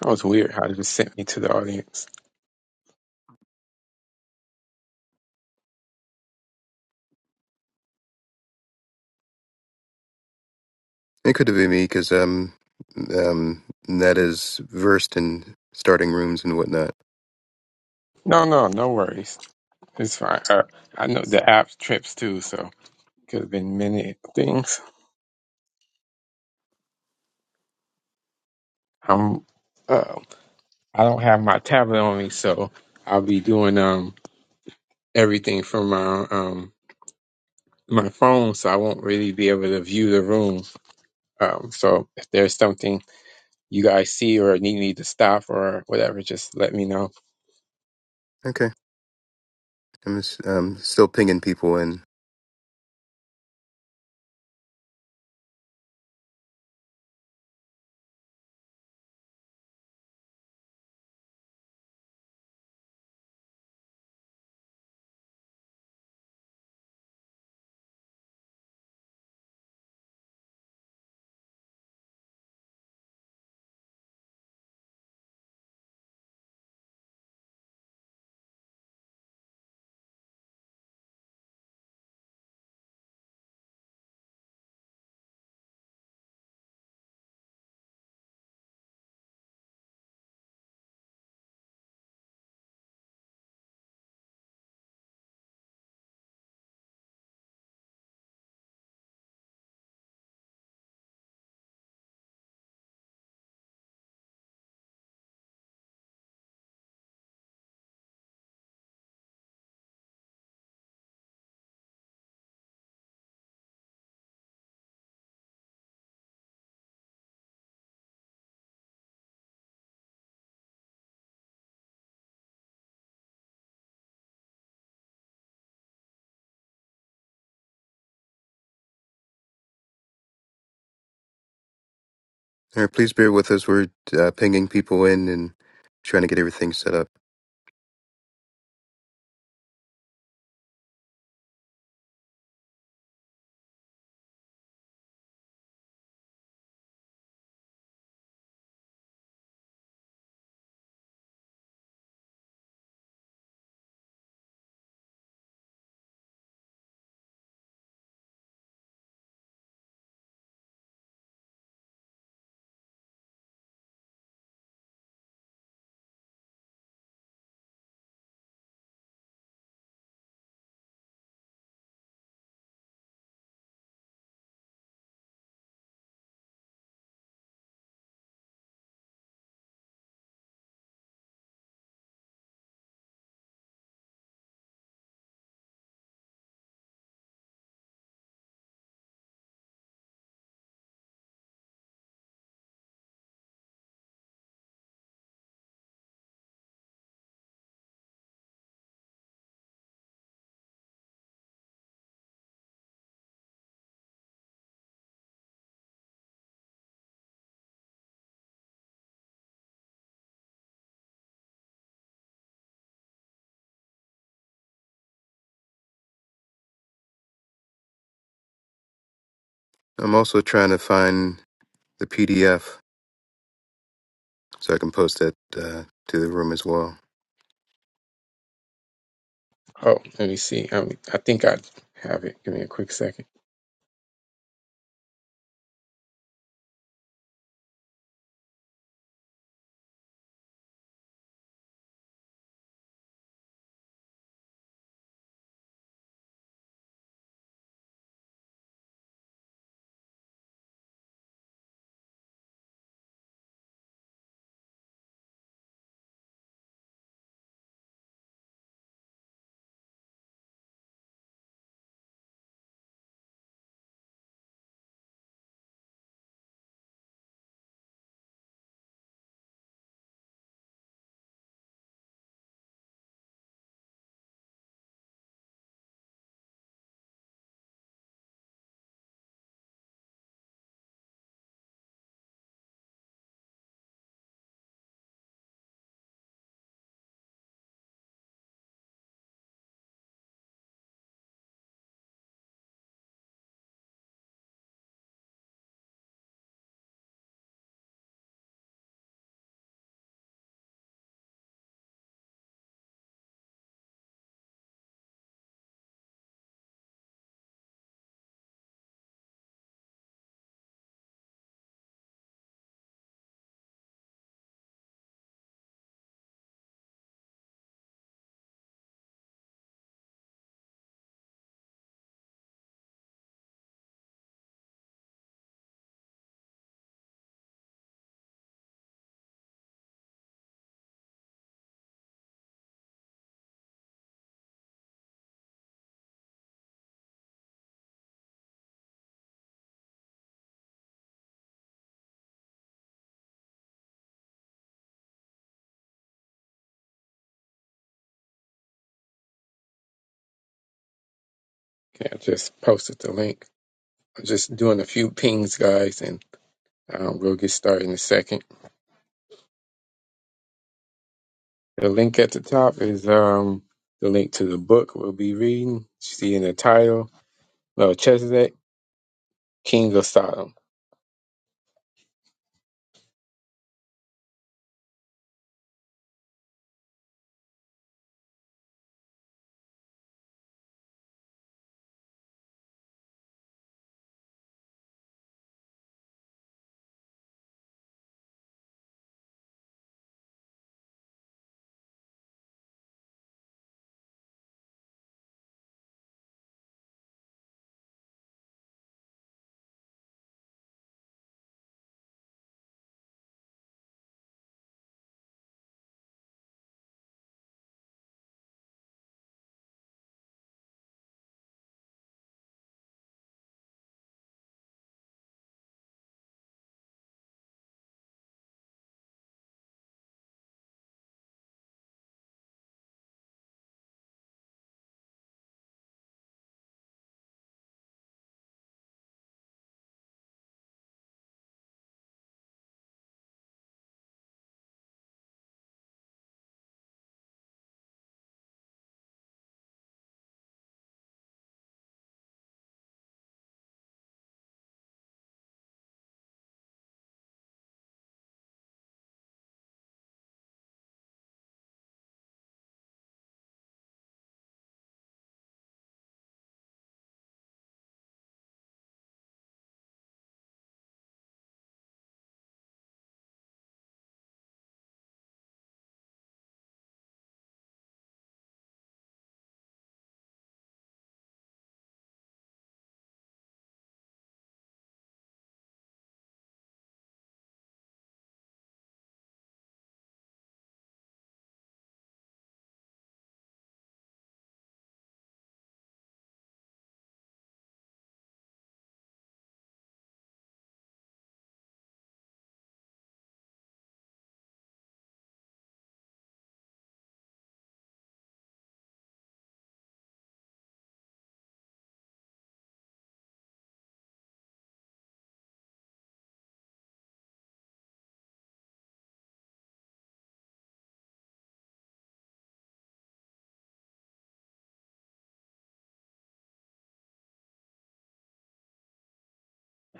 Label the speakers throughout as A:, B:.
A: That was weird how it just sent me to the audience.
B: It could have been me because um, um, Ned is versed in starting rooms and whatnot.
A: No, no, no worries. It's fine. Uh, I know the app trips too, so could have been many things. I'm, uh, I don't have my tablet on me, so I'll be doing um everything from my um my phone, so I won't really be able to view the room. Um, so if there's something you guys see or need me to stop or whatever, just let me know.
B: Okay, I'm just, um, still pinging people in. All right, please bear with us. We're uh, pinging people in and trying to get everything set up. I'm also trying to find the PDF so I can post that uh, to the room as well.
A: Oh, let me see. Um, I think I have it. Give me a quick second. Okay, I just posted the link. I'm just doing a few pings, guys, and um, we'll get started in a second. The link at the top is um, the link to the book we'll be reading. see in the title, Melchizedek, King of Sodom.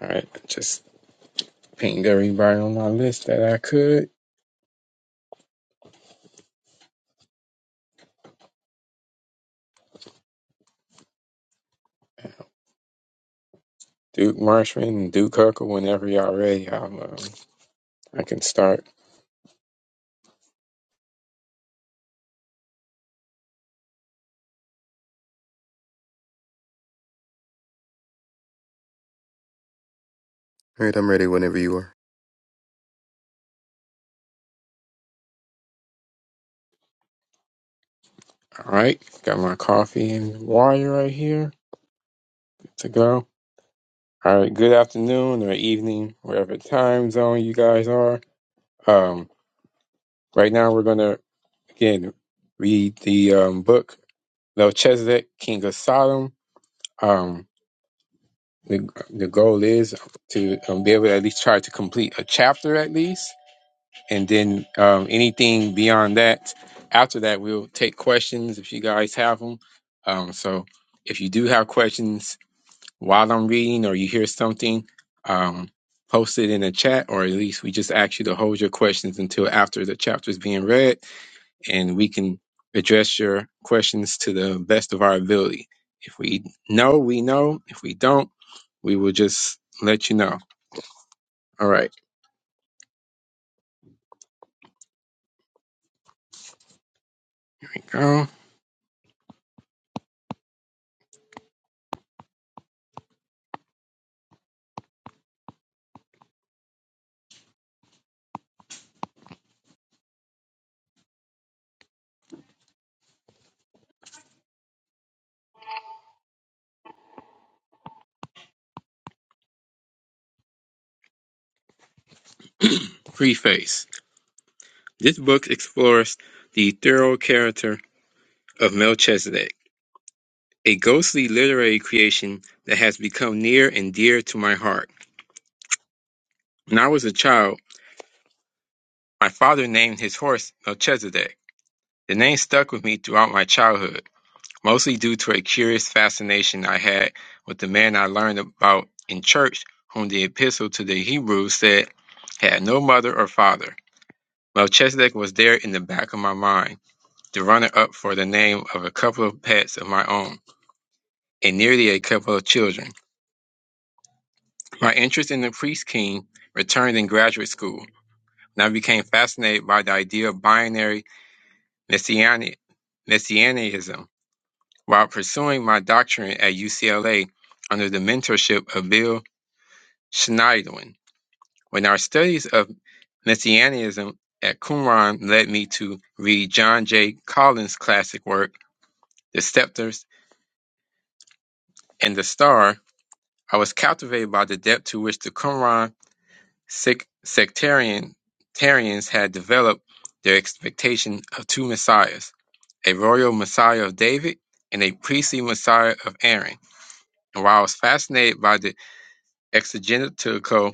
A: All right, just pinged everybody on my list that I could. Duke Marshman and Duke Huckle, whenever y'all ready, I'll, um, I can start.
B: All right, I'm ready whenever you are.
A: All right, got my coffee and water right here Good to go. All right, good afternoon or evening, wherever time zone you guys are. Um, Right now, we're going to Again, read the um, book Melchizedek, King of Sodom. Um, the, the goal is to um, be able to at least try to complete a chapter at least, and then um, anything beyond that. After that, we'll take questions if you guys have them. Um, so if you do have questions while I'm reading or you hear something, um, post it in the chat, or at least we just ask you to hold your questions until after the chapter is being read and we can address your questions to the best of our ability. If we know, we know. If we don't, we will just let you know. All right. Go. Preface. This book explores the thorough character of Melchizedek, a ghostly literary creation that has become near and dear to my heart. When I was a child, my father named his horse Melchizedek. The name stuck with me throughout my childhood. mostly due to a curious fascination I had with the man I learned about in church, whom the epistle to the Hebrews said had no mother or father. Melchizedek was there in the back of my mind, the runner up for the name of a couple of pets of my own, and nearly a couple of children. My interest in the priest king returned in graduate school, and I became fascinated by the idea of binary messianic, messianism While pursuing my doctorate at UCLA under the mentorship of Bill Schneiderlin, when our studies of messianism at Qumran led me to read John J. Collins' classic work, The Scepters and the Star, I was captivated by the depth to which the Qumran sec- sectarian- sectarians had developed their expectation of two messiahs, a royal messiah of David and a priestly messiah of Aaron. And while I was fascinated by the exegetical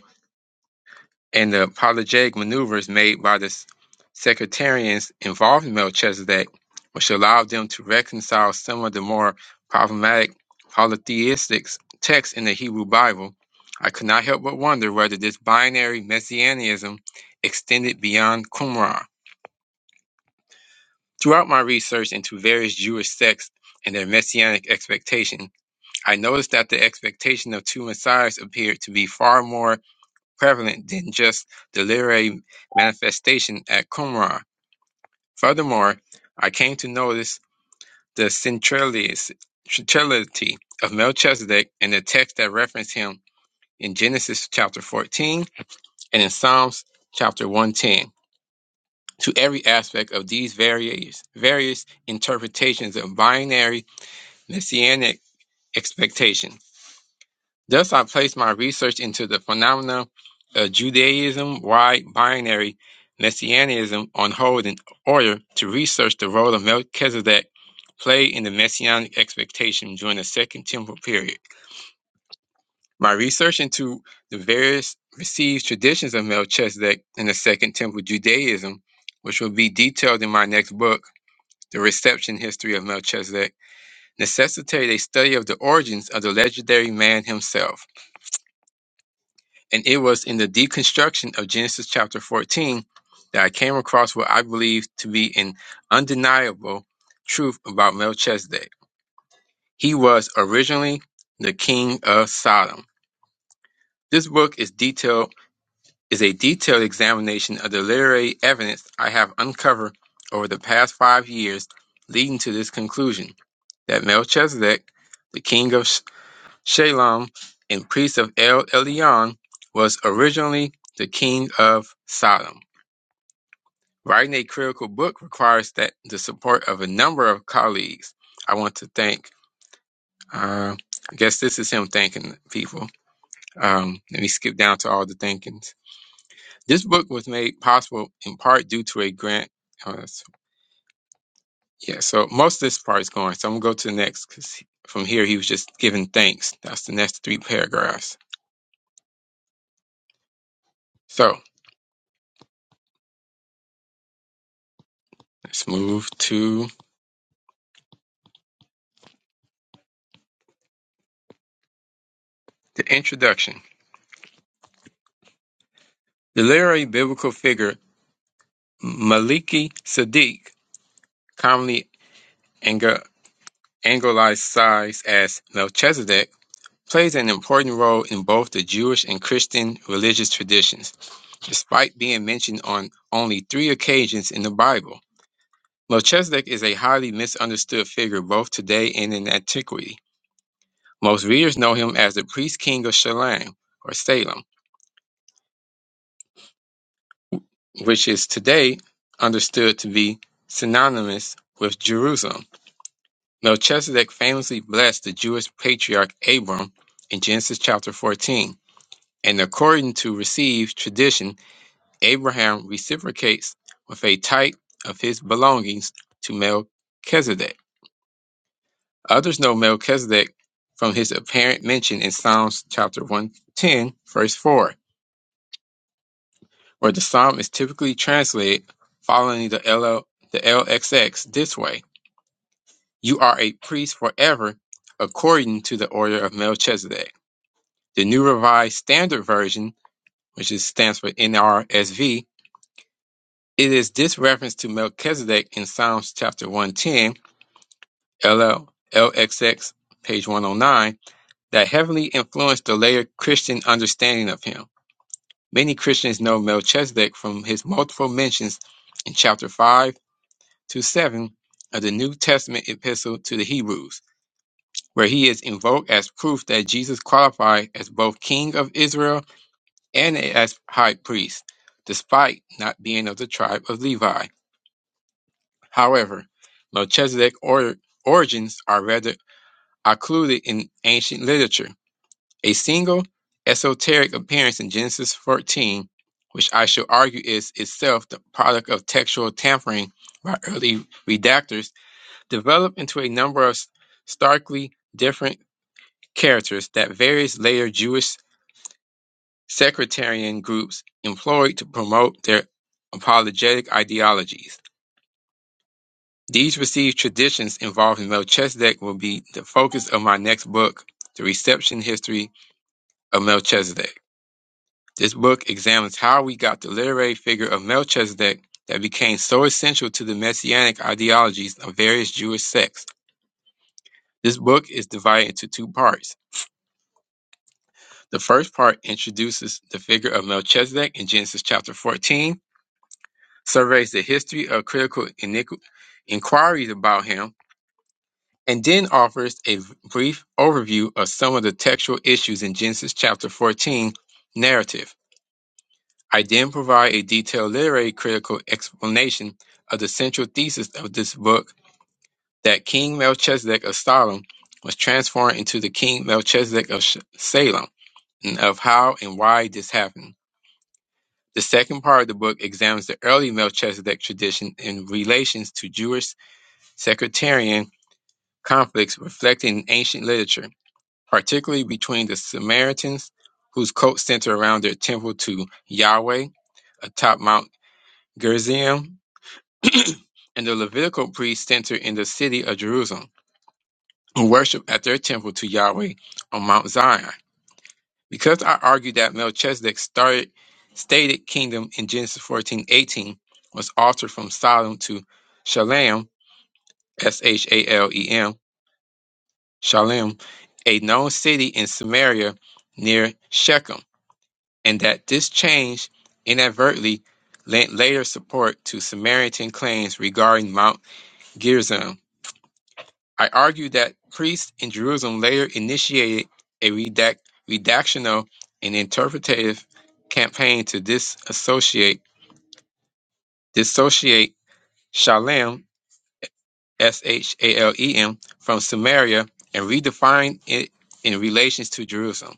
A: and the apologetic maneuvers made by the s- sectarians involved in Melchizedek, which allowed them to reconcile some of the more problematic polytheistic texts in the Hebrew Bible. I could not help but wonder whether this binary messianism extended beyond Qumran. Throughout my research into various Jewish sects and their messianic expectation, I noticed that the expectation of two messiahs appeared to be far more prevalent than just the literary manifestation at Qumran. Furthermore, I came to notice the centralis- centrality of Melchizedek in the text that reference him in Genesis chapter 14 and in Psalms chapter 110. To every aspect of these various, various interpretations of binary messianic expectation. Thus, I placed my research into the phenomena of Judaism, wide binary messianism on hold in order to research the role of Melchizedek played in the messianic expectation during the Second Temple period. My research into the various received traditions of Melchizedek in the Second Temple Judaism, which will be detailed in my next book, The Reception History of Melchizedek, necessitated a study of the origins of the legendary man himself. And it was in the deconstruction of Genesis chapter 14 that I came across what I believe to be an undeniable truth about Melchizedek. He was originally the king of Sodom. This book is detailed is a detailed examination of the literary evidence I have uncovered over the past five years leading to this conclusion that Melchizedek, the king of Shalom and priest of El Elyon, was originally the king of Sodom. Writing a critical book requires that the support of a number of colleagues. I want to thank. Uh, I guess this is him thanking people. Um, let me skip down to all the thankings. This book was made possible in part due to a grant. Uh, s- yeah, so most of this part is going. So I'm gonna go to the next because from here he was just giving thanks. That's the next three paragraphs. So let's move to The introduction. The literary biblical figure Maliki Sadiq, commonly anglicized as Melchizedek, plays an important role in both the Jewish and Christian religious traditions. Despite being mentioned on only three occasions in the Bible, Melchizedek is a highly misunderstood figure both today and in antiquity. Most readers know him as the priest king of Shalem or Salem which is today understood to be synonymous with Jerusalem. Melchizedek famously blessed the Jewish patriarch Abram in Genesis chapter 14, and according to received tradition, Abraham reciprocates with a tithe of his belongings to Melchizedek. Others know Melchizedek from his apparent mention in Psalms chapter 110, verse 4, where the psalm is typically translated following the, LL, the LXX this way. You are a priest forever, according to the order of Melchizedek. The New Revised Standard Version, which is, stands for NRSV, it is this reference to Melchizedek in Psalms chapter 110, LL, LXX, page 109, that heavily influenced the later Christian understanding of him. Many Christians know Melchizedek from his multiple mentions in chapter 5 to 7 of the New Testament epistle to the Hebrews. where he is invoked as proof that Jesus qualified as both king of Israel and as high priest, despite not being of the tribe of Levi. However, Melchizedek or- origins are rather occluded in ancient literature. A single esoteric appearance in Genesis 14, which I shall argue is itself the product of textual tampering by early redactors, developed into a number of starkly different characters that various later Jewish sectarian groups employed to promote their apologetic ideologies. These received traditions involving Melchizedek will be the focus of my next book, The Reception History of Melchizedek. This book examines how we got the literary figure of Melchizedek that became so essential to the messianic ideologies of various Jewish sects. This book is divided into two parts. The first part introduces the figure of Melchizedek in Genesis chapter 14 surveys the history of critical iniqu- inquiries about him, and then offers a brief overview of some of the textual issues in Genesis chapter 14 narrative. I then provide a detailed literary critical explanation of the central thesis of this book that King Melchizedek of Salem was transformed into the King Melchizedek of Sh- Salem, and of how and why this happened. The second part of the book examines the early Melchizedek tradition in relations to Jewish sectarian conflicts reflected in ancient literature, particularly between the Samaritans, whose cult centered around their temple to Yahweh atop Mount Gerizim, and the Levitical priests centered in the city of Jerusalem, who worshiped at their temple to Yahweh on Mount Zion. Because I argued that Melchizedek's started, stated kingdom in Genesis fourteen eighteen was altered from Sodom to Shalem, S H A L E M, Shalem, a known city in Samaria near Shechem, and that this change inadvertently lent later support to Samaritan claims regarding Mount Gerizim. I argue that priests in Jerusalem later initiated a redact- redactional and interpretative campaign to disassociate dissociate Shalem S H A L E M from Samaria and redefine it in relations to Jerusalem.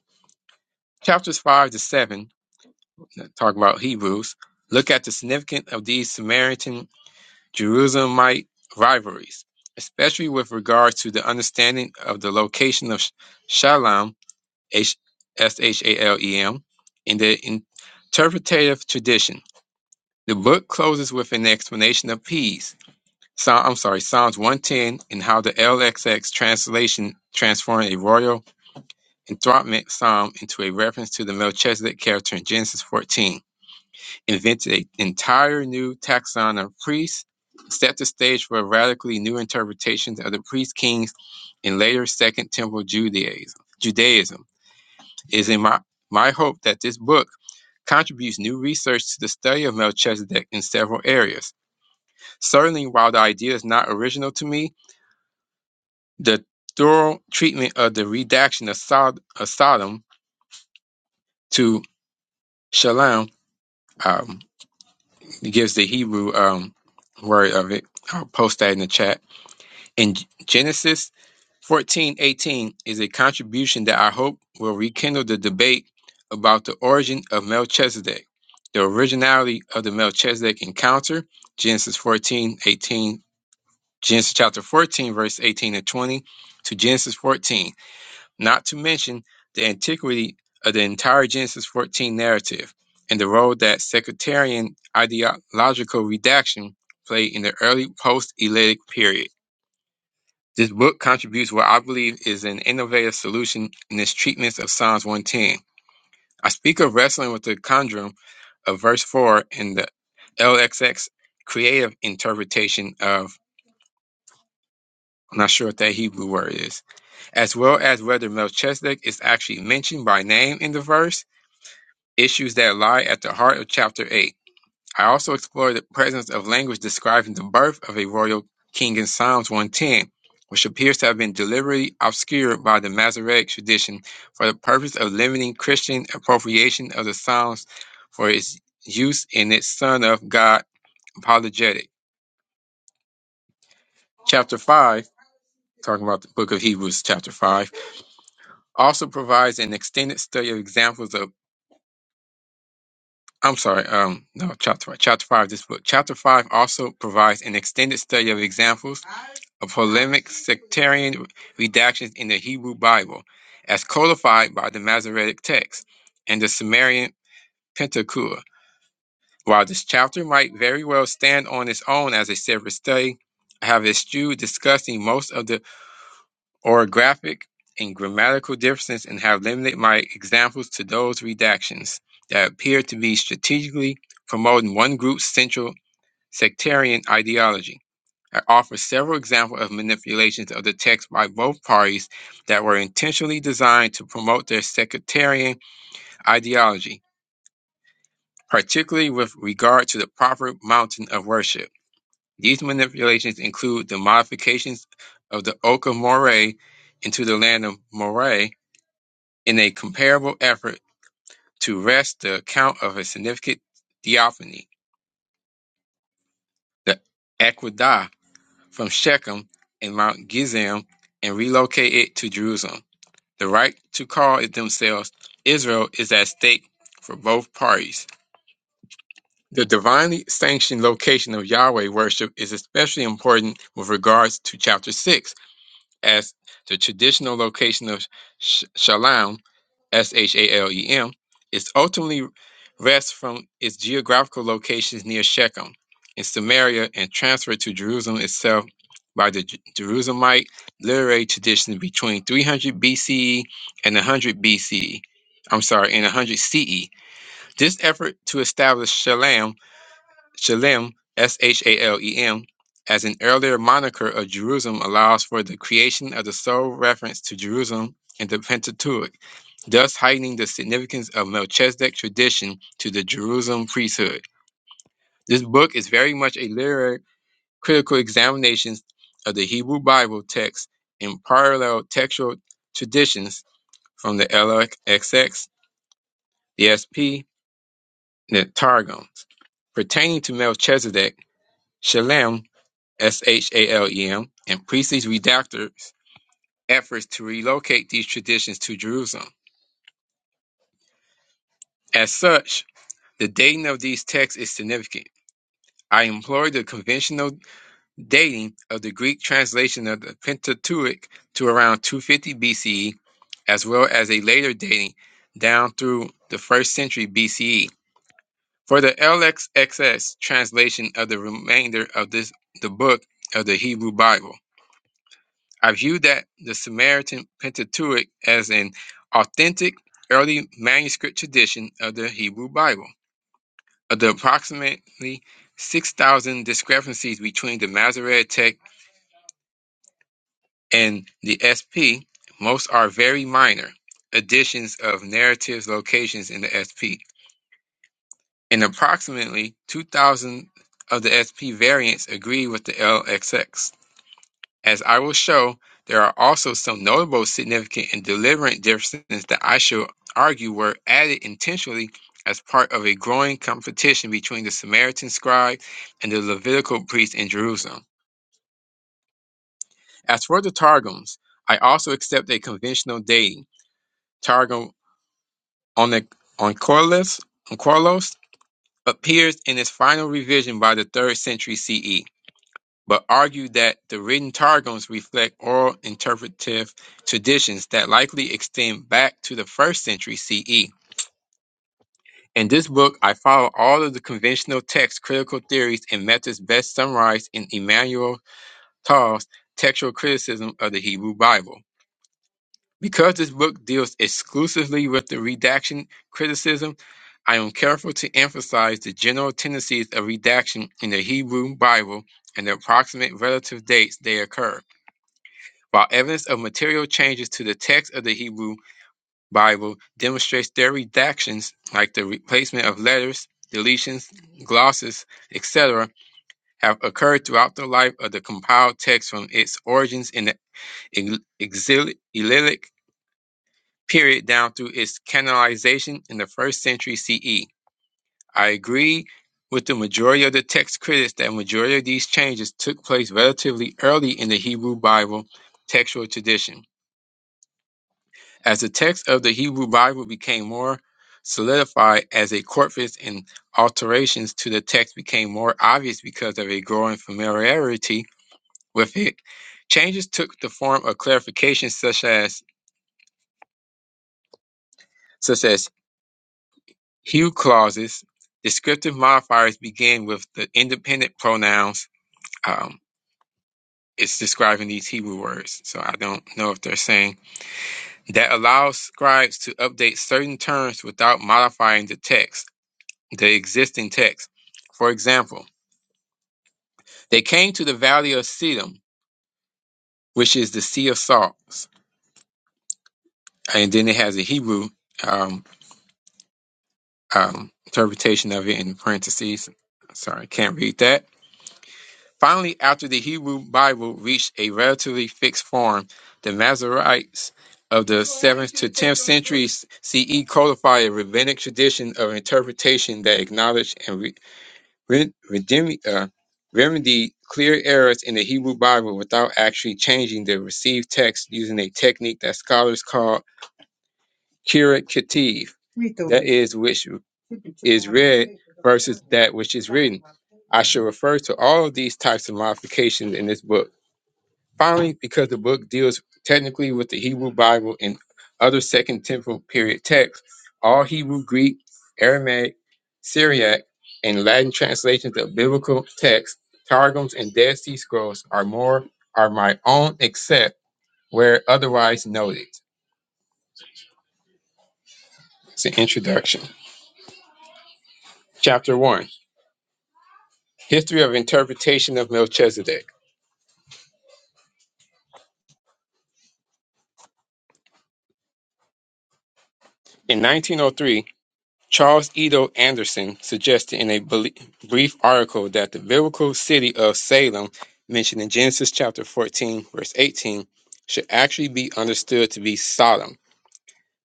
A: Chapters 5 to 7 talk about Hebrews. Look at the significance of these Samaritan Jerusalemite rivalries, especially with regard to the understanding of the location of Sh- Shalem, S H- S-H-A-L-E-M, in the interpretative tradition. The book closes with an explanation of peace. So, I'm sorry, Psalms 110 and how the LXX translation transformed a royal enthronement psalm into a reference to the Melchizedek character in Genesis 14. invented an entire new taxon of priests, set the stage for radically new interpretations of the priest kings in later Second Temple Judaism. Judaism. It is in my, my hope that this book contributes new research to the study of Melchizedek in several areas. Certainly, while the idea is not original to me, the thorough treatment of the redaction of, Sod- of Sodom to Shalom um, gives the Hebrew um, word of it. I'll post that in the chat In Genesis 14:18 is a contribution that I hope will rekindle the debate about the origin of Melchizedek. The originality of the Melchizedek encounter, Genesis 14:18, Genesis chapter 14 verse 18 and 20 to Genesis 14, not to mention the antiquity of the entire Genesis 14 narrative and the role that sectarian ideological redaction played in the early post-Elitic period. This book contributes what I believe is an innovative solution in its treatments of Psalms 110. I speak of wrestling with the conundrum of verse 4 in the LXX creative interpretation of, I'm not sure what that Hebrew word is, as well as whether Melchizedek is actually mentioned by name in the verse, issues that lie at the heart of chapter 8. I also explored the presence of language describing the birth of a royal king in Psalms 110, which appears to have been deliberately obscured by the Masoretic tradition for the purpose of limiting Christian appropriation of the Psalms for its use in its Son of God apologetic. Chapter 5, talking about the book of Hebrews, chapter 5, also provides an extended study of examples of I'm sorry, um, no, chapter five, chapter five, this book. Chapter five also provides an extended study of examples a polemic sectarian redactions in the Hebrew Bible, as codified by the Masoretic text and the Sumerian Pentateuch. While this chapter might very well stand on its own as a separate study, I have eschewed discussing most of the orographic and grammatical differences and have limited my examples to those redactions that appear to be strategically promoting one group's central sectarian ideology. I offer several examples of manipulations of the text by both parties that were intentionally designed to promote their sectarian ideology, particularly with regard to the proper mountain of worship. These manipulations include the modifications of the Oak of Moray into the land of Moray in a comparable effort to wrest the account of a significant theophany, the Aquidah from Shechem and Mount Gerizim and relocate it to Jerusalem. The right to call it themselves Israel is at stake for both parties. The divinely sanctioned location of Yahweh worship is especially important with regards to chapter 6 as the traditional location of Sh- Shalem, S H A L E M, is ultimately wrested from its geographical locations near Shechem in Samaria and transferred to Jerusalem itself by the J- Jerusalemite literary tradition between 300 BCE and 100 BCE. I'm sorry, in 100 CE. This effort to establish Shalem Shalem, S H A L E M, as an earlier moniker of Jerusalem, allows for the creation of the sole reference to Jerusalem in the Pentateuch, thus heightening the significance of Melchizedek tradition to the Jerusalem priesthood. This book is very much a literary critical examination of the Hebrew Bible text in parallel textual traditions from the LXX, the SP, and the Targums. Pertaining to Melchizedek, Shalem Shalem, and priestly redactors' efforts to relocate these traditions to Jerusalem. As such, the dating of these texts is significant. I employ the conventional dating of the Greek translation of the Pentateuch to around 250 BCE, as well as a later dating down through the first century BCE. For the LXXS translation of the remainder of this, the book of the Hebrew Bible, I view that the Samaritan Pentateuch as an authentic early manuscript tradition of the Hebrew Bible. Of the approximately 6,000 discrepancies between the Masoretic text and the SP, most are very minor additions of narratives, locations in the SP. And approximately 2,000 of the SP variants agree with the LXX. As I will show, there are also some notable, significant, and deliberate differences that I shall argue were added intentionally as part of a growing competition between the Samaritan scribe and the Levitical priest in Jerusalem. As for the Targums, I also accept a conventional dating. Targum Onec- Onkelos appears in its final revision by the 3rd century CE. but argued that the written targums reflect oral interpretive traditions that likely extend back to the first century CE. In this book, I follow all of the conventional text critical theories and methods best summarized in Emmanuel Toll's textual criticism of the Hebrew Bible. Because this book deals exclusively with the redaction criticism, I am careful to emphasize the general tendencies of redaction in the Hebrew Bible and the approximate relative dates they occur. While evidence of material changes to the text of the Hebrew Bible demonstrates their redactions, like the replacement of letters, deletions, glosses, etc., have occurred throughout the life of the compiled text from its origins in the ex- exili- Exilic exil- period down through its canonization in the first century CE. I agree with the majority of the text critics that majority of these changes took place relatively early in the Hebrew Bible textual tradition. As the text of the Hebrew Bible became more solidified as a corpus and alterations to the text became more obvious because of a growing familiarity with it, changes took the form of clarifications such as such as hue clauses, descriptive modifiers begin with the independent pronouns. Um, it's describing these Hebrew words, so I don't know if they're saying that allows scribes to update certain terms without modifying the text the existing text. For example, they came to the valley of Siddim, which is the Sea of Salts. And then it has a Hebrew um, um, interpretation of it in parentheses. Sorry, can't read that. Finally, after the Hebrew Bible reached a relatively fixed form, the Masoretes of the CE codified a rabbinic tradition of interpretation that acknowledged and re- re- redeem- uh, remedy clear errors in the Hebrew Bible without actually changing the received text using a technique that scholars call kirat ketiv, is which that which is I shall refer to all of these types of modifications in this book Finally, because the book deals technically with the Hebrew Bible and other Second Temple period texts, all Hebrew, Greek, Aramaic, Syriac, and Latin translations of biblical texts, Targums, and Dead Sea Scrolls are more are my own, except where otherwise noted. It's an introduction. Chapter one: History of interpretation of Melchizedek. In 1903. Charles Edo Anderson suggested in a bel- brief article that the biblical city of Salem, mentioned in Genesis chapter 14, verse 18, should actually be understood to be Sodom.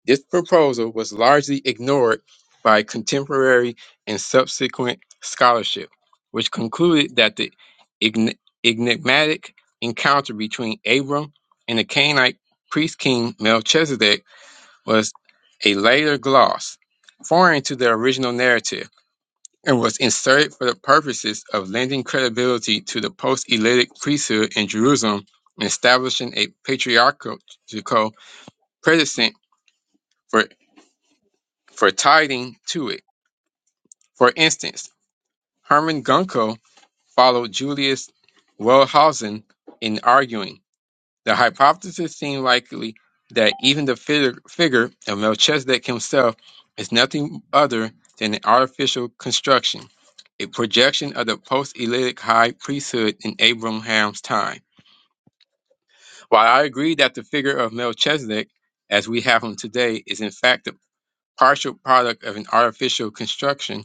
A: This proposal was largely ignored by contemporary and subsequent scholarship, which concluded that the ign- enigmatic encounter between Abram and the Canaanite priest king Melchizedek was a later gloss, foreign to the original narrative, and was inserted for the purposes of lending credibility to the post-Elitic priesthood in Jerusalem and establishing a patriarchal precedent for, for tithing to it. For instance, Hermann Gunkel followed Julius Wellhausen in arguing. The hypothesis seems likely that even the figure, figure of Melchizedek himself is nothing other than an artificial construction, a projection of the post-Elitic high priesthood in Abraham's time. While I agree that the figure of Melchizedek, as we have him today, is in fact the partial product of an artificial construction,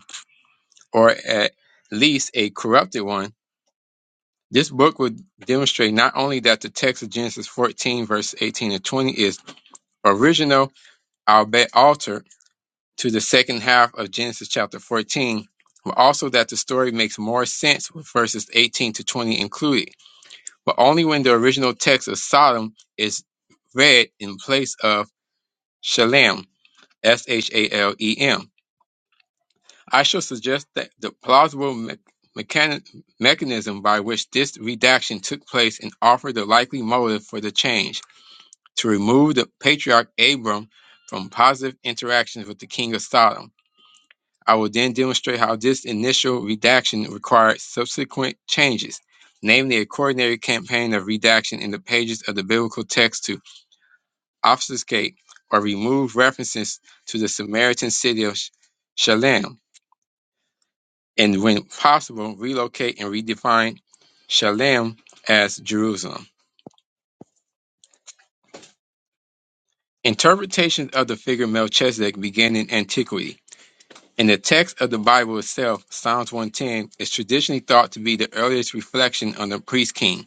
A: or at least a corrupted one, this book would demonstrate not only that the text of Genesis 14, verse 18 and 20 is original, Our bet alter to the second half of Genesis chapter 14, but also that the story makes more sense with verses 18 to 20 included, but only when the original text of Sodom is read in place of Shalem, S H A L E M. I shall suggest that the plausible me- mechani- mechanism by which this redaction took place and offer the likely motive for the change to remove the patriarch Abram from positive interactions with the king of Sodom I will then demonstrate how this initial redaction required subsequent changes, namely a coordinated campaign of redaction in the pages of the biblical text to obfuscate or remove references to the Samaritan city of Sh- Shalem, and when possible, relocate and redefine Shalem as Jerusalem. Interpretations of the figure Melchizedek began in antiquity. In the text of the Bible itself, Psalms 110 is traditionally thought to be the earliest reflection on the priest king.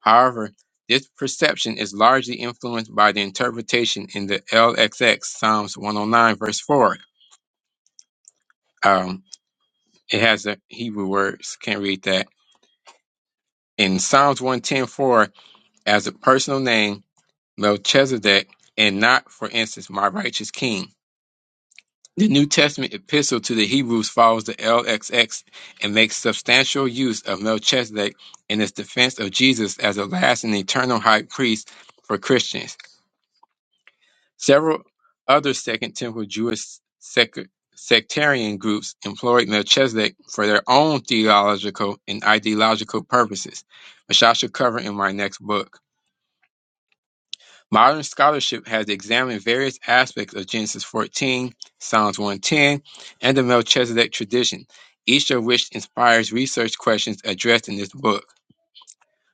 A: However, this perception is largely influenced by the interpretation in the LXX Psalms 109 verse 4. Um, it has a Hebrew words. Can't read that. In Psalms 110 4, as a personal name, Melchizedek, and not, for instance, my righteous king. The New Testament epistle to the Hebrews follows the LXX and makes substantial use of Melchizedek in its defense of Jesus as a last and eternal high priest for Christians. Several other Second Temple Jewish sec- sectarian groups employed Melchizedek for their own theological and ideological purposes, which I shall cover in my next book. Modern scholarship has examined various aspects of Genesis 14, Psalms 110, and the Melchizedek tradition, each of which inspires research questions addressed in this book.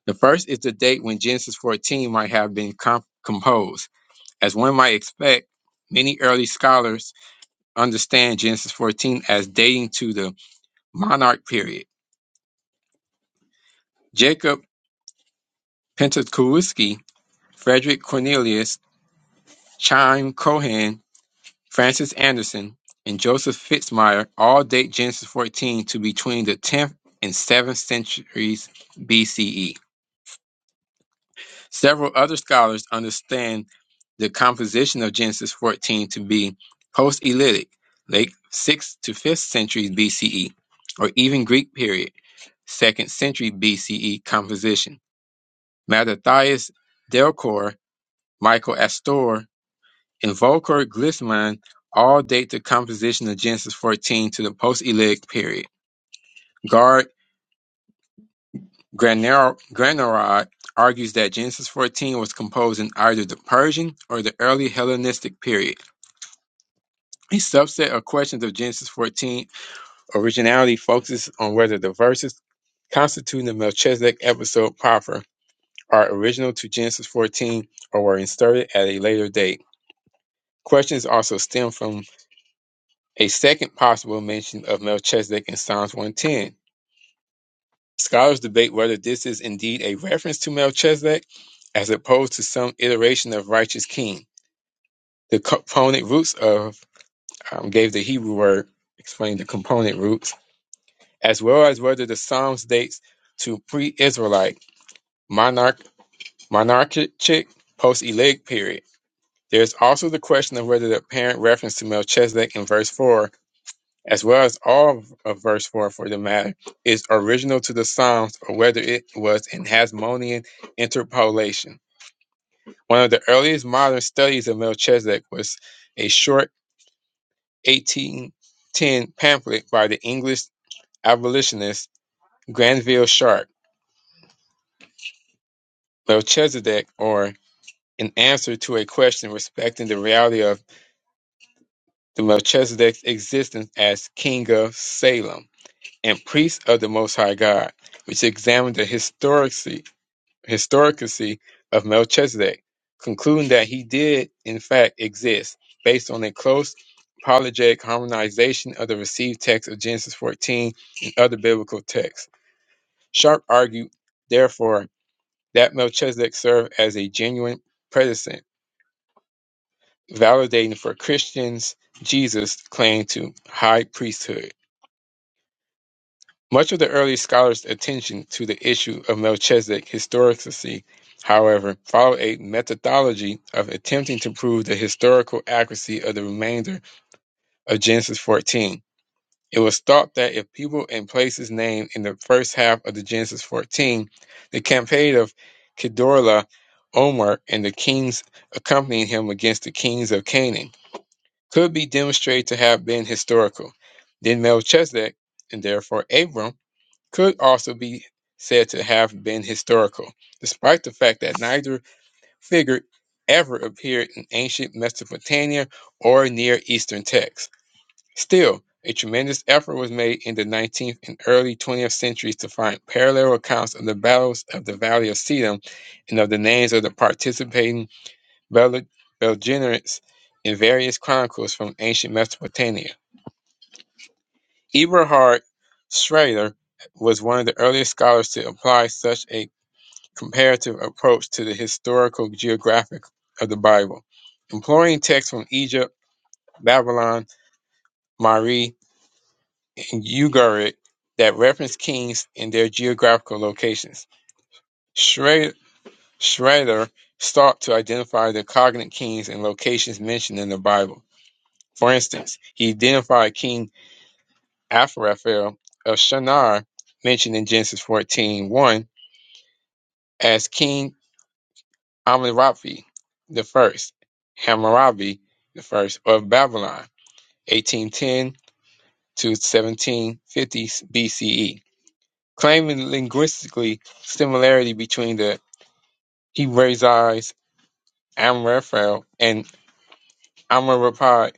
A: The first is the date when Genesis 14 might have been comp- composed. As one might expect, many early scholars understand Genesis 14 as dating to the monarch period. Jacob Pentakowiski, Frederick Cornelius, Chaim Cohen, Francis Anderson, and Joseph Fitzmyer all date Genesis 14 to between the 10th and 7th centuries BCE. Several other scholars understand the composition of Genesis 14 to be post-Elitic, late 6th to 5th centuries BCE, or even Greek period, 2nd century BCE composition. Mattathias Delcor, Michael Astor, and Volker Glissman all date the composition of Genesis 14 to the post-Elitic period. Gard Graner- Granerod argues that Genesis 14 was composed in either the Persian or the early Hellenistic period. A subset of questions of Genesis 14 originality focuses on whether the verses constituting the Melchizedek episode proper are original to Genesis 14 or were inserted at a later date. Questions also stem from a second possible mention of Melchizedek in Psalms 110 Scholars debate whether this is indeed a reference to Melchizedek, as opposed to some iteration of righteous king. The component roots of um, gave the Hebrew word, explained the component roots, as well as whether the Psalms dates to pre-Israelite monarch monarchic post-Elic period. There is also the question of whether the apparent reference to Melchizedek in verse four as well as all of of verse 4 for the matter, is original to the Psalms or whether it was an Hasmonean interpolation. One of the earliest modern studies of Melchizedek was a short 1810 pamphlet by the English abolitionist Granville Sharp, Melchizedek, or an answer to a question respecting the reality of the Melchizedek's existence as king of Salem and priest of the Most High God, which examined the historicity historicity of Melchizedek, concluding that he did, in fact, exist, based on a close apologetic harmonization of the received text of Genesis 14 and other biblical texts. Sharp argued, therefore, that Melchizedek served as a genuine predecessor, validating for Christians Jesus' claim to high priesthood. Much of the early scholars' attention to the issue of Melchizedek historicity, however, followed a methodology of attempting to prove the historical accuracy of the remainder of Genesis 14. It was thought that if people and places named in the first half of the Genesis 14, the campaign of Kedorla, Omer, and the kings accompanying him against the kings of Canaan could be demonstrated to have been historical, then Melchizedek, and therefore Abram, could also be said to have been historical, despite the fact that neither figure ever appeared in ancient Mesopotamia or Near Eastern texts. Still, a tremendous effort was made in the 19th and early 20th centuries to find parallel accounts of the battles of the Valley of Sedum and of the names of the participating bel- belligerents in various chronicles from ancient Mesopotamia. Eberhard Schrader was one of the earliest scholars to apply such a comparative approach to the historical geographic of the Bible, employing texts from Egypt, Babylon, Mari, and Ugarit that reference kings and their geographical locations. Schrader, Schrader sought to identify the cognate kings and locations mentioned in the Bible. For instance, he identified King Asraphel of Shinar, mentioned in Genesis fourteen one as king Hammurabi the First, Hammurabi the First of Babylon, 1810 to 1750 BCE, claiming linguistically similarity between the Hebraized Amraphel and Amraphel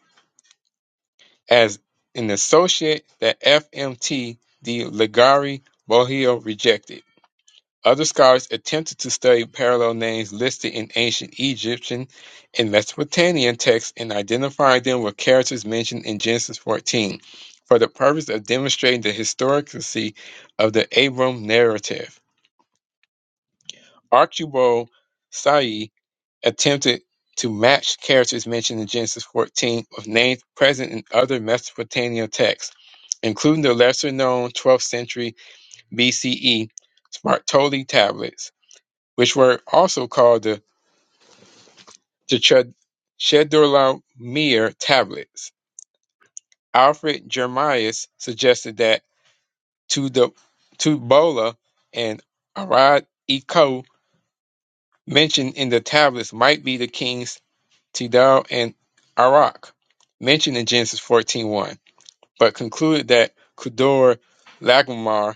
A: as an associate that FMT de Ligari Bohio rejected. Other scholars attempted to study parallel names listed in ancient Egyptian and Mesopotamian texts and identify them with characters mentioned in Genesis 14 for the purpose of demonstrating the historicity of the Abram narrative. Archibald Said attempted to match characters mentioned in Genesis 14 with names present in other Mesopotamian texts, including the lesser known 12th century BCE Spartoli tablets which were also called the Chedorlaomer tablets. Alfred Jeremias suggested that Tudo- Tubola and Arad Iko mentioned in the tablets might be the kings Tidal and Arak, mentioned in Genesis fourteen one, but concluded that Kedor Lagomar,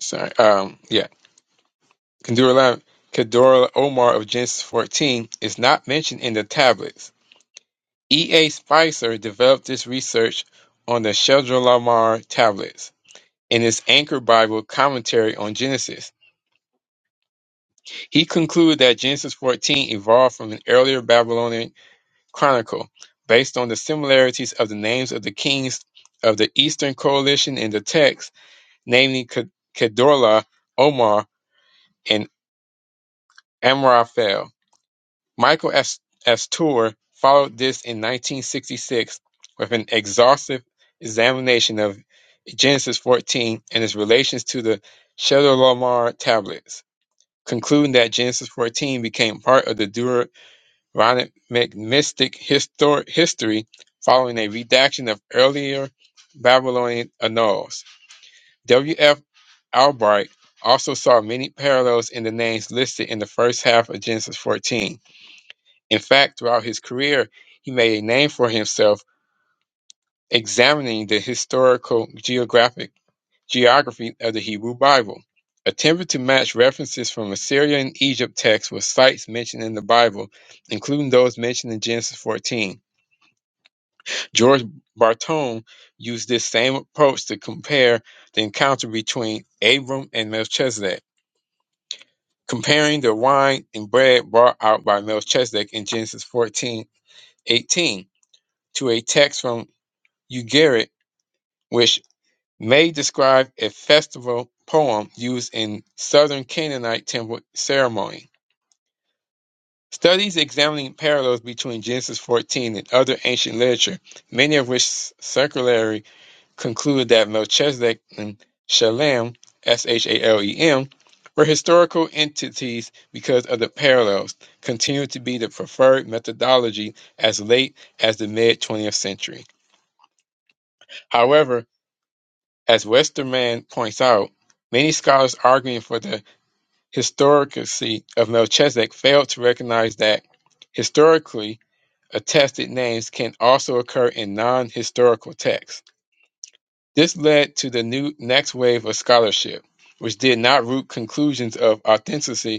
A: sorry, um, yeah, Kedor Kedor Omar of Genesis 14 is not mentioned in the tablets. E. A. Spicer developed this research on the Shedrlamomer tablets. In his Anchor Bible commentary on Genesis, he concluded that Genesis 14 evolved from an earlier Babylonian chronicle based on the similarities of the names of the kings of the Eastern Coalition in the text, namely Kedorla, Omar, and Amraphel. Michael As- Astor followed this in 1966 with an exhaustive examination of Genesis 14 and its relations to the Chedorlaomer tablets, concluding that Genesis 14 became part of the Deuteronomic mystic histor- history following a redaction of earlier Babylonian annals. W.F. Albright also saw many parallels in the names listed in the first half of Genesis 14 in fact, throughout his career, he made a name for himself examining the historical geographic geography of the Hebrew Bible, attempting to match references from Assyria and Egypt texts with sites mentioned in the Bible, including those mentioned in Genesis 14. George Bartone used this same approach to compare the encounter between Abram and Melchizedek, comparing the wine and bread brought out by Melchizedek in Genesis 14:18 to a text from Ugarit, which may describe a festival poem used in southern Canaanite temple ceremony. Studies examining parallels between Genesis 14 and other ancient literature, many of which circularly conclude that Melchizedek and Shalem, S-H-A-L-E-M, were historical entities because of the parallels, continue to be the preferred methodology as late as the mid 20th century. However, As Westermann points out, many scholars arguing for the historicity of Melchizedek fail to recognize that historically attested names can also occur in non-historical texts. This led to the new next wave of scholarship, which did not root conclusions of authenticity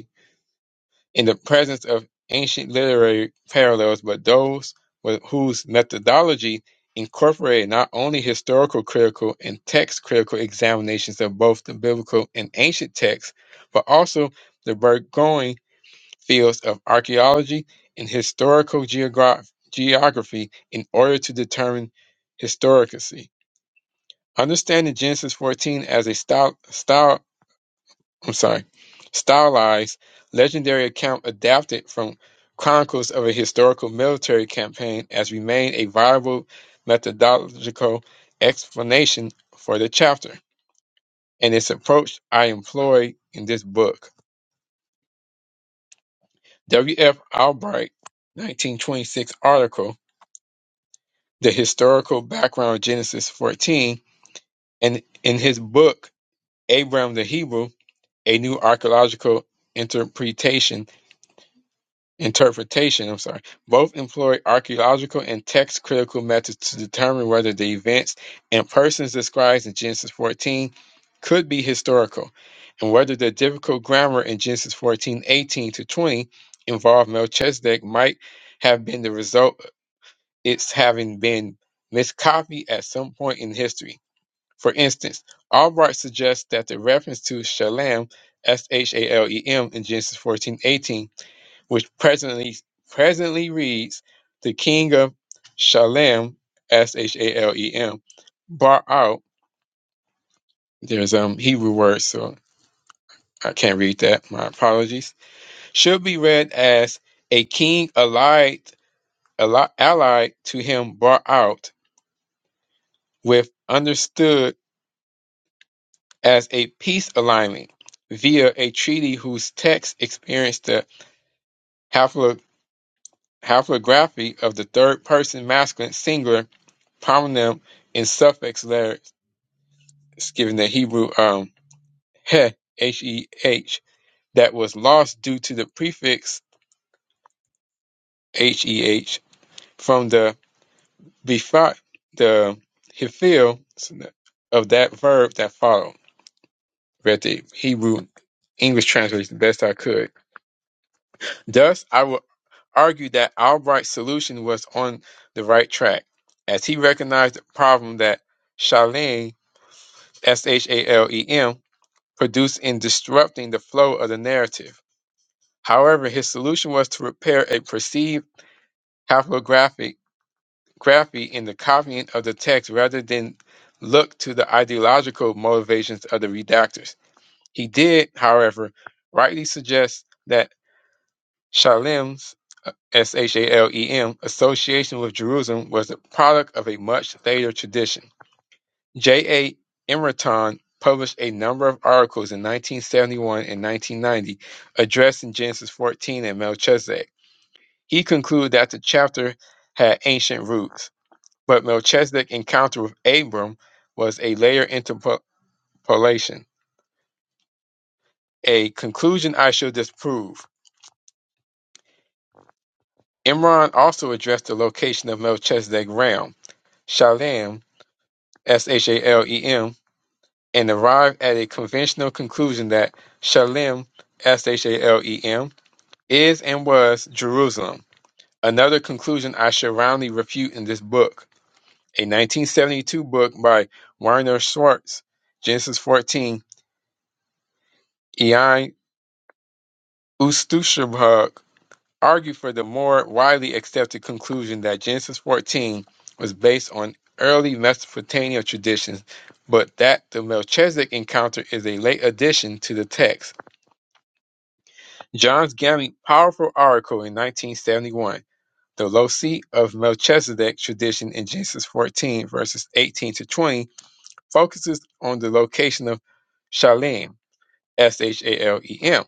A: in the presence of ancient literary parallels, but those with, whose methodology incorporated not only historical critical and text critical examinations of both the biblical and ancient texts, but also the burgeoning fields of archaeology and historical geograph- geography in order to determine historicity. Understanding Genesis 14 as a style, I'm sorry, stylized legendary account adapted from chronicles of a historical military campaign as remained a viable methodological explanation for the chapter and its approach I employ in this book. W.F. Albright, 1926 article, The Historical Background of Genesis 14, and in his book, Abram the Hebrew, A New Archaeological Interpretation interpretation, I'm sorry, both employ archaeological and text critical methods to determine whether the events and persons described in Genesis 14 could be historical and whether the difficult grammar in Genesis 14 18 to 20 involved Melchizedek might have been the result of its having been miscopied at some point in history. For instance, Albright suggests that the reference to Shalem, S H A L E M, in Genesis 14 18 which presently presently reads the king of Shalem, S H A L E M, bar out. There's um Hebrew words, so I can't read that. My apologies. Should be read as a king allied alli- allied to him bar out with understood as a peace alignment via a treaty whose text experienced the haplo- haplography of the third person masculine singular Homonym and suffix letters given the Hebrew um heh, H-E-H, that was lost due to the prefix H-E-H from the befot, the hefil of that verb that followed. Read the Hebrew English translation the best I could. Thus, I will argue that Albright's solution was on the right track, as he recognized the problem that Shalem, S-H-A-L-E-M, produced in disrupting the flow of the narrative. However, his solution was to repair a perceived haplographic graphy in the copying of the text rather than look to the ideological motivations of the redactors. He did, however, rightly suggest that Shalem's uh, S H A L E M association with Jerusalem was the product of a much later tradition. J. A. Emerton published a number of articles in 1971 and 1990 addressing Genesis 14 and Melchizedek. He concluded that the chapter had ancient roots, but Melchizedek's encounter with Abram was a later interpolation, a conclusion I shall disprove. Imran also addressed the location of Melchizedek's realm, Shalem, S-H-A-L-E-M, and arrived at a conventional conclusion that Shalem, Shalem, is and was Jerusalem. Another conclusion I shall roundly refute in this book, a 1972 book by Werner Schwartz, Genesis 14, Ei Ustushebhug, argued for the more widely accepted conclusion that Genesis 14 was based on early Mesopotamian traditions, but that the Melchizedek encounter is a late addition to the text. Johns Gammey powerful article in 1971 The loci of Melchizedek tradition in Genesis 14, verses 18 to 20, focuses on the location of Shalem, S H A L E M.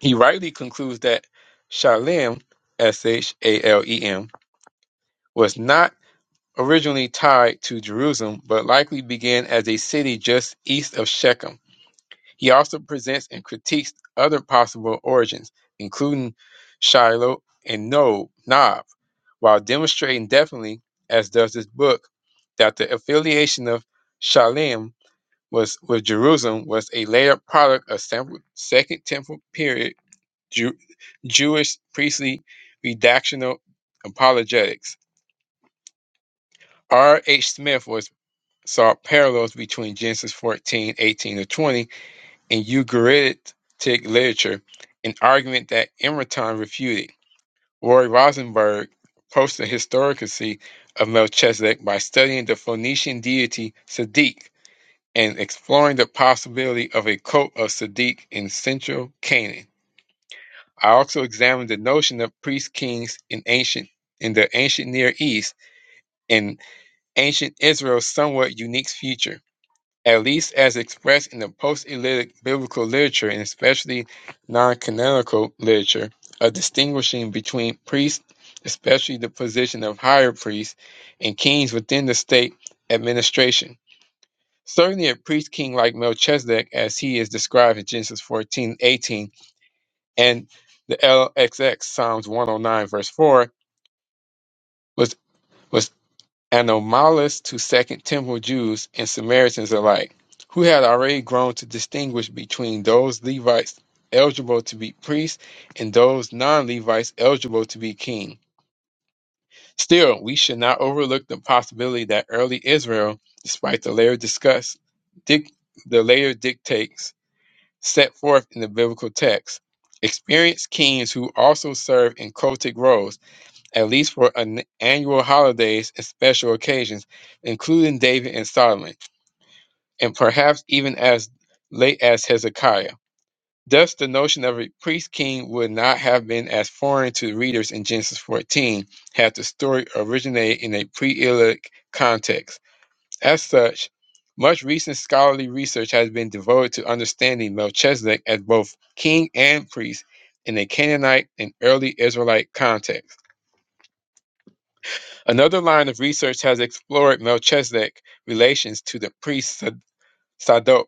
A: He rightly concludes that Shalem, S H A L E M, was not originally tied to Jerusalem, but likely began as a city just east of Shechem. He also presents and critiques other possible origins, including Shiloh and Nob, Nob while demonstrating definitely, as does this book, that the affiliation of Shalem was with Jerusalem was a later product of sem- Second Temple period Jew, Jewish priestly redactional apologetics. R. H. Smith was saw parallels between Genesis fourteen, eighteen, 18 to 20 and Ugaritic literature, an argument that Emerton refuted. Roy Rosenberg posed the historicity of Melchizedek by studying the Phoenician deity Sadiq and exploring the possibility of a cult of Sadiq in central Canaan. I also examined the notion of priest kings in ancient in the ancient Near East and ancient Israel's somewhat unique future at least as expressed in the post-elitic biblical literature and especially non-canonical literature, of distinguishing between priests, especially the position of higher priests, and kings within the state administration. Certainly a priest king like Melchizedek, as he is described in Genesis 14 18 and the LXX, Psalms 109, verse 4, was, was anomalous to Second Temple Jews and Samaritans alike, who had already grown to distinguish between those Levites eligible to be priests and those non Levites eligible to be king. Still, we should not overlook the possibility that early Israel, despite the later discuss, dic- the later dictates set forth in the biblical text, experienced kings who also served in cultic roles at least for an annual holidays and special occasions, including David and Solomon, and perhaps even as late as Hezekiah. Thus, the notion of a priest king would not have been as foreign to readers in Genesis 14 had the story originated in a pre Elic context. As such, much recent scholarly research has been devoted to understanding Melchizedek as both king and priest in a Canaanite and early Israelite context. Another line of research has explored Melchizedek relations to the priest Sa- Sadok,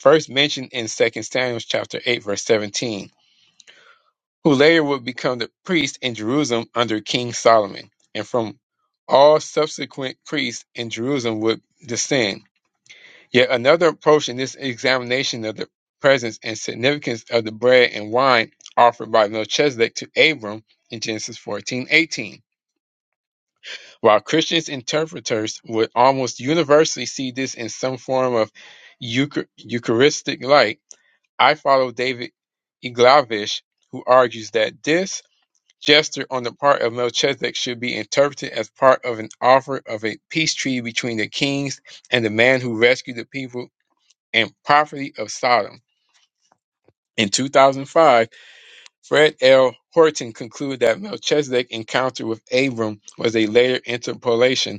A: first mentioned in Second Samuel chapter 8 verse 17, who later would become the priest in Jerusalem under King Solomon, and from all subsequent priests in Jerusalem would descend. Yet another approach in this examination of the presence and significance of the bread and wine offered by Melchizedek to Abram in Genesis 14:18. While Christian interpreters would almost universally see this in some form of euchar- Eucharistic light, I follow David Iglavish, who argues that this gesture on the part of Melchizedek should be interpreted as part of an offer of a peace treaty between the kings and the man who rescued the people and property of Sodom. In 2005, Fred L. Horton concluded that Melchizedek's encounter with Abram was a later interpolation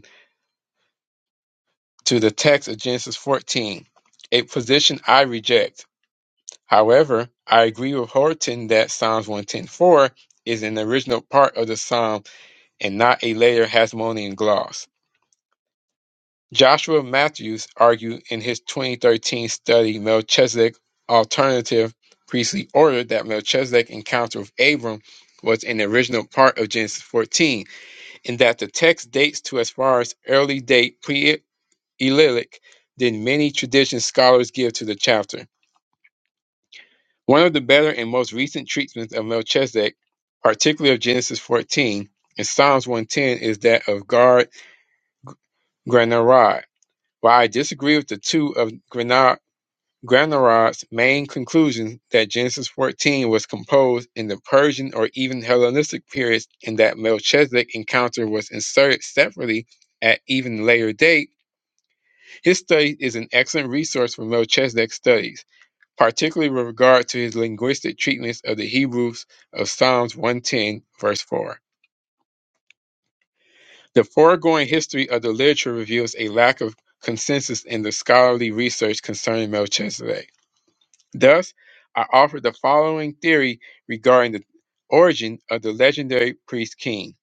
A: to the text of Genesis 14, a position I reject. However, I agree with Horton that Psalms 110.4 is an original part of the psalm and not a later Hasmonean gloss. Joshua Matthews argued in his 2013 study Melchizedek Alternative Priestly Order that Melchizedek encounter with Abram was an original part of Genesis 14 in that the text dates to as far as early date pre. Elitic than many tradition scholars give to the chapter. One of the better and most recent treatments of Melchizedek, particularly of Genesis 14 and Psalms 110, is that of Gard Granarod. While I disagree with the two of Granar- Granarod's main conclusions that Genesis 14 was composed in the Persian or even Hellenistic periods and that Melchizedek encounter was inserted separately at even later date, his study is an excellent resource for Melchizedek studies. particularly with regard to his linguistic treatments of the Hebrews of Psalms 110, verse 4. The foregoing history of the literature reveals a lack of consensus in the scholarly research concerning Melchizedek. Thus, I offer the following theory regarding the origin of the legendary priest king.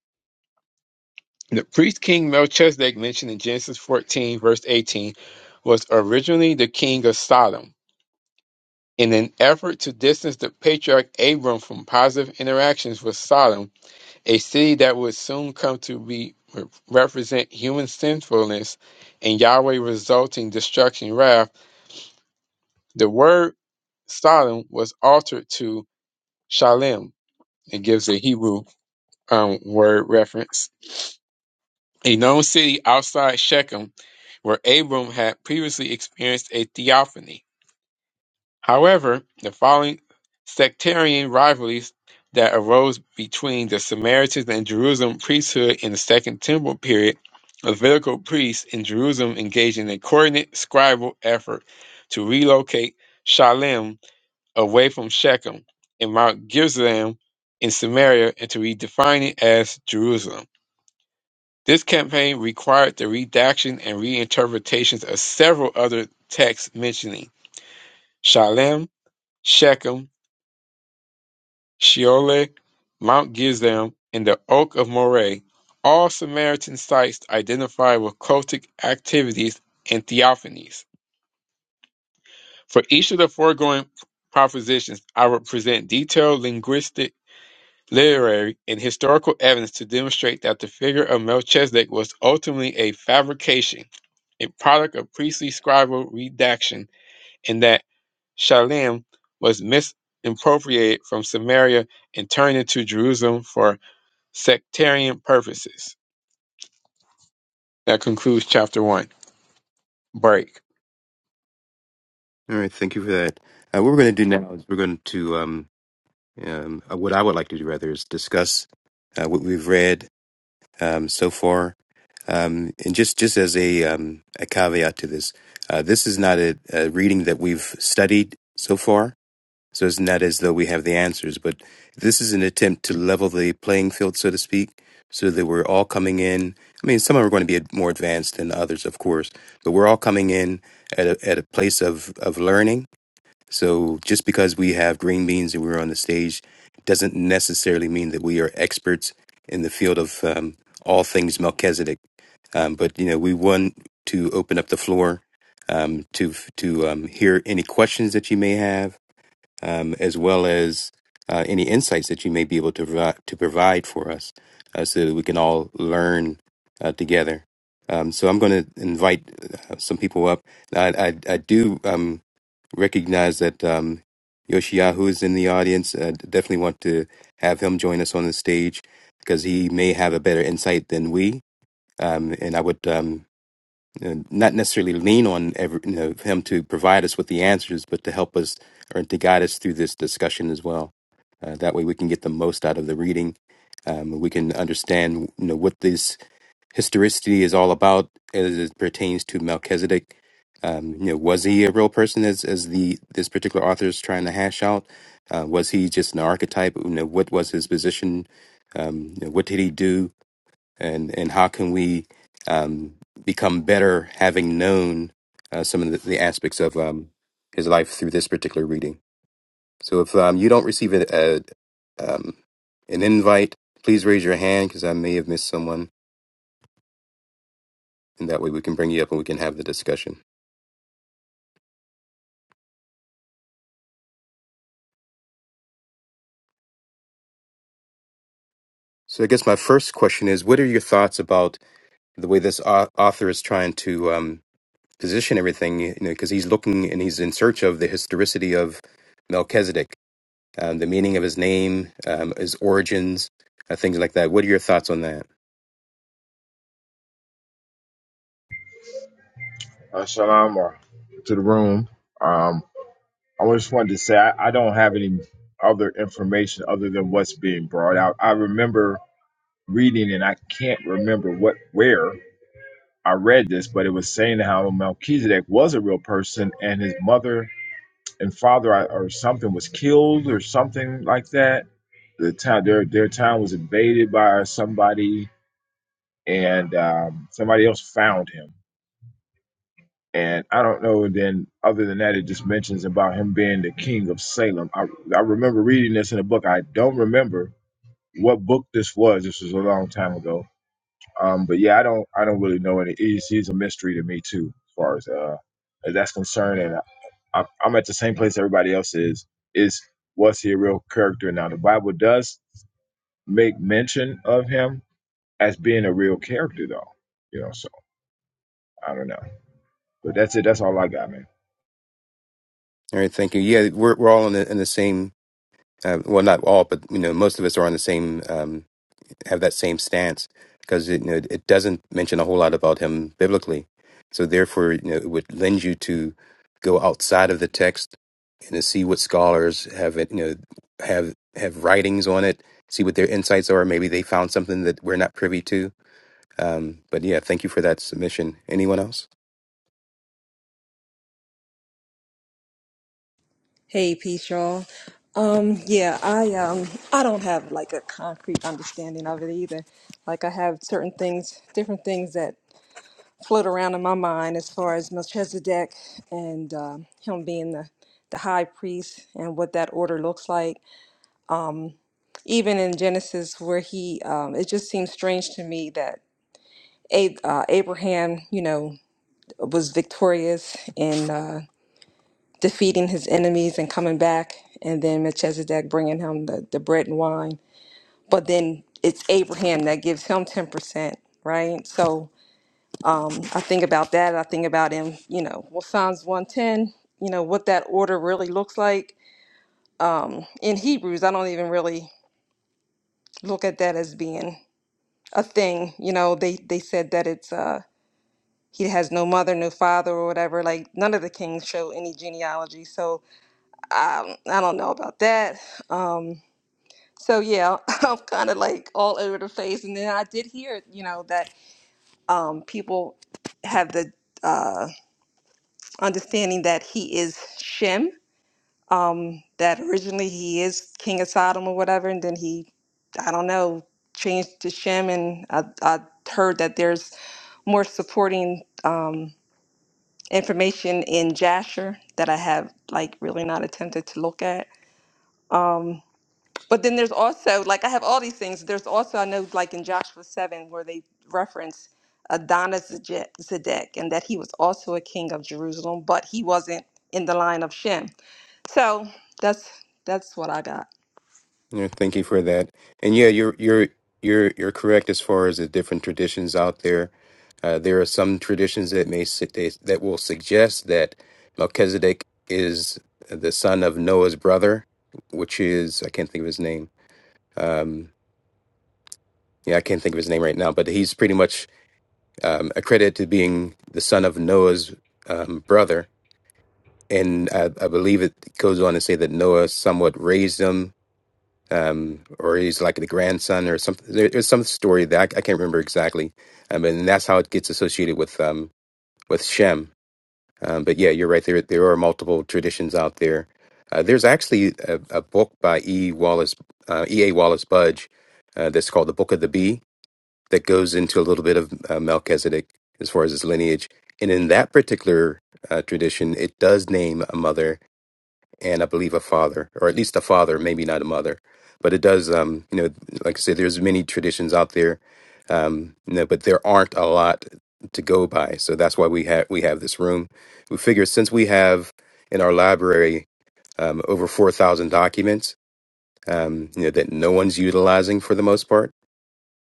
A: The priest king Melchizedek mentioned in Genesis 14, verse 18, was originally the king of Sodom In an effort to distance the patriarch Abram from positive interactions with Sodom, a city that would soon come to be represent human sinfulness and Yahweh resulting destruction wrath, the word Sodom was altered to Shalem. It gives a Hebrew um, word reference. A known city outside Shechem, where Abram had previously experienced a theophany. However, the following sectarian rivalries that arose between the Samaritans and Jerusalem priesthood in the Second Temple period, Levitical priests in Jerusalem engaged in a coordinated scribal effort to relocate Shalem away from Shechem and Mount Gerizim in Samaria and to redefine it as Jerusalem. This campaign required the redaction and reinterpretations of several other texts mentioning Shalem, Shechem, Sheol, Mount Gerizim, and the Oak of Moreh, all Samaritan sites identified with cultic activities and theophanies. For each of the foregoing propositions, I will present detailed linguistic, literary, and historical evidence to demonstrate that the figure of Melchizedek was ultimately a fabrication, a product of priestly scribal redaction, and that Shalem was misappropriated from Samaria and turned into Jerusalem for sectarian purposes. That concludes chapter one. Break.
B: All right, thank you for that. Uh, what we're going to do now is we're going to um, um, uh, what I would like to do rather is discuss uh, what we've read um, so far Um, and just just as a um, a caveat to this, uh, this is not a, a reading that we've studied so far, so it's not as though we have the answers. But this is an attempt to level the playing field, so to speak, so that we're all coming in. I mean, some are going to be more advanced than others, of course, but we're all coming in at a, at a place of of learning so just because we have green beans and we're on the stage doesn't necessarily mean that we are experts in the field of um, all things Melchizedek. Um, but you know, we want to open up the floor um, to to um, hear any questions that you may have, um, as well as uh, any insights that you may be able to provide, to provide for us, uh, so that we can all learn uh, together. Um, so I'm going to invite uh, some people up. I I, I do. Um, recognize that um, Yoshiyahu is in the audience. I definitely want to have him join us on the stage because he may have a better insight than we. Um, and I would um, uh, not necessarily lean on every, you know, him to provide us with the answers, but to help us or to guide us through this discussion as well. Uh, that way, we can get the most out of the reading. Um, we can understand, you know, what these historicity is all about as it pertains to Melchizedek. Um, you know, was he a real person as as the this particular author is trying to hash out? Uh, was he just an archetype? You know, what was his position? Um, you know, what did he do? And and how can we um, become better having known uh, some of the, the aspects of um, his life through this particular reading? So if um, you don't receive a, a um, an invite, please raise your hand because I may have missed someone. and that way we can bring you up and we can have the discussion. So I guess my first question is, what are your thoughts about the way this au- author is trying to um, position everything? You know, because he's looking and he's in search of the historicity of Melchizedek, um, the meaning of his name, um, his origins, uh, things like that. What are your thoughts on that?
C: uh, shalom or to the room. Um, I just wanted to say I, I don't have any other information other than what's being brought out. I remember reading, and I can't remember what where I read this, but it was saying how Melchizedek was a real person, and his mother and father uh, or something was killed or something like that. The town, their their town was invaded by somebody, and um, somebody else found him And I don't know. then other than that, it just mentions about him being the king of Salem. I, I remember reading this in a book. I don't remember what book this was. This was a long time ago. Um, but yeah, I don't I don't really know any. He's, he's a mystery to me too, as far as uh as that's concerned. And I, I, I'm at the same place everybody else is. Is was he a real character? Now the Bible does make mention of him as being a real character, though. You know, so I don't know. But that's it. That's all I got, man.
B: All right, thank you. Yeah, we're we're all in the, in the same. Uh, well, not all, but you know, most of us are on the same. um, have that same stance because it, you know, it doesn't mention a whole lot about him biblically. So therefore, you know, it would lend you to go outside of the text and to see what scholars have it, you know have have writings on it, see what their insights are. Maybe they found something that we're not privy to. Um, but yeah, thank you for that submission. Anyone else?
D: Hey, Peace, y'all. Um, yeah, I um, I don't have like a concrete understanding of it either. Like I have certain things, different things that float around in my mind as far as Melchizedek and um him being the the high priest and what that order looks like. Even in Genesis, where he, um, it just seems strange to me that a- uh, Abraham, you know, was victorious in. Uh, defeating his enemies and coming back, and then Melchizedek bringing him the, the bread and wine. But then it's Abraham that gives him 10%, right? So um, I think about that. I think about him, you know, well, Psalms 110, you know, what that order really looks like. Um, in Hebrews, I don't even really look at that as being a thing. You know, they, they said that it's, uh, he has no mother, no father, or whatever. Like none of the kings show any genealogy, so um, I don't know about that. Um, So yeah, I'm kind of like all over the place. And then I did hear, you know, that um, people have the uh, understanding that he is Shem. Um, that originally he is king of Sodom or whatever, and then he, I don't know, changed to Shem. And I, I heard that there's more supporting um, information in Jasher that I have like really not attempted to look at. Um, But then there's also like I have all these things. There's also I know like in Joshua seven where they reference Adonizedek and that he was also a king of Jerusalem, but he wasn't in the line of Shem. So that's that's what I got.
B: Yeah, thank you for that. And yeah, you're you're you're you're correct as far as the different traditions out there. Uh, there are some traditions that may su- they- that will suggest that Melchizedek is the son of Noah's brother, which is I can't think of his name. Um, yeah, I can't think of his name right now, but he's pretty much um, accredited to being the son of Noah's um, brother. And I, I believe it goes on to say that Noah somewhat raised him um, or he's like the grandson or something. There, there's some story that I, I can't remember exactly, um, and that's how it gets associated with um, with Shem. Um, but yeah, you're right. There there are multiple traditions out there. Uh, there's actually a, a book by E. Wallace uh, E. A. Wallace Budge uh, that's called the Book of the Bee that goes into a little bit of uh, Melchizedek as far as his lineage, and in that particular uh, tradition, it does name a mother and I believe a father, or at least a father, maybe not a mother. But it does, um, you know, like I said, there's many traditions out there, um, you know, but there aren't a lot to go by. So that's why we have we have this room. We figure since we have in our library um, over four thousand documents, um, you know, that no one's utilizing for the most part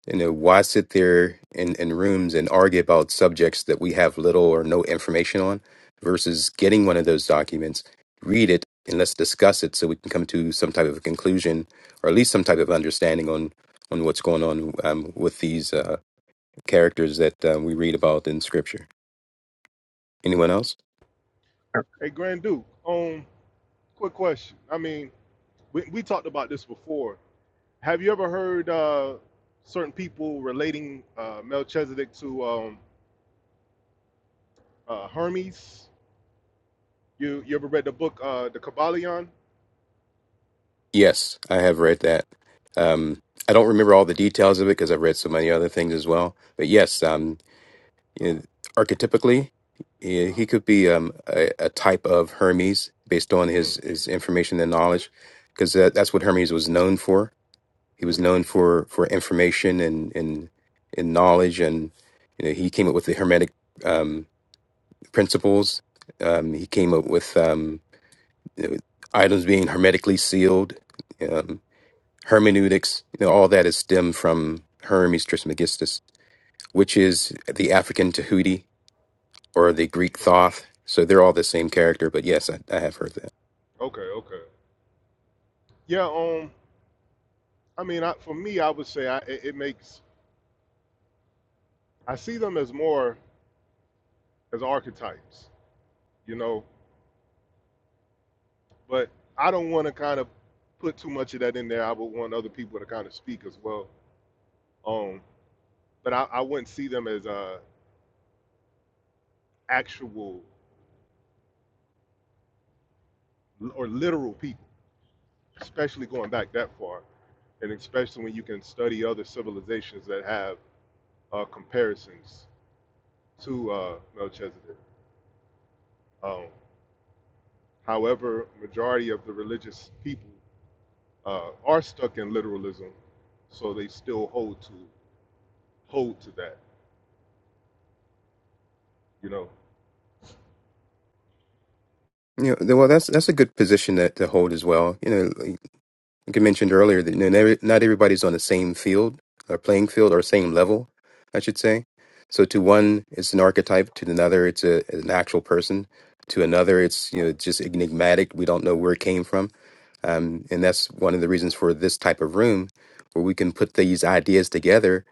B: you know, why sit there in, in rooms and argue about subjects that we have little or no information on versus getting one of those documents, read it, and let's discuss it so we can come to some type of a conclusion or at least some type of understanding on, on what's going on um, with these uh, characters that um, we read about in Scripture. Anyone else?
E: Hey, Grand Duke. Um, quick question. I mean, we, we talked about this before. Have you ever heard uh, certain people relating uh, Melchizedek to um, uh, Hermes? You you ever read the book uh, The Kabbalion?
B: Yes, I have read that. Um, I don't remember all the details of it because I've read so many other things as well. But yes, um, You know, archetypically, he, he could be um, a, a type of Hermes based on
E: Mm,
B: his, his information and knowledge, because that, that's what Hermes was known for. He was
E: hmm
B: known for, for information and, and and knowledge, and you know he came up with the Hermetic um, principles. Um, he came up with um, you know, items being hermetically sealed, um, hermeneutics. You know, all that is stemmed from Hermes Trismegistus, which is the African Tahuti or the Greek Thoth. So they're all the same character. But yes, I, I have heard that.
E: Okay, okay. Yeah. Um. I mean, I, for me, I would say I, it, it makes I see them as more as archetypes, you know. But I don't want to kind of put too much of that in there. I would want other people to kind of speak as well. Um. but I, I wouldn't see them as uh, actual or literal people, especially going back that far, and especially when you can study other civilizations that have uh, comparisons to uh, Melchizedek. Um, however, majority of the religious people uh, are stuck in literalism, so they still hold to hold to that, you know.
B: You know, well, that's that's a good position that to hold as well. You know, like like I mentioned earlier, that you know, never- not everybody's on the same field or playing field or same level, I should say. So to one, it's an archetype. To another, it's a an actual person. To another, it's you know just enigmatic. We don't know where it came from, um, and that's one of the reasons for this type of room, where we can put these ideas together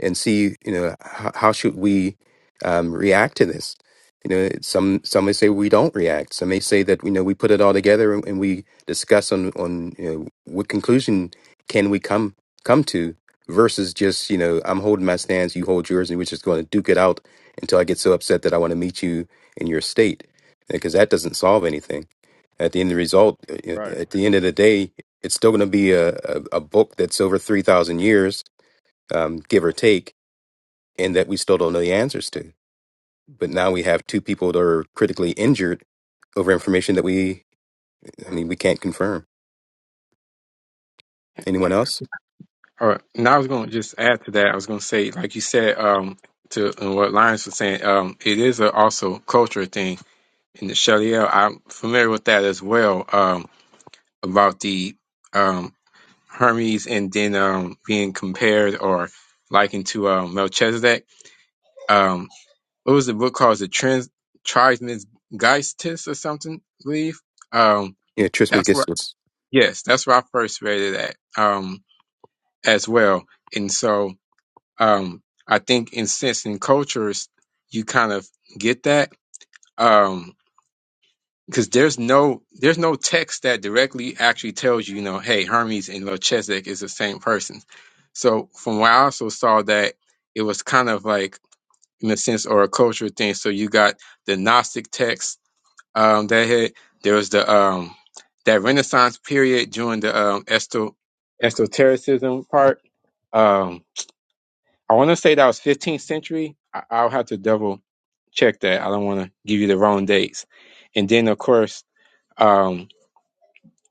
B: and see you know how, how should we um, react to this you know it's- some some may say we don't react some may say that you know we put it all together and, and we discuss on on you know what conclusion can we come come to versus just you know i'm holding my stance you hold yours and we're just going to duke it out until i get so upset that i want to meet you in your state because that doesn't solve anything at the end of the result uh, you know,
E: Right.
B: at the end of the day it's still going to be a, a, a book that's over 3000 years um, give or take and that we still don't know the answers to. But now we have two people that are critically injured over information that we, I mean, we can't confirm. Anyone else?
A: All right. And I was going to just add to that. I was going to say, like you said, um, to and what Lyons was saying, um, it is a, also a culture thing. In the Shaliel, I'm familiar with that as well. Um, about the um Hermes and then um being compared or likened to um Melchizedek. Um, what was the book called? It was a trans Trismegistus Geistis or something, I believe. Um,
B: Yeah, Trismus
A: that's
B: gets
A: where
B: this.
A: yes, that's where I first read it at. Um, as well. And so um I think in sense in cultures you kind of get that. Um because there's no there's no text that directly actually tells you, you know, hey, Hermes and Melchizedek is the same person. So from what I also saw that it was kind of like in a sense or a cultural thing. So you got the Gnostic text um, that had there was the um, that Renaissance period during the um, esto- esotericism part. Um, I want to say that was 15th century. I- I'll have to double check that. I don't want to give you the wrong dates. And then of course, um,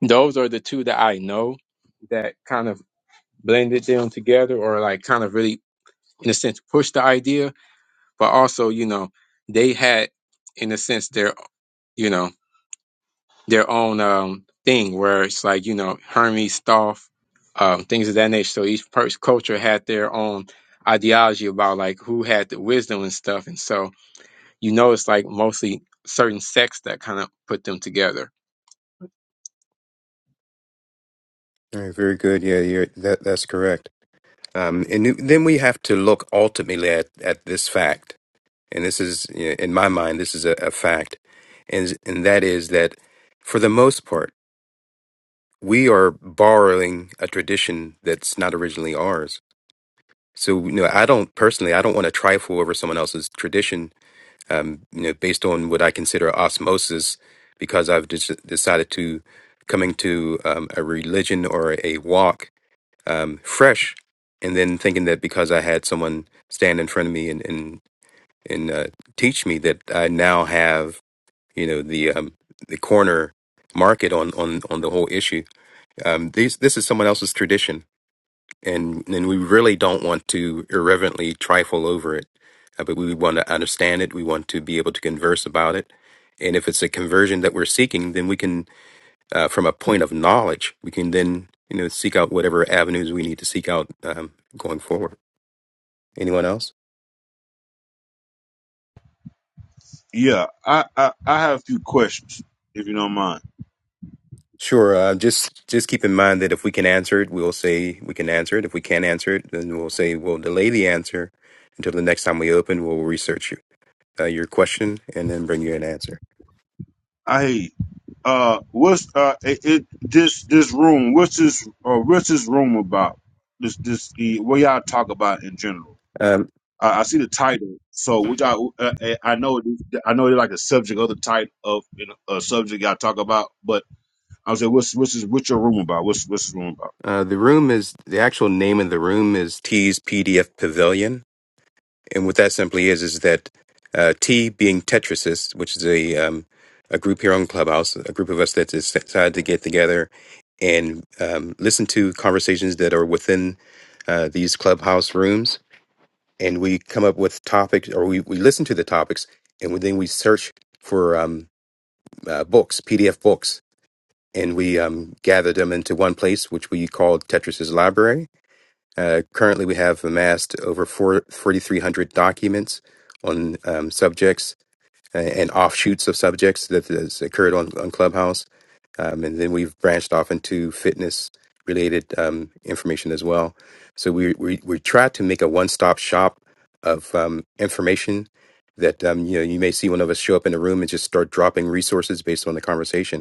A: those are the two that I know that kind of blended them together, or like kind of really, in a sense, pushed the idea. But also, you know, they had, in a sense, their you know their own um thing where it's like you know Hermes, Thoth, um, things of that nature. So each pers- culture had their own ideology about like who had the wisdom and stuff. And so you know it's like mostly certain sects that kind of put them together.
B: All right, very good. Yeah, you're, that that's correct. Um, and th- then we have to look ultimately at, at this fact, and this is, you know, in my mind, this is a, a fact, and, and that is that for the most part, we are borrowing a tradition that's not originally ours. So, you know, I don't personally, I don't want to trifle over someone else's tradition, um, you know, based on what I consider osmosis, because I've just decided to coming to um, a religion or a walk um, fresh, and then thinking that because I had someone stand in front of me and and and uh, teach me that I now have you know the um, the corner market on on on the whole issue. Um, these this is someone else's tradition, and and we really don't want to irreverently trifle over it, uh, but we want to understand it. We want to be able to converse about it, and if it's a conversion that we're seeking, then we can uh, from a point of knowledge, we can then you know seek out whatever avenues we need to seek out um, going forward. Anyone else?
F: Yeah, I, I, I have a few questions, if you don't mind.
B: Sure. Uh, just just keep in mind that if we can answer it, we'll say we can answer it. If we can't answer it, then we'll say we'll delay the answer until the next time we open. We'll research you, uh, your question and then bring you an answer.
F: I uh, what's uh, it, it this this room? What's this? Uh, what's this room about? This this the what y'all talk about in general?
B: Um,
F: Uh, I see the title, so which I uh, uh, I know it- I know it's like a subject of the type of you know, a subject y'all talk about, but I was like, what's what's this, what's your room about? What's what's this room about?
B: uh, the room is the actual name of the room is T's PDF Pavilion and what that simply is is that uh, T being Tetrasist, which is a um, a group here on Clubhouse, a group of us that decided to get together and um, listen to conversations that are within uh, these Clubhouse rooms, and we come up with topics, or we, we listen to the topics, and then we search for um, uh, books, PDF books, and we um, gather them into one place, which we call Tetris's Library uh, currently, we have amassed over four- 4,300 documents on um, subjects uh, and offshoots of subjects that has occurred on, on Clubhouse. Um, and then we've branched off into fitness related um, information as well. So we, we, we try to make a one stop shop of um, information that um, you know you may see one of us show up in a room and just start dropping resources based on the conversation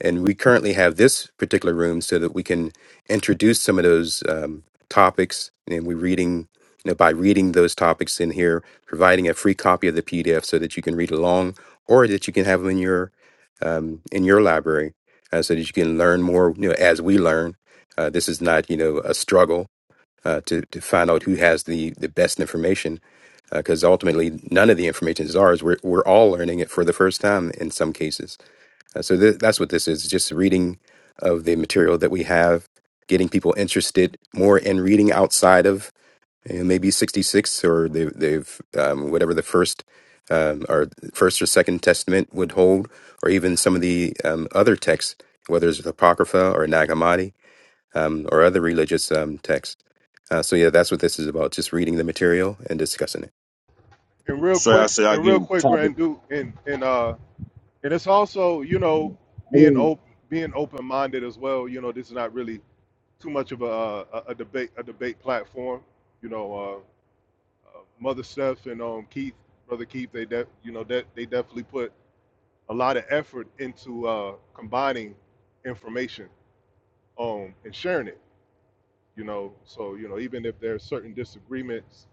B: and we currently have this particular room so that we can introduce some of those um, topics. And we're reading, you know, by reading those topics in here, providing a free copy of the PDF so that you can read along, or that you can have them in your um, in your library, uh, so that you can learn more. You know, as we learn, uh, this is not you know a struggle uh, to to find out who has the the best information because ultimately none of the information is ours. We're, we're all learning it for the first time in some cases. Uh, so th- that's what this is just reading of the material that we have, getting people interested more in reading outside of you know, maybe 66 or they, they've, um, whatever the first um, or first or second testament would hold, or even some of the um, other texts, whether it's Apocrypha or Nag Hammadi um, or other religious um, texts. Uh, so yeah, that's what this is about, just reading the material and discussing it.
E: And real
F: So I
E: quick,
F: say I
E: and
F: get
E: real quick,
F: topic.
E: Grand Duke, and and uh, And it's also, you know,
F: I
E: being
F: didn't-
E: op- being open minded as well. You know, this is not really too much of a, a, a debate a debate platform. You know, uh, uh, Mother Steph and um, Keith, brother Keith, they de- you know that they definitely put a lot of effort into uh, combining information um, and sharing it. You know, so you know even if there's certain disagreements,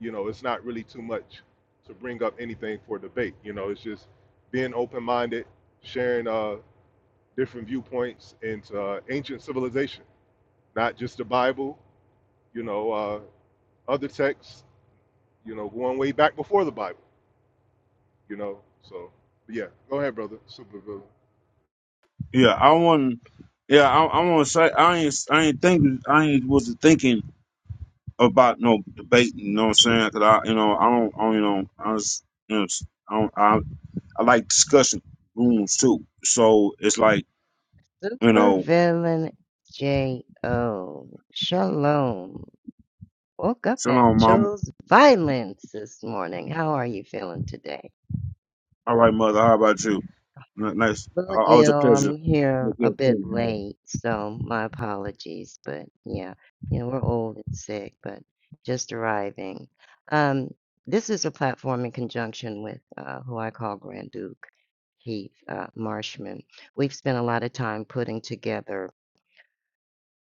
E: you know, it's not really too much to bring up anything for debate. You know, it's just being open minded sharing uh different viewpoints into uh, ancient civilization, not just the Bible, you know, uh, other texts, you know, going way back before the Bible, you know. So, but yeah, go ahead, brother. Super brother.
F: yeah, I want. Yeah, I, I want to say I ain't I ain't think I ain't was thinking about no debate, You know what I'm saying? Cause I, you know, I don't, I don't you know, I was, you know, s- I, don't, I, I like discussion rooms too. So it's like, you know,
G: Supervillain J.O. Shalom. Woke up and
F: shalom, mom.
G: chose violence this morning. How are you feeling today?
F: All right, mother. How about you? N- Nice.
G: A
F: Uh,
G: little
F: Always a
G: ill.
F: pleasure.
G: I'm
F: Yeah,
G: here
F: yeah,
G: a
F: thank
G: bit
F: you, mother.
G: late, so my apologies. But yeah, you know, we're old and sick, but just arriving. Um, this is a platform in conjunction with uh, who I call Grand Duke Heath uh, Marshman. We've spent a lot of time putting together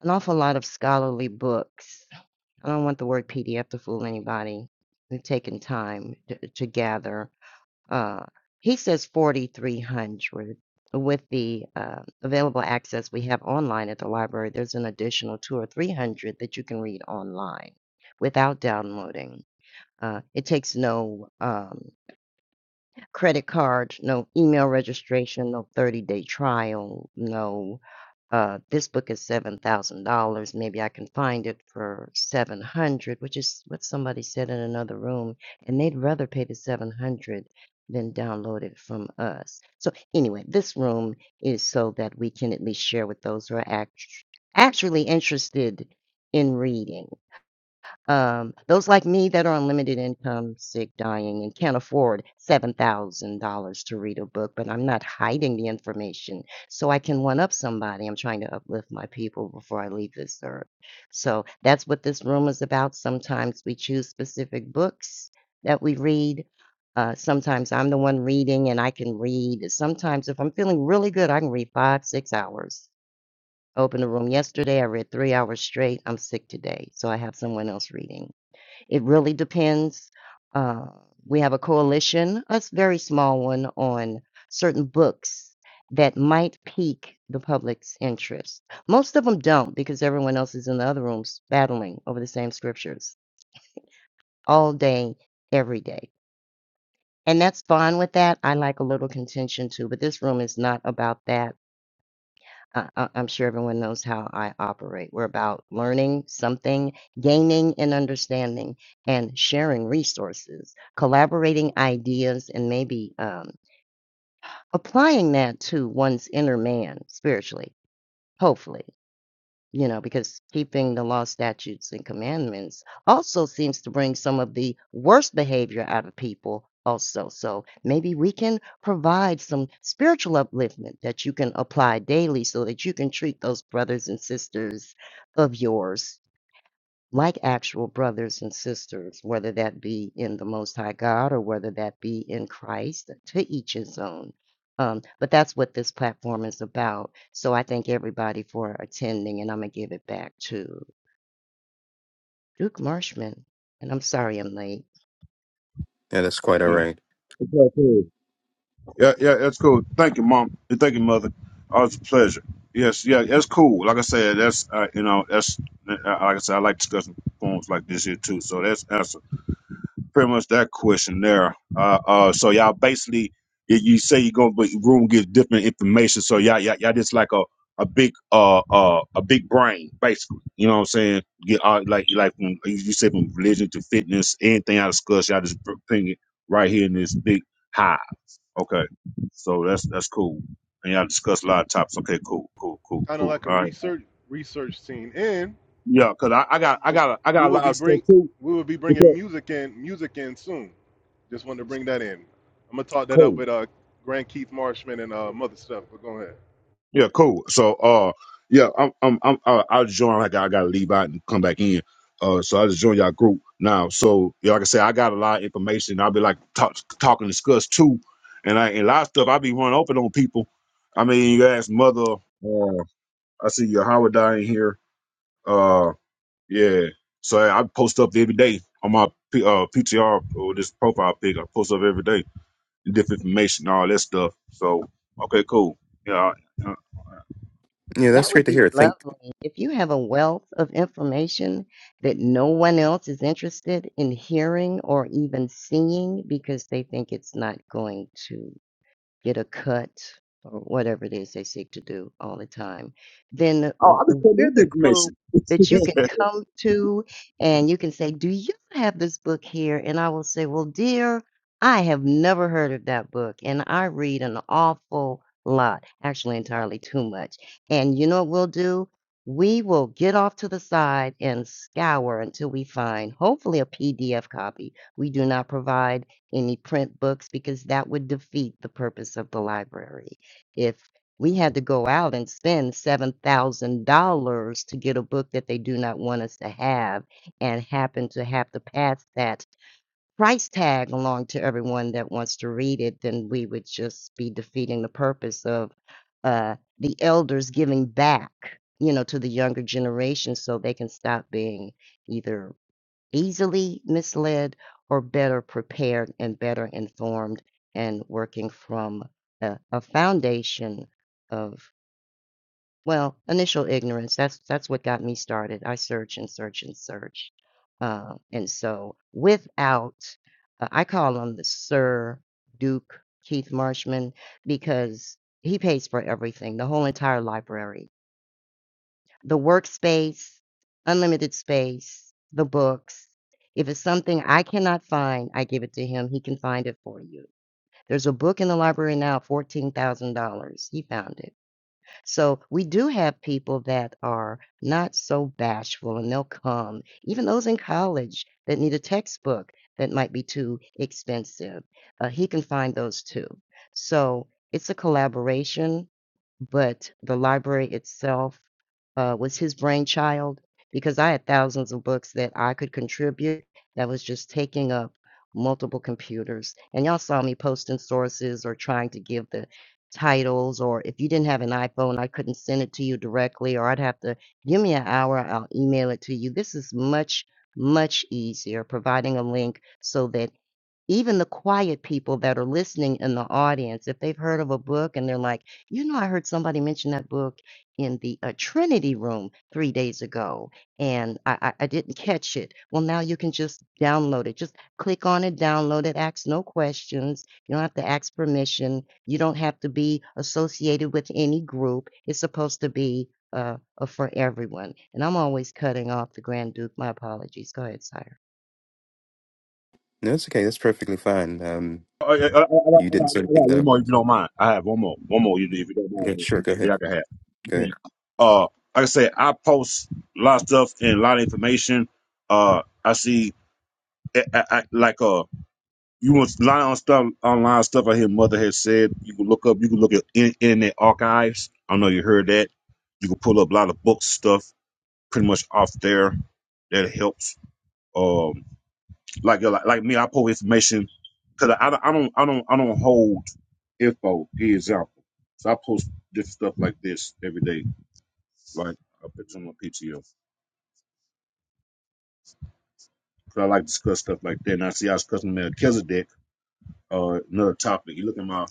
G: an awful lot of scholarly books I don't want the word PDF to fool anybody. They're taking time to, to gather. Uh, he says 4,300. With the uh, available access we have online at the library, there's an additional two or 300 that you can read online without downloading. Uh, it takes no um, credit cards, no email registration, no 30 day trial, no uh, this book is seven thousand dollars. Maybe I can find it for seven hundred, which is what somebody said in another room, and they'd rather pay the seven hundred than download it from us. So anyway, this room is so that we can at least share with those who are act- actually interested in reading. Um, those like me that are on limited income, sick, dying, and can't afford $7,000 to read a book, but I'm not hiding the information so I can one up somebody. I'm trying to uplift my people before I leave this earth. So that's what this room is about. Sometimes we choose specific books that we read. Uh, sometimes I'm the one reading and I can read. Sometimes, if I'm feeling really good, I can read five, six hours. Opened the room yesterday. I read three hours straight. I'm sick today, so I have someone else reading. It really depends. Uh, we have a coalition, a s- very small one, on certain books that might pique the public's interest. Most of them don't because everyone else is in the other rooms battling over the same scriptures all day, every day. And that's fine with that. I like a little contention too, but this room is not about that. I, I, I'm sure everyone knows how I operate. We're about learning something, gaining an understanding, and sharing resources, collaborating ideas, and maybe um, applying that to one's inner man spiritually, hopefully you know, because keeping the law, statutes, and commandments also seems to bring some of the worst behavior out of people, also. So maybe we can provide some spiritual upliftment that you can apply daily so that you can treat those brothers and sisters of yours like actual brothers and sisters, whether that be in the Most High God or whether that be in Christ, to each his own. Um, but that's what this platform is about. So I thank everybody for attending, and I'm going to give it back to Duke Marshman. And I'm sorry I'm late.
B: Yeah, that's quite all
F: yeah,
B: right.
F: yeah, yeah, that's cool. Thank you, mom. And Thank you, mother. Always a pleasure. Yes, yeah, that's cool. Like I said, that's uh, you know, that's uh, like I said, I like discussing forums like this here too. So that's absolutely. pretty much that question there. Uh, uh, so y'all basically, you, you say you're gonna be room give different information. So y'all, y'all, y'all just like a a big uh uh a big brain basically. You know what I'm saying? Get all like like from, you you said from religion to fitness, anything I discuss, y'all just br- bring it right here in this big hive. Okay, so that's that's cool. And y'all discuss a lot of topics. Okay, cool, cool, cool,
E: Kind of
F: cool.
E: like a
F: All right.
E: research research team, and
F: Yeah, cause I, I got
E: we
F: I
E: will
F: got I
E: we
F: got a
E: will
F: lot
E: be
F: of stuff
E: bring
F: too.
E: we will be bringing
F: Okay,
E: music in music in soon. Just wanted to bring that in. I'm gonna talk that up
F: Cool.
E: with uh Grand Keith Marshman and uh Mother Stuff. But go ahead.
F: Yeah, cool. So, uh, yeah, I'm, I'm, I'm, uh, I'll join. Like, I gotta leave out and come back in. Uh, so I just joined y'all group now. So, yeah, like I said, I got a lot of information. I'll be like talk, talking, discuss too, and I and a lot of stuff. i be running open on people. I mean, you ask mother. Uh, I see your Howard in here. Uh, yeah. So I I post up every day on my P, uh PTR or this profile pic. I post up every day different information, all that stuff. So, okay, cool. Yeah,
B: Yeah,
G: That
B: that's
G: would
B: great to
G: be
B: hear. Think
G: lovely. If you have a wealth of information that no one else is interested in hearing or even seeing because they think it's not going to get a cut or whatever it is they seek to do all the time, then
F: Oh, I just
G: w-
F: came in
G: we're
F: with the
G: the group
F: information.
G: that you can come to and you can say, Do you have this book here? And I will say, Well, dear, I have never heard of that book. And I read an awful lot, actually, entirely too much. And you know what we'll do? We will get off to the side and scour until we find, hopefully, a PDF copy. We do not provide any print books because that would defeat the purpose of the library. If we had to go out and spend $7,000 to get a book that they do not want us to have and happen to have to pass that price tag along to everyone that wants to read it, then we would just be defeating the purpose of uh, the elders giving back. You know, to the younger generation, so they can stop being either easily misled or better prepared and better informed and working from a, a foundation of well initial ignorance that's that's what got me started i search and search and search uh, and so without uh, i call him the sir duke keith marshman because he pays for everything the whole entire library the workspace, unlimited space, the books. If it's something I cannot find, I give it to him. He can find it for you. There's a book in the library now, $14,000. He found it. So we do have people that are not so bashful and they'll come, even those in college that need a textbook that might be too expensive. Uh, he can find those too. So it's a collaboration, but the library itself uh, was his brainchild because I had thousands of books that I could contribute that was just taking up multiple computers. And y'all saw me posting sources or trying to give the titles or if you didn't have an iPhone, I couldn't send it to you directly or I'd have to give me an hour, I'll email it to you. This is much, much easier providing a link so that even the quiet people that are listening in the audience, if they've heard of a book and they're like, you know, I heard somebody mention that book in the uh, Trinity room three days ago, and I, I, I didn't catch it. Well, now you can just download it. Just click on it, download it, ask no questions. You don't have to ask permission. You don't have to be associated with any group. It's supposed to be uh, uh, for everyone. And I'm always cutting off the Grand Duke. My apologies. Go ahead, Sire.
B: no, that's okay. That's perfectly fine. Um,
F: I, I, I, I,
B: you didn't
F: I,
B: sort of
F: I
B: think
F: got one more
B: that.
F: if you don't mind. I have one more. One more you do if you don't
B: Yeah, sure.
F: mind.
B: Go ahead.
F: Yeah, I can have.
B: Go
F: Okay.
B: ahead.
F: Uh, like I said, I post a lot of stuff and a lot of information. Uh, I see, I, I, I- like, uh, you want a lot of stuff, online stuff I hear Mother has said. You can look up, you can look at in, internet archives. I know you heard that. You can pull up a lot of books, stuff pretty much off there. That helps. Um. Like like, like me, I post information because I, I don't I don't I don't hold info. Give example. So I post different stuff like this every day. Like I put on my PTO because I like to discuss stuff like that. And I see I was discussing Melchizedek, uh, another topic. You look at my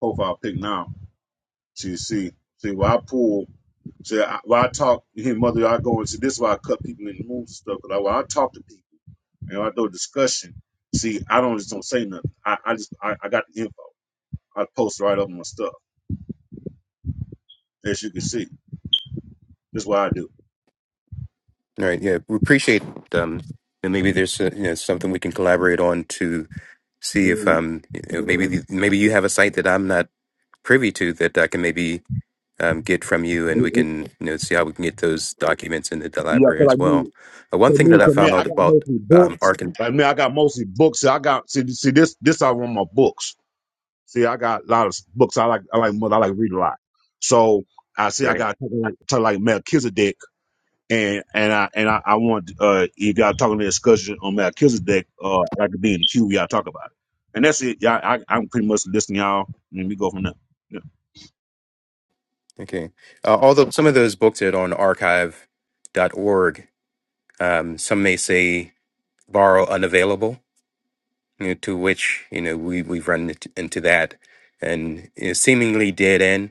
F: profile pic now. So you see, see where I pull. See I, where I talk. You hear mother, I go and see this is why I cut people in the moves and stuff. Because I, when I talk to people and when I do a discussion. See, I don't just don't say nothing. I, I just I, I got the info. I post right up on my stuff. as you can see. That's what I do.
B: All right. Yeah, we appreciate. Um, and maybe there's uh, you know something we can collaborate on to see if
F: Mm.
B: um you know, maybe the- maybe you have a site that I'm not privy to that I can maybe um, get from you, and
F: It-
B: we
F: it-
B: can you know see how we can get those documents into the
F: yeah,
B: library
F: because
B: as
F: like
B: well.
F: me,
B: Uh, one
F: to
B: thing
F: me,
B: that I
F: to me,
B: found
F: I
B: out
F: got
B: about
F: mostly
B: um
F: books.
B: arch
F: Like me, I got mostly books. See, I got see see this this I run my books. See, I got a lot of books. I like I like I like read a lot. So I see I
B: right
F: got talking like talking like Melchizedek and and I and I, I want uh you got talking the discussion on Melchizedek uh like being the Q y'all talk about it. And that's it. Y'all I I'm pretty much listening y'all and we go from there. Yeah.
B: okay uh, although some of those books that are on archive dot org, um, some may say borrow unavailable you know, to which you know we we've run it- into that and you know, seemingly dead end,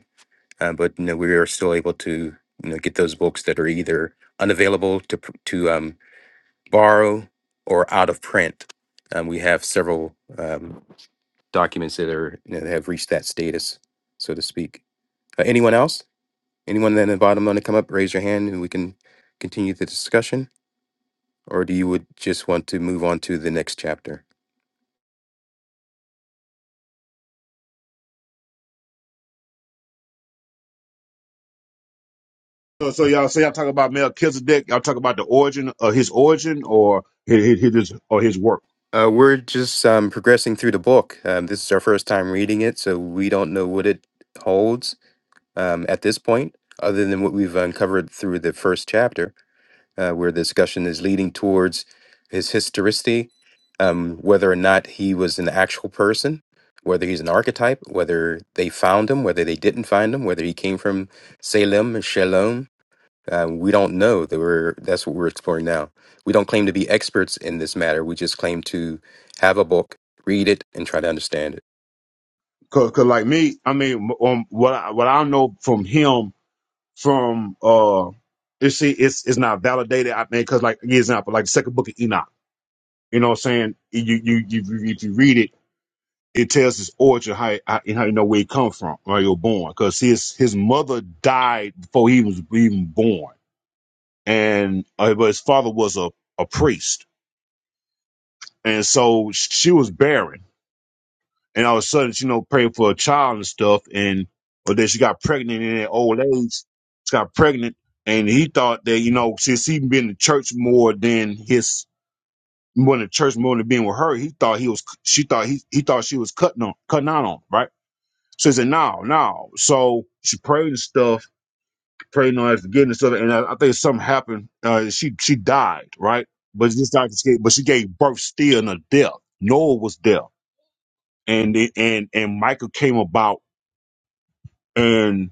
B: uh, but you know, we are still able to you know get those books that are either unavailable to pr- to um, borrow or out of print. Um, we have several um, documents that are you know, that have reached that status, so to speak. Uh, anyone else? Anyone at the bottom want to come up? Raise your hand, and we can continue the discussion. Or do you would just want to move on to the next chapter?
F: So, so y'all, so y'all talk about Melchizedek. Y'all talk about the origin of his origin, or his, his his- or his work.
B: Uh, we're just um, progressing through the book. Um, this is our first time reading it, so we don't know what it holds um, at this point, other than what we've uncovered through the first chapter, uh, where the discussion is leading towards his historicity, um, whether or not he was an actual person, whether he's an archetype, whether they found him, whether they didn't find him, whether he came from Salem or Shalom, um, we don't know that we're that's what we're exploring now. We don't claim to be experts in this matter. We just claim to have a book, read it, and try to understand it.
F: Cause, 'cause like me, I mean, um, what I, what I know from him, from uh, you see, it's it's not validated. I think, cause like example, like the second book of Enoch. You know, what I'm saying you you you if you read it, it tells his origin, how it- how, and how you know where he come from, where you're born. Cause his his mother died before he was even born, and uh, but his father was a a priest And so she was barren. And all of a sudden, you know, praying for a child and stuff. And but then she got pregnant in her old age. She got pregnant. And he thought that, you know, since he been to church more than his more than church more than being with her, he thought he was she thought he he thought she was cutting on cutting out on, him, right? So he said, No, no. So she prayed and stuff, praying on her forgiveness of it. And I, I think something happened. Uh she she died, right? But just like escape, but she gave birth still in a death. Noah was death. and it- and and Michael came about and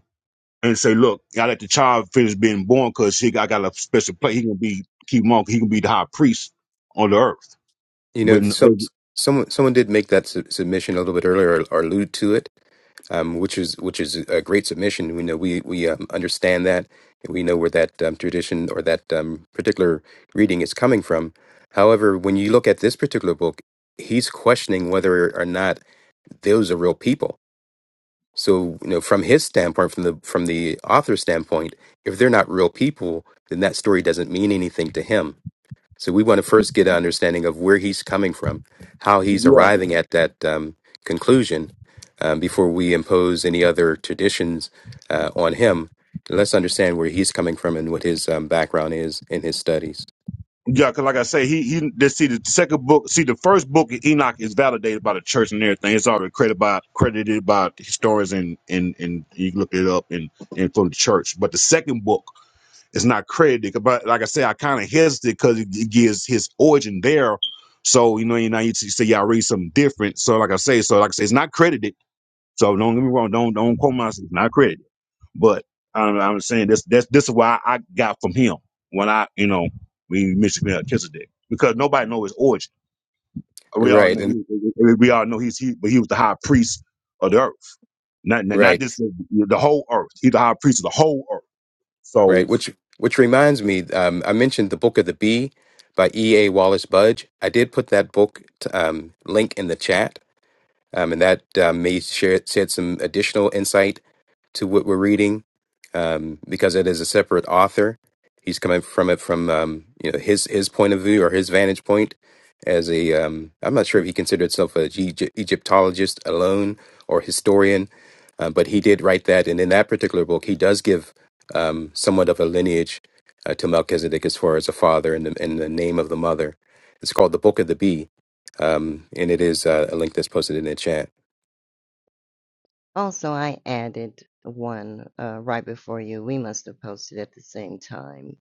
F: and say, look, I let the child finish being born because he got, got a special place. He gonna be keep on. He gonna be the high priest on the earth.
B: You know,
F: When
B: some someone someone did make that su- submission a little bit earlier or, or allude to it, um, which is which is a great submission. We know we we um, understand that and we know where that um, tradition or that um, particular reading is coming from. However, when you look at this particular book, he's questioning whether or not those are real people So, you know, from his standpoint, from the from the author's standpoint, if they're not real people, then that story doesn't mean anything to him. So, we want to first get an understanding of where he's coming from, how he's
F: yeah,
B: arriving at that um, conclusion, um, before we impose any other traditions uh, on him. Let's understand where he's coming from and what his um, background is in his studies.
F: yeah, because like I say, he he just see the second book. See the first book of Enoch is validated by the church and everything. It's already credited by credited by historians and and and you can look it up and and from the church. But the second book. It's not credited, but like I said, I kind of hesitate because it it gives his origin there. So you know, you know, you say y'all read something different. So like I say, so like I say, it's not credited. So don't get me wrong, don't don't quote me. It's not credited, but I'm, I'm saying this. That's this is why I got from him when I you know we mentioned Melchizedek because nobody know his origin. We all
B: Right,
F: know
B: and
F: he- we all know he's he, but he was the high priest of the earth, not not, not
B: right.
F: this the whole earth. He's the high priest of the whole earth. So.
B: Right, which which reminds me, um, I mentioned the book of the bee by E. A. Wallace Budge. I did put that book t- um, link in the chat, um, and that um, may share shed some additional insight to what we're reading um, because it is a separate author. He's coming from it from um, you know his his point of view or his vantage point as a um, I'm not sure if he considered himself a G- Egyptologist alone or historian, uh, but he did write that, and in that particular book, he does give um, somewhat of a lineage uh, to Melchizedek as far as a father and the, and the name of the mother. It's called the Book of the Bee, um, and it is uh, a link that's posted in the chat.
G: Also, I added one uh, right before you. We must have posted at the same time.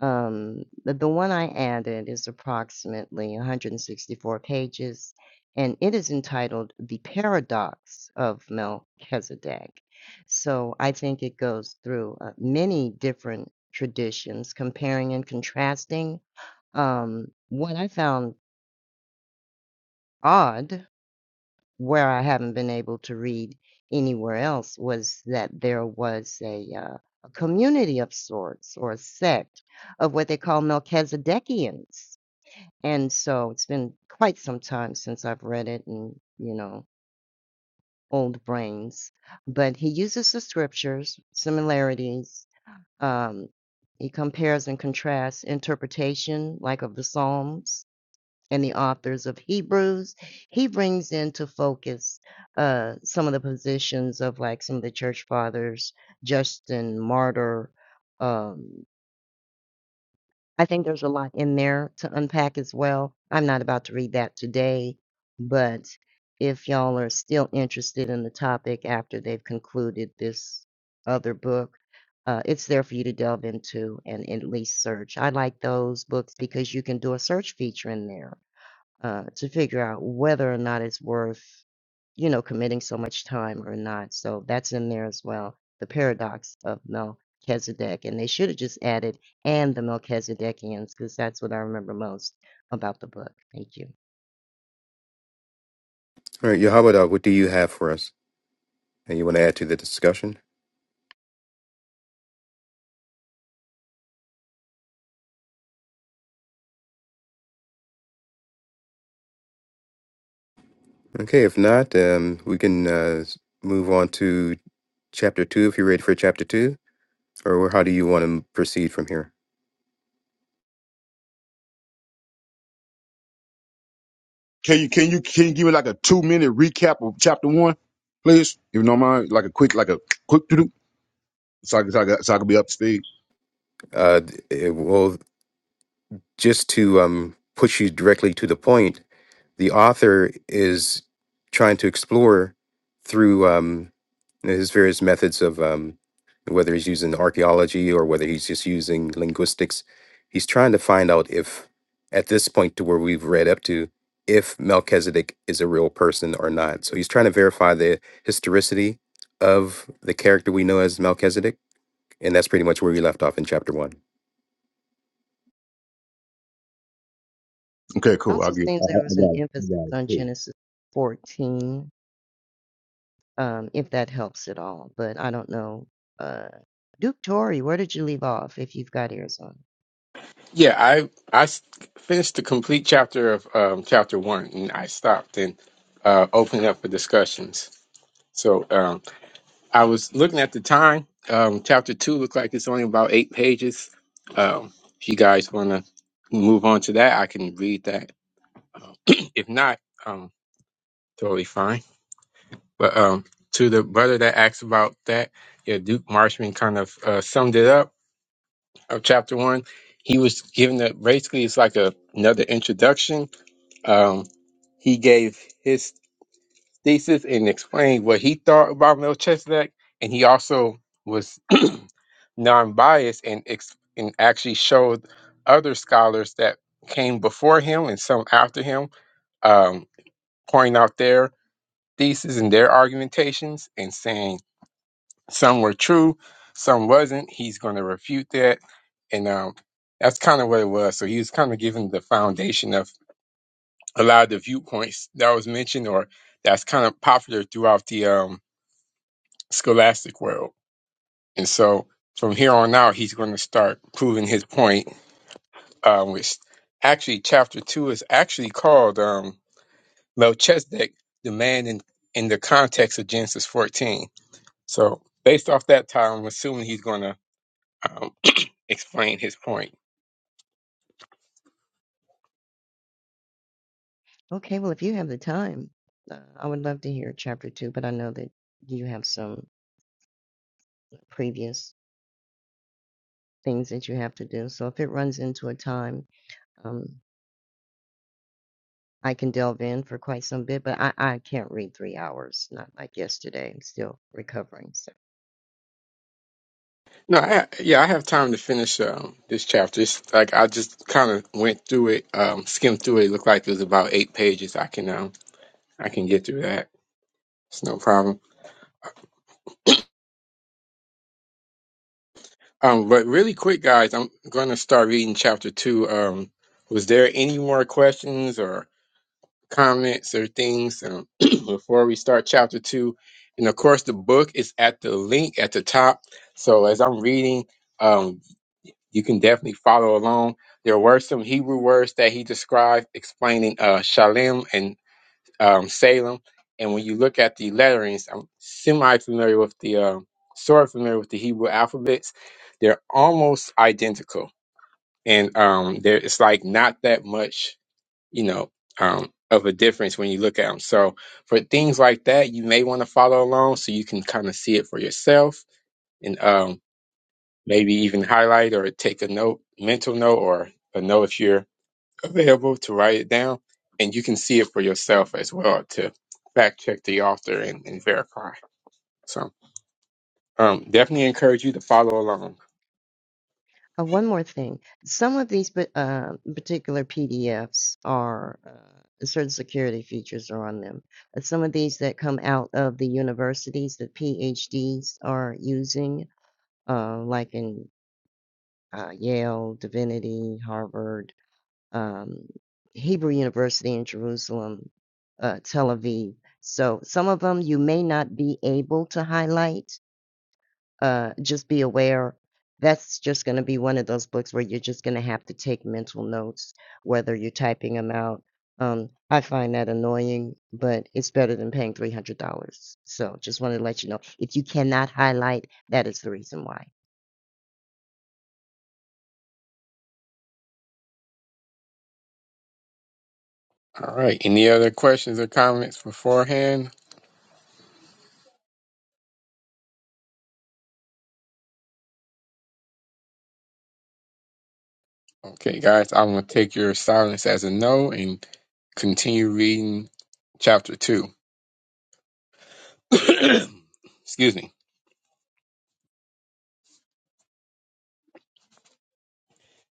G: Um, the, the one I added is approximately 164 pages, and it is entitled The Paradox of Melchizedek. So I think it goes through uh, many different traditions, comparing and contrasting. Um, what I found odd where I haven't been able to read anywhere else was that there was a, uh, a community of sorts or a sect of what they call Melchizedekians. And so it's been quite some time since I've read it and, you know, old brains. But he uses the scriptures, similarities. Um, he compares and contrasts interpretation, like of the Psalms, and the authors of Hebrews. He brings into focus uh, some of the positions of like some of the church fathers, Justin Martyr. Um, I think there's a lot in there to unpack as well. I'm not about to read that today, but if y'all are still interested in the topic after they've concluded this other book, uh, it's there for you to delve into and at least search. I like those books because you can do a search feature in there uh, to figure out whether or not it's worth, you know, committing so much time or not. So that's in there as well. The paradox of Melchizedek. And they should have just added, and the Melchizedekians, because that's what I remember most about the book. Thank you.
B: All right, Yahweh, what do you have for us? And you want to add to the discussion? Okay, if not, um, we can uh, s- move on to chapter two if you're ready for chapter two, or how do you want to proceed from here?
F: Can you can you can you give me like a two minute recap of chapter one, please? If you don't mind, like a quick like a quick to do, so I can so I, can- so I can be up to speed.
B: Uh, d- eh, well, just to um, push you directly to the point, the author is trying to explore through um, his various methods of um, whether he's using archaeology or whether he's just using linguistics. He's trying to find out if, at this point to where we've read up to, if Melchizedek is a real person or not. So he's trying to verify the historicity of the character we know as Melchizedek and that's pretty much where we left off in chapter one.
F: Okay, cool. I
G: Also
F: get. I,
G: seems
F: I
G: there
F: I
G: was an
F: got it. I
G: emphasis
F: got it.
G: on
F: Cool.
G: Genesis 14, um, if that helps at all. But I don't know. Uh, Duke Torrey, where did you leave off if you've got ears on?
A: Yeah, I I s- finished the complete chapter of um, chapter one, and I stopped and uh, opened up for discussions. So. Um, I was looking at the time. Um, chapter two looks like it's only about eight pages. Um, if you guys want to move on to that, I can read that. Um, if not, um, totally fine. But um, to the brother that asked about that, yeah, Duke Marshman kind of uh, summed it up of chapter one. He was giving the basically it's like a, another introduction. Um, he gave his thesis and explained what he thought about Melchizedek, and he also was non-biased and ex- and actually showed other scholars that came before him and some after him, um, pointing out their theses and their argumentations and saying some were true, some wasn't. He's going to refute that, and um, that's kind of what it was. So he was kind of giving the foundation of a lot of the viewpoints that was mentioned, or that's kind of popular throughout the um, scholastic world. And so from here on out, he's going to start proving his point, um, which actually chapter two is actually called um, Melchizedek, the man in, in the context of Genesis 14. So based off that title, I'm assuming he's going to explain his point.
G: Okay, well, if you have the time, uh, I would love to hear chapter two, but I know that you have some previous things that you have to do. So if it runs into a time, um, I can delve in for quite some bit, but I, I can't read three hours, not like yesterday. I'm still recovering. So
A: No, I, yeah, I have time to finish um, this chapter. It's like I just kind of went through it, um, skimmed through it. It looked like it was about eight pages. I can um, I can get through that. It's no problem. Um, but really quick, guys, I'm going to start reading chapter two. Um, was there any more questions or comments or things um, before we start chapter two? And of course, the book is at the link at the top. So as I'm reading, um, you can definitely follow along. There were some Hebrew words that he described explaining uh, shalem and um, Salem. And when you look at the letterings, I'm semi familiar with the, um sort of familiar with the Hebrew alphabets. They're almost identical. And um, there, it's like not that much, you know, um, of a difference when you look at them. So for things like that, you may want to follow along so you can kind of see it for yourself and um, maybe even highlight or take a note, mental note, or a note if you're available to write it down, and you can see it for yourself as well to fact check the author and, and verify. So, um, definitely encourage you to follow along.
G: uh, one more thing. Some of these pa- uh, particular PDFs are uh, certain security features are on them. Uh, Some of these that come out of the universities that PhDs are using uh, like in uh, Yale, Divinity, Harvard, um, Hebrew University in Jerusalem, uh, Tel Aviv. So some of them you may not be able to highlight. Uh, just be aware that's just going to be one of those books where you're just going to have to take mental notes, whether you're typing them out. Um, I find that annoying, but it's better than paying $300. So just wanted to let you know if you cannot highlight, that is the reason why.
A: All right. Any other questions or comments beforehand? Okay, guys, I'm gonna take your silence as a no and continue reading chapter two. Excuse me.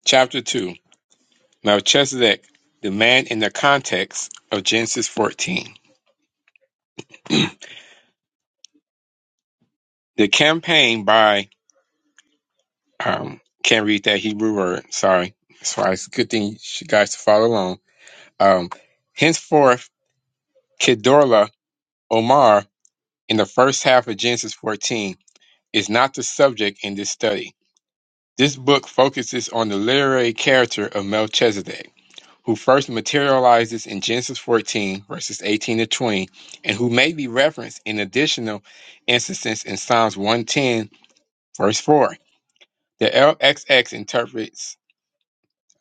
A: Chapter two. Melchizedek, the man in the context of Genesis 14. The campaign by Um, can't read that Hebrew word. Sorry. That's why it's a good thing you guys to follow along. Um, henceforth, Kedorla Omar in the first half of Genesis 14 is not the subject in this study. This book focuses on the literary character of Melchizedek, who first materializes in Genesis 14, verses 18 to 20, and who may be referenced in additional instances in Psalms 110, verse 4. The LXX interprets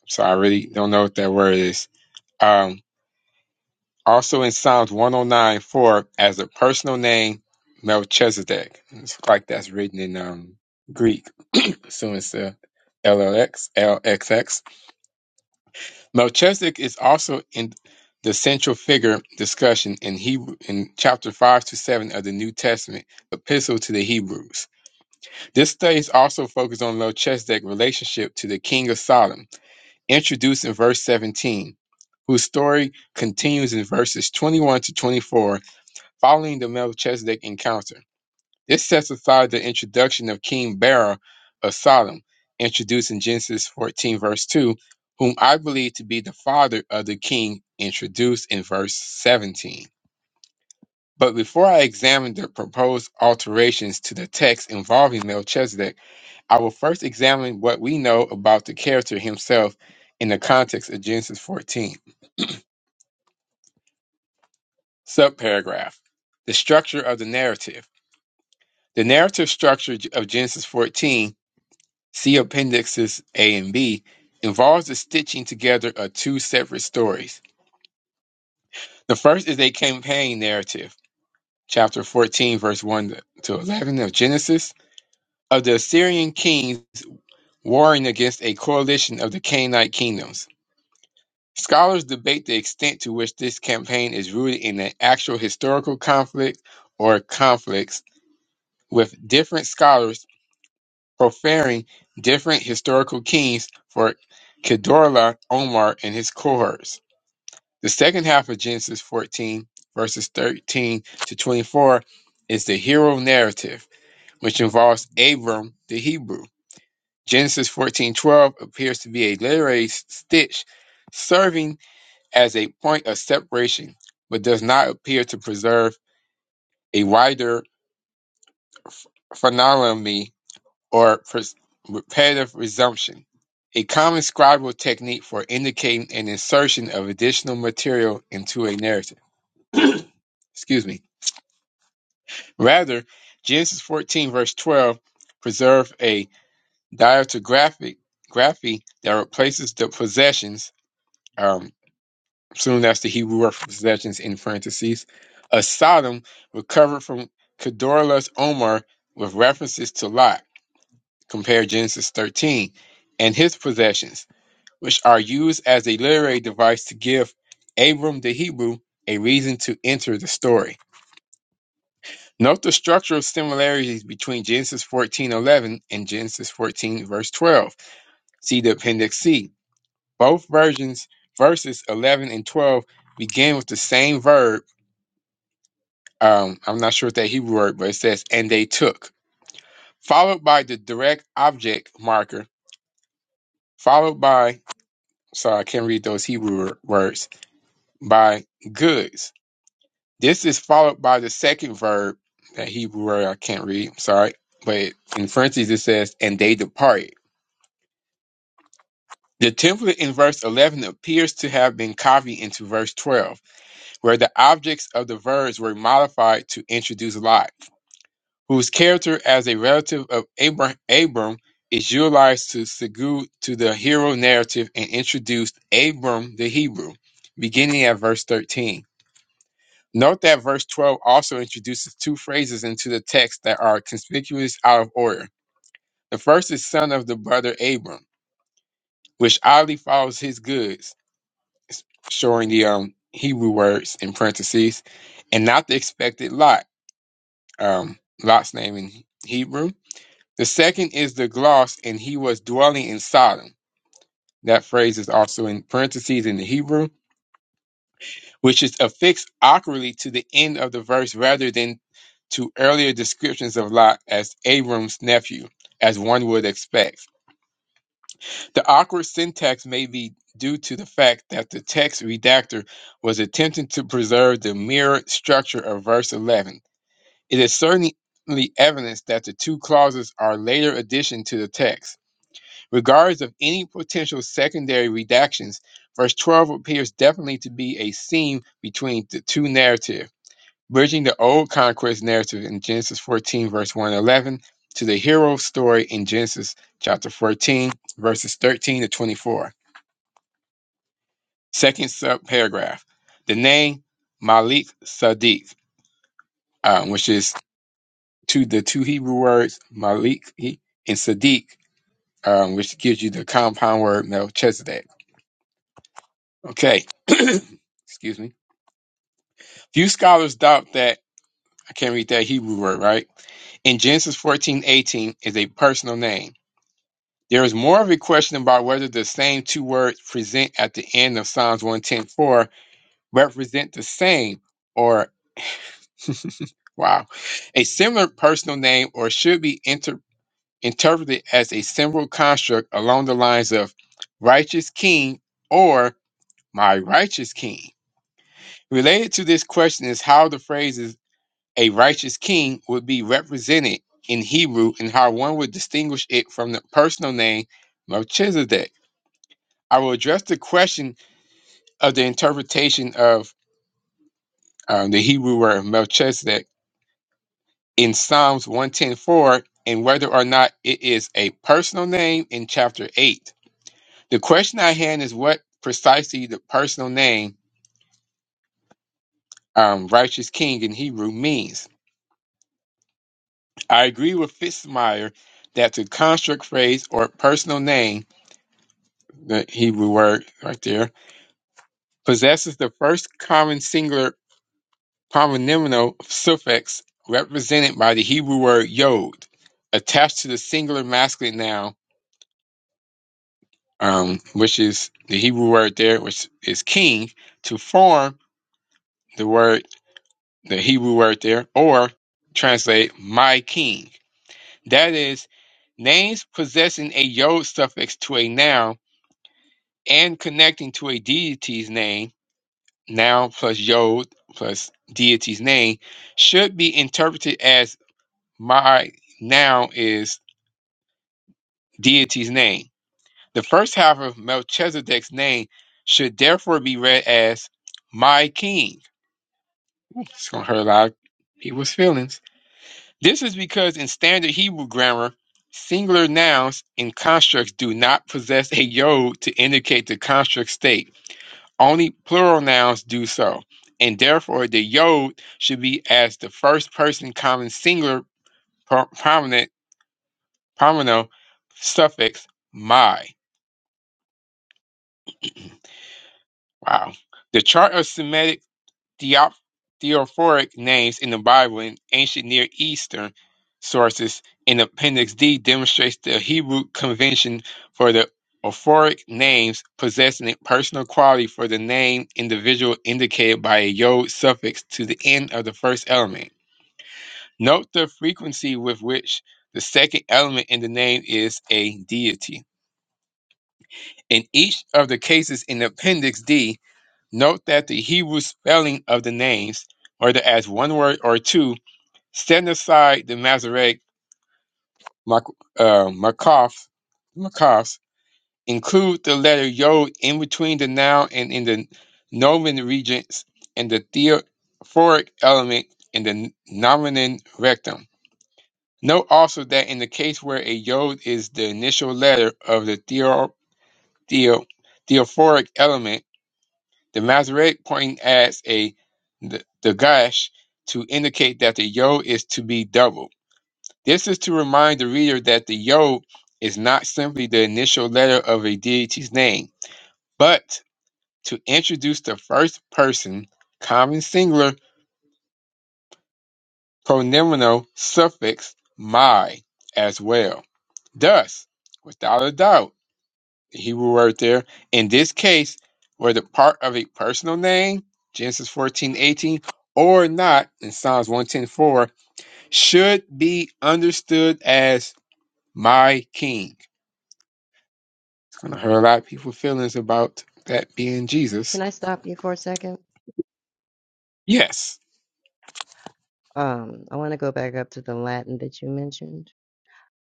A: So I really don't know what that word is. Um, also in Psalms 109 4, as a personal name, Melchizedek. It's like that's written in um, Greek. So it's uh, LLX, Melchizedek is also in the central figure discussion in Hebrew in chapter 5 to 7 of the New Testament epistle to the Hebrews. This study is also focused on Melchizedek's relationship to the king of Solomon introduced in verse 17, whose story continues in verses 21 to 24 following the Melchizedek encounter. This sets aside the introduction of King Bera of Sodom, introduced in Genesis 14, verse 2, whom I believe to be the father of the king introduced in verse 17. But before I examine the proposed alterations to the text involving Melchizedek, I will first examine what we know about the character himself in the context of Genesis 14. Subparagraph The structure of the narrative. The narrative structure of Genesis 14, see Appendixes A and B, involves the stitching together of two separate stories. The first is a campaign narrative, chapter 14, verse 1 to 11 of Genesis, of the Assyrian kings warring against a coalition of the Canaanite kingdoms. Scholars debate the extent to which this campaign is rooted in an actual historical conflict or conflicts, with different scholars preferring different historical kings for Kedorla, Omar, and his cohorts. The second half of Genesis 14, verses 13 to 24, is the hero narrative, which involves Abram the Hebrew. Genesis 14:12 appears to be a literary stitch serving as a point of separation, but does not appear to preserve a wider ph- phenonomy or pers- repetitive resumption. A common scribal technique for indicating an insertion of additional material into a narrative. Excuse me. Rather, Genesis 14 verse 12 preserve a diatographic graphy that replaces the possessions. um, Soon that's the Hebrew word for possessions in parentheses. A Sodom recovered from Kedorlaomer Omer with references to Lot. Compare Genesis 13 and his possessions, which are used as a literary device to give Abram the Hebrew a reason to enter the story. Note the structural similarities between Genesis 14:11 and Genesis 14 verse 12. See the appendix C. Both versions verses 11 and 12 begin with the same verb Um, I'm not sure what that Hebrew word, but it says, and they took, followed by the direct object marker, followed by, sorry, I can't read those Hebrew wor- words, by goods. This is followed by the second verb, that Hebrew word I can't read, I'm sorry, but in parentheses it says, and they departed. The template in verse 11 appears to have been copied into verse 12, where the objects of the verbs were modified to introduce life. whose character as a relative of Abra- Abram is utilized to segue to the hero narrative and introduced Abram the Hebrew, beginning at verse 13. Note that verse 12 also introduces two phrases into the text that are conspicuous out of order. The first is son of the brother Abram, which oddly follows his goods, showing the um, Hebrew words in parentheses, and not the expected Lot, um, Lot's name in Hebrew The second is the gloss, and he was dwelling in Sodom. That phrase is also in parentheses in the Hebrew, which is affixed awkwardly to the end of the verse rather than to earlier descriptions of Lot as Abram's nephew, as one would expect. The awkward syntax may be due to the fact that the text redactor was attempting to preserve the mirrored structure of verse 11. It is certainly evidence that the two clauses are later addition to the text. Regardless of any potential secondary redactions, verse 12 appears definitely to be a seam between the two narratives, bridging the old conquest narrative in Genesis 14, verse 1 to 11, to the hero story in Genesis chapter 14, verses 13 to 24. Second subparagraph, the name Malik Sadiq, um, which is to the two Hebrew words Malik and Sadiq, um, which gives you the compound word Melchizedek. Okay. Excuse me. Few scholars doubt that I can't read that Hebrew word, right? In Genesis fourteen eighteen is a personal name. There is more of a question about whether the same two words present at the end of Psalms 110.4 represent the same or wow, a similar personal name or should be inter- interpreted as a symbol construct along the lines of righteous king or my righteous king. Related to this question is how the phrases A righteous king would be represented in Hebrew and how one would distinguish it from the personal name Melchizedek. I will address the question of the interpretation of um, the Hebrew word Melchizedek in Psalms 110.4 and whether or not it is a personal name in chapter 8. The question I hand is what precisely the personal name um, righteous king in Hebrew means. I agree with Fitzmyer that the construct phrase or personal name the Hebrew word right there, possesses the first common singular polynomial suffix represented by the Hebrew word yod, attached to the singular masculine noun, um, which is the Hebrew word there, which is king, to form the word, the Hebrew word there, or translate my king. That is, names possessing a yod suffix to a noun and connecting to a deity's name noun plus yod plus deity's name should be interpreted as my noun is deity's name. The first half of Melchizedek's name should therefore be read as my king. Ooh, It's going to hurt a lot of people's feelings. This is because in standard Hebrew grammar, singular nouns and constructs do not possess a yod to indicate the construct state. Only plural nouns do so, and therefore the yod should be as the first person common singular pro- prominent prominent suffix my. Wow. The chart of Semitic Theop- Theophoric names in the Bible and ancient Near Eastern sources in Appendix D demonstrates the Hebrew convention for the Ophoric names possessing a personal quality for the name individual indicated by a yod suffix to the end of the first element. Note the frequency with which the second element in the name is a deity. In each of the cases in Appendix D, Note that the Hebrew spelling of the names, whether as one word or two, setting aside the Masoretic mak- uh, makaf, makaf, include the letter yod in between the noun and in the nomen regents and the theophoric element in the nomen rectum. Note also that in the case where a yod is the initial letter of the theo, theo, theophoric element, The Masoretic point adds a d- dagash to indicate that the yod is to be doubled. This is to remind the reader that the yod is not simply the initial letter of a deity's name, but to introduce the first person common singular pronominal suffix my as well. Thus, without a doubt. the Hebrew word there. In this case, whether part of a personal name, Genesis 14 18 or not, in Psalms 110.4, should be understood as my king. It's gonna hurt a lot of people's feelings about that being Jesus.
G: Can I stop you for a second?
A: Yes.
G: Um, I want to go back up to the Latin that you mentioned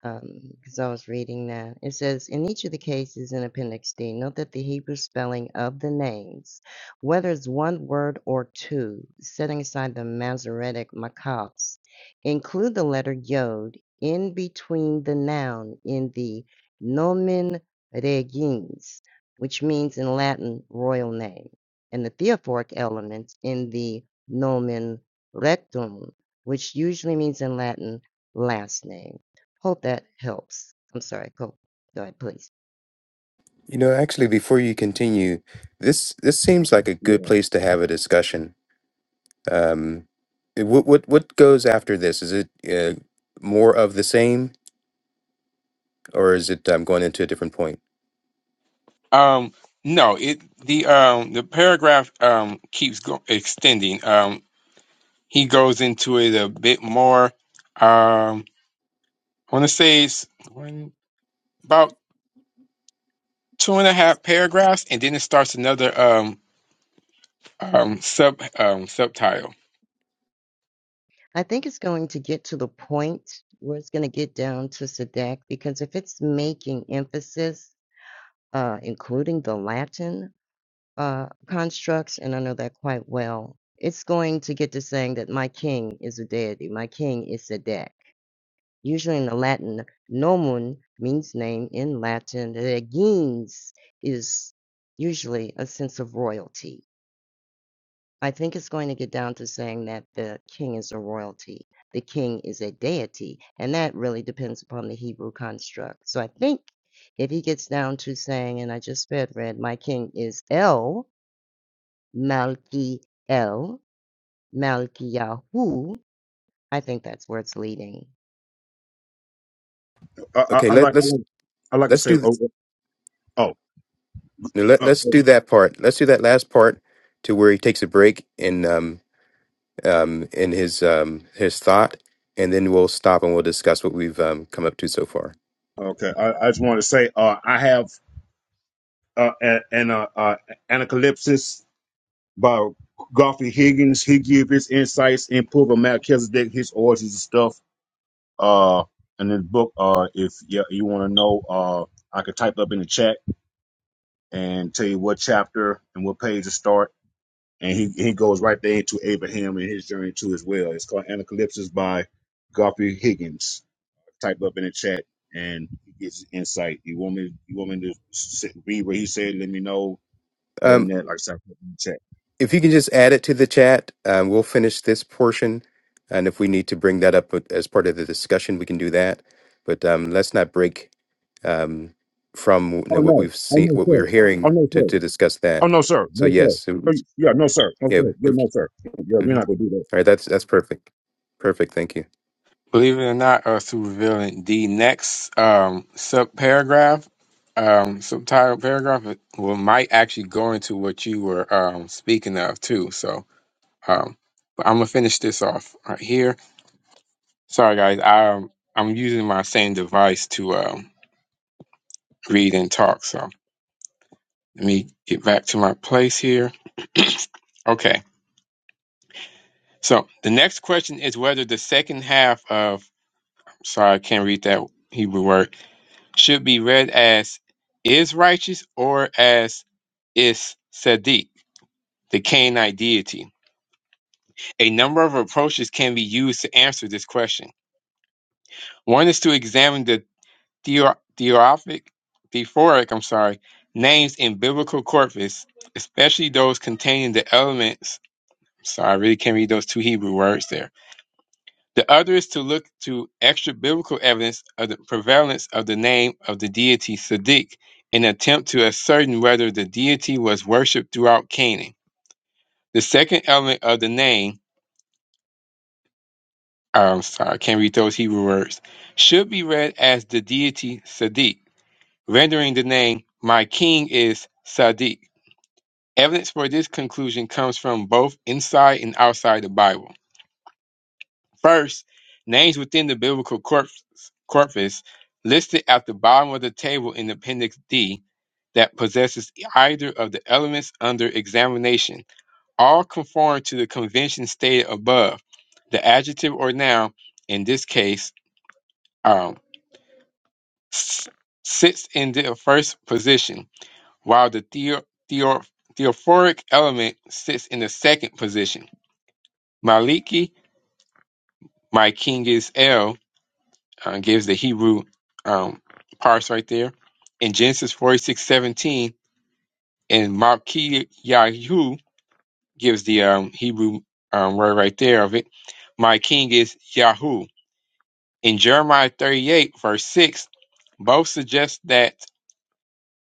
G: because I was reading that. It says, in each of the cases in Appendix D, note that the Hebrew spelling of the names, whether it's one word or two, setting aside the Masoretic Makats, include the letter Yod in between the noun in the nomen regins, which means in Latin royal name, and the theophoric element in the nomen rectum, which usually means in Latin last name. Hope that helps. I'm sorry. Go, go ahead, please.
B: You know, actually, before you continue, this this seems like a good
F: Yeah.
B: place to have a discussion. Um, eh, what what what goes after this? Is it uh, more of the same, or is it um, going into a different point?
A: Um, no, it the um the paragraph um keeps go- extending. Um he goes into it a bit more. Um I wanna say it's one about two and a half paragraphs, and then it starts another um um sub um subtitle.
G: I think it's going to get to the point where it's going to get down to Sadak because if it's making emphasis, uh, including the Latin uh, constructs, and I know that quite well, it's going to get to saying that my king is a deity, my king is Sadak. Usually in the Latin, nomen means name in Latin. Regins is usually a sense of royalty I think it's going to get down to saying that the king is a royalty, the king is a deity, and that really depends upon the Hebrew construct. So I think if he gets down to saying, and I just sped read, my king is El Malki El Malki Yahu, I think that's where it's leading.
F: I, I,
B: Okay,
F: I
B: let
F: like. I
B: let's
F: like. I like to
B: let's do.
F: say.
B: th-
F: Oh. Oh.
B: Now, let,
F: oh,
B: let's do that part. Let's do that last part to where he takes a break in um, um, in his um, his thought, and then we'll stop and we'll discuss what we've um, come up to so far.
F: oh, okay. I, I just want to say. Uh, I have uh, a- an uh, uh, Anacalypsis by Godfrey Higgins. He gives his insights, input on Melchizedek, his origins and stuff uh in this book uh if you, you want to know uh i could type up in the chat and tell you what chapter and what page to start and he, he goes right there into abraham and his journey too as well it's called anacalypsis by garfield higgins type up in the chat and he gets insight you want me you want me to sit, read what he said let me know other than
B: Um,
F: that like I said, in the chat
B: if you can just add it to the chat, um, we'll finish this portion, and if we need to bring that up as part of the discussion, we can do that. But um, let's not break um, from you
F: oh
B: know, what
F: no
B: we've
F: oh
B: seen,
F: no
B: what we
F: sir
B: were
F: oh
B: hearing
F: no
B: to,
F: sir
B: to discuss that.
F: oh no sir
B: So
F: no
B: yes,
F: sir
B: so-
F: Oh, yeah no sir no
B: yeah.
F: sir yeah
B: if-
F: no sir yeah
B: mhm.
F: we're not gonna do that
B: All right, that's that's perfect. Perfect. Thank you.
A: Believe it or not, uh, super villain. The next um sub paragraph, um subtitle paragraph, will might actually go into what you were um speaking of too. So um, but I'm gonna finish this off right here. Sorry guys, I'm I'm using my same device to um read and talk. So let me get back to my place here. Okay. So the next question is whether the second half of sorry, I can't read that Hebrew word, should be read as is righteous or as is Sadiq, the Canaanite deity. A number of approaches can be used to answer this question. One is to examine the theo- theophoric, theophoric, I'm sorry, names in biblical corpus, especially those containing the elements. Sorry, I really can't read those two Hebrew words there The other is to look to extra-biblical evidence of the prevalence of the name of the deity Sadiq in an attempt to ascertain whether the deity was worshipped throughout Canaan. The second element of the name, oh, I'm sorry, I can't read those Hebrew words, should be read as the deity Sadiq, rendering the name My King is Sadiq. Evidence for this conclusion comes from both inside and outside the Bible. First, names within the biblical corpus, corpus listed at the bottom of the table in Appendix D that possesses either of the elements under examination. All conform to the convention stated above. The adjective or noun, in this case, um, s- sits in the first position, while the theo- theo- theophoric element sits in the second position. Maliki, my king is El. uh, gives the Hebrew um, parts right there. In Genesis forty six seventeen, and Malkiyahu gives the um, Hebrew um, word right there of it. My king is Yahoo. In Jeremiah 38, verse 6, both suggest that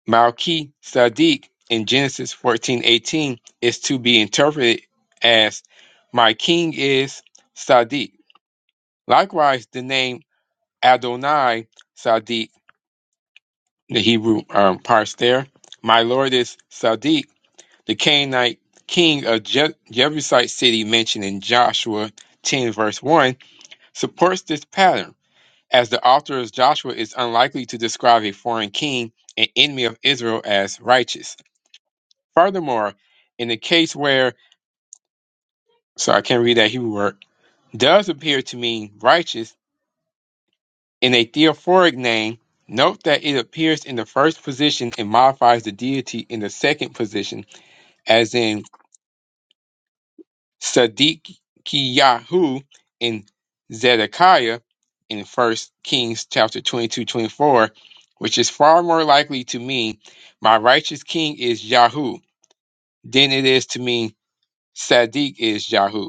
A: Malki Sadiq in Genesis fourteen eighteen is to be interpreted as My king is Sadiq. Likewise, the name Adonai Sadiq the Hebrew um, parts there. My lord is Sadiq, the Canaanite king of Je- Jebusite city mentioned in Joshua 10, verse 1, supports this pattern, as the author of Joshua is unlikely to describe a foreign king, an enemy of Israel, as righteous. Furthermore, in the case where, so I can't read that Hebrew word, does appear to mean righteous in a theophoric name, note that it appears in the first position and modifies the deity in the second position as in Sadiqiyahu and Zedekiah in First Kings chapter 22 24, which is far more likely to mean my righteous king is Yahoo than it is to mean Sadiq is Yahoo,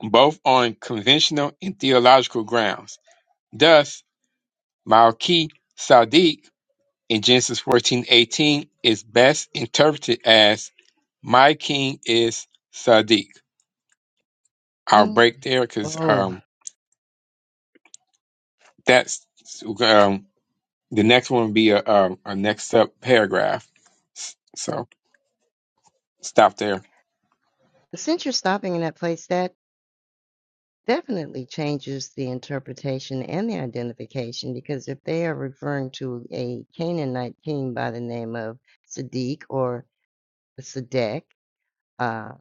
A: both on conventional and theological grounds. Thus, Malki Sadiq in Genesis 14 18 is best interpreted as my king is Sadiq. I'll
G: Mm.
A: break there because
G: Oh,
A: That's um, the next one would be a, a, a next up paragraph. S- So stop there.
G: since you're stopping in that place, Dad. definitely changes the interpretation and the identification because if they are referring to a Canaanite king by the name of Sadiq or Sadek, uh,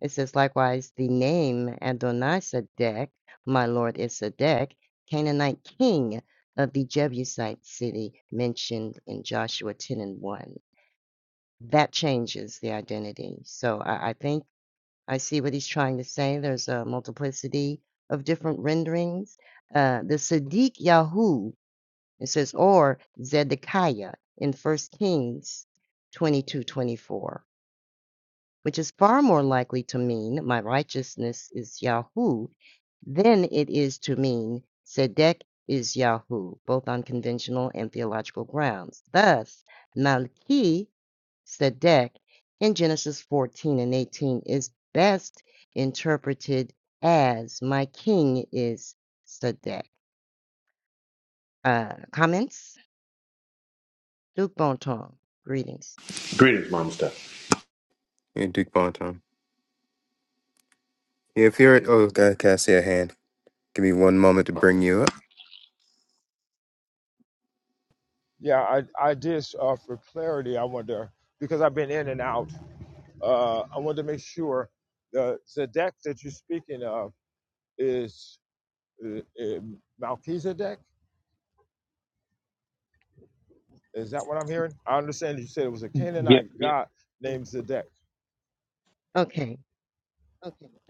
G: it says likewise the name Adonai Sadek, my lord is Sadek, Canaanite king of the Jebusite city mentioned in Joshua 10 and 1. That changes the identity. So I, I think I see what he's trying to say. There's a multiplicity of different renderings. Uh, the Sadiq Yahoo, it says, or Zedekiah in First Kings 22:24, which is far more likely to mean my righteousness is Yahoo than it is to mean Sedek is Yahoo, both on conventional and theological grounds. Thus, Malki Sadek in Genesis 14 and 18 is best interpreted as My king is Sadek. Uh, comments? Duke Bonton, greetings.
H: Greetings, Mama Steph.
B: Yeah, Duke Bonton. Yeah, If you're oh, God, can I see a hand? Give me one moment to bring you up.
C: Yeah, I, I did uh, for clarity. I wonder because I've been in and out. Uh, I wanted to make sure the Zedek that you're speaking of is uh, uh, Melchizedek. Is that what I'm hearing? I understand you said it was a
A: Yeah, of
C: Canaanite Yeah. god named Zedek.
G: Okay,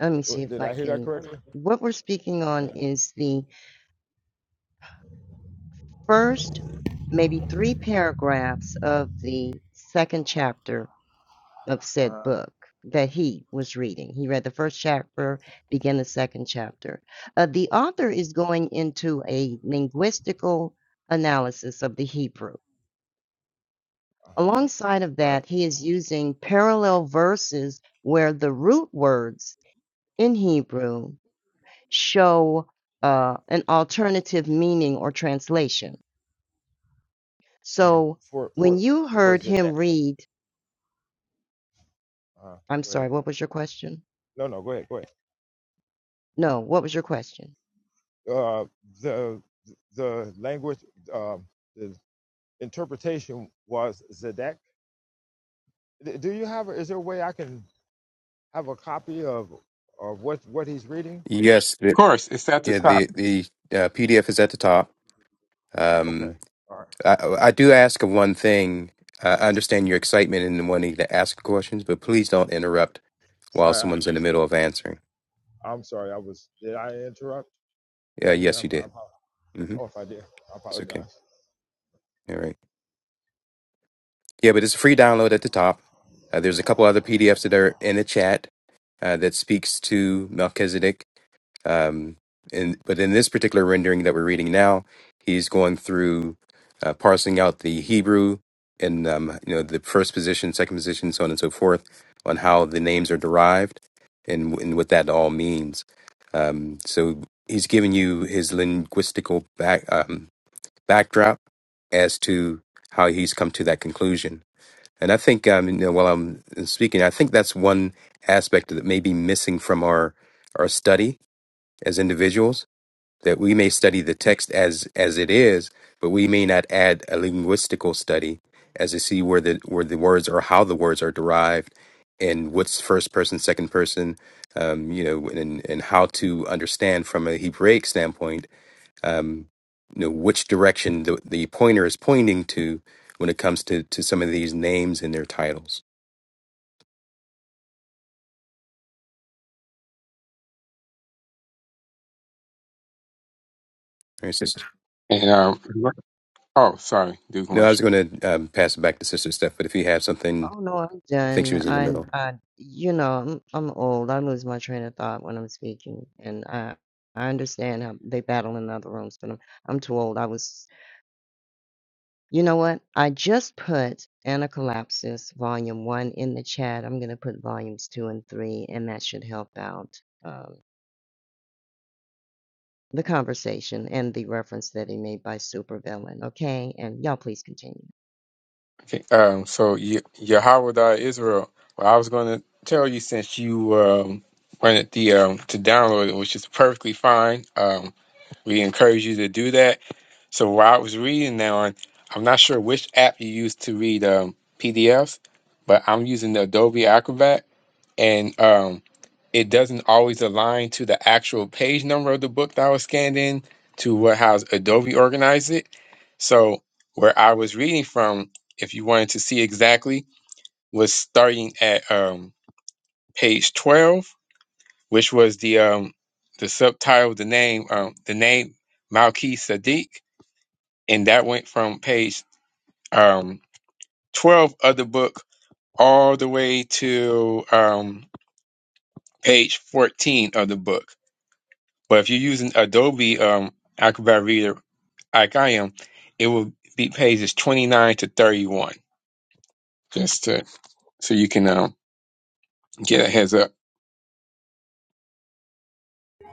G: let me see
C: W-
G: if
C: Did
G: I
C: I hear that
G: can.
C: correctly?
G: What we're speaking on is the first, maybe three paragraphs of the second chapter of said book that he was reading. He read the first chapter, began the second chapter. Uh, the author is going into a linguistical analysis of the Hebrew. Alongside of
C: Right.
G: that, he is using parallel verses where the root words in Hebrew show uh, an alternative meaning or translation.
C: Mhm.
G: So when you heard him read, I'm sorry, what was your question? No, what was your question?
B: Yes, the,
A: course. It's at the
B: yeah,
A: top.
B: the the uh, PDF is at the top. Um, I, I do ask of one thing. I I understand your excitement in wanting to ask questions, but please don't interrupt while
C: I
B: someone's in the middle of answering.
C: I'm sorry. I was. Did I interrupt? Did
B: Yeah,
C: I do that?
B: yes, you
C: I,
B: did.
C: apo-
B: hmm
C: oh, if I did, I
B: It's okay.
C: apologize.
B: All right. Yeah, but it's a free download at the top. Uh, there's a couple other PDFs that are in the chat uh, that speaks to Melchizedek Um, and but in this particular rendering that we're reading now, he's going through uh, parsing out the Hebrew and um, you know the first position, second position, so on and so forth, on how the names are derived and and what that all means. Um, so he's giving you his linguistical back um, backdrop as to how he's come to that conclusion. And I think um, you know, while I'm speaking, I think that's one aspect that may be missing from our our study as individuals that we may study the text as as it is, but we may not add a linguistical study as to see where the where the words or how the words are derived and what's first person, second person, um, you know, and and how to understand from a Hebraic standpoint, um, you know, which direction the, the pointer is pointing to when it comes to to some of these names and their titles. All right, sister.
A: And um, oh, sorry, do
B: No, I was
A: commercial.
B: going to um, pass it back to Sister Steph, but if you have something,
G: Oh no, I'm
B: I think she
G: done.
B: was in the middle.
G: I, I, you know, I'm, I'm old. I lose my train of thought when I'm speaking, and I, I understand how they battle in other rooms, but I'm, I'm too old. I was, you know what? I just put Anacolapsis Volume One in the chat. I'm gonna put Volumes Two and Three, and that should help out um, the conversation and the reference that he made by supervillain. Okay, and y'all please continue.
A: Okay, um, so Ye- Yehowadah Israel. Well, I was going to tell you since you um, wanted the um, to download it, which is perfectly fine. Um, we encourage you to do that. So while I was reading that one, I'm not sure which app you use to read um, PDFs, but I'm using the Adobe Acrobat and um, it doesn't always align to the actual page number of the book that I was scanned in to what how Adobe organized it. So where I was reading from, if you wanted to see exactly, was starting at um, page twelve, which was the um, the subtitle, of the name, um, the name Malki Sadiq, and that went from page um, twelve of the book all the way to um, page fourteen of the book But if you're using Adobe um, Acrobat Reader, like I am, it will be pages 29 to 31, just to so you can um, get a heads up.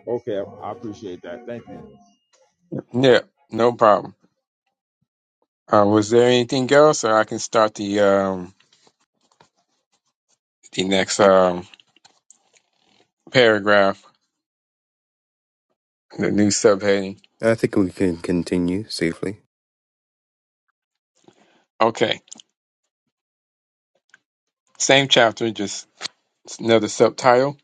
C: Okay, I I appreciate that. Thank you.
A: Yeah, no problem. Uh, was there anything else, or I can start the um, the next um, paragraph, the new subheading?
B: I think we can continue safely.
A: Okay, same chapter, just another subtitle.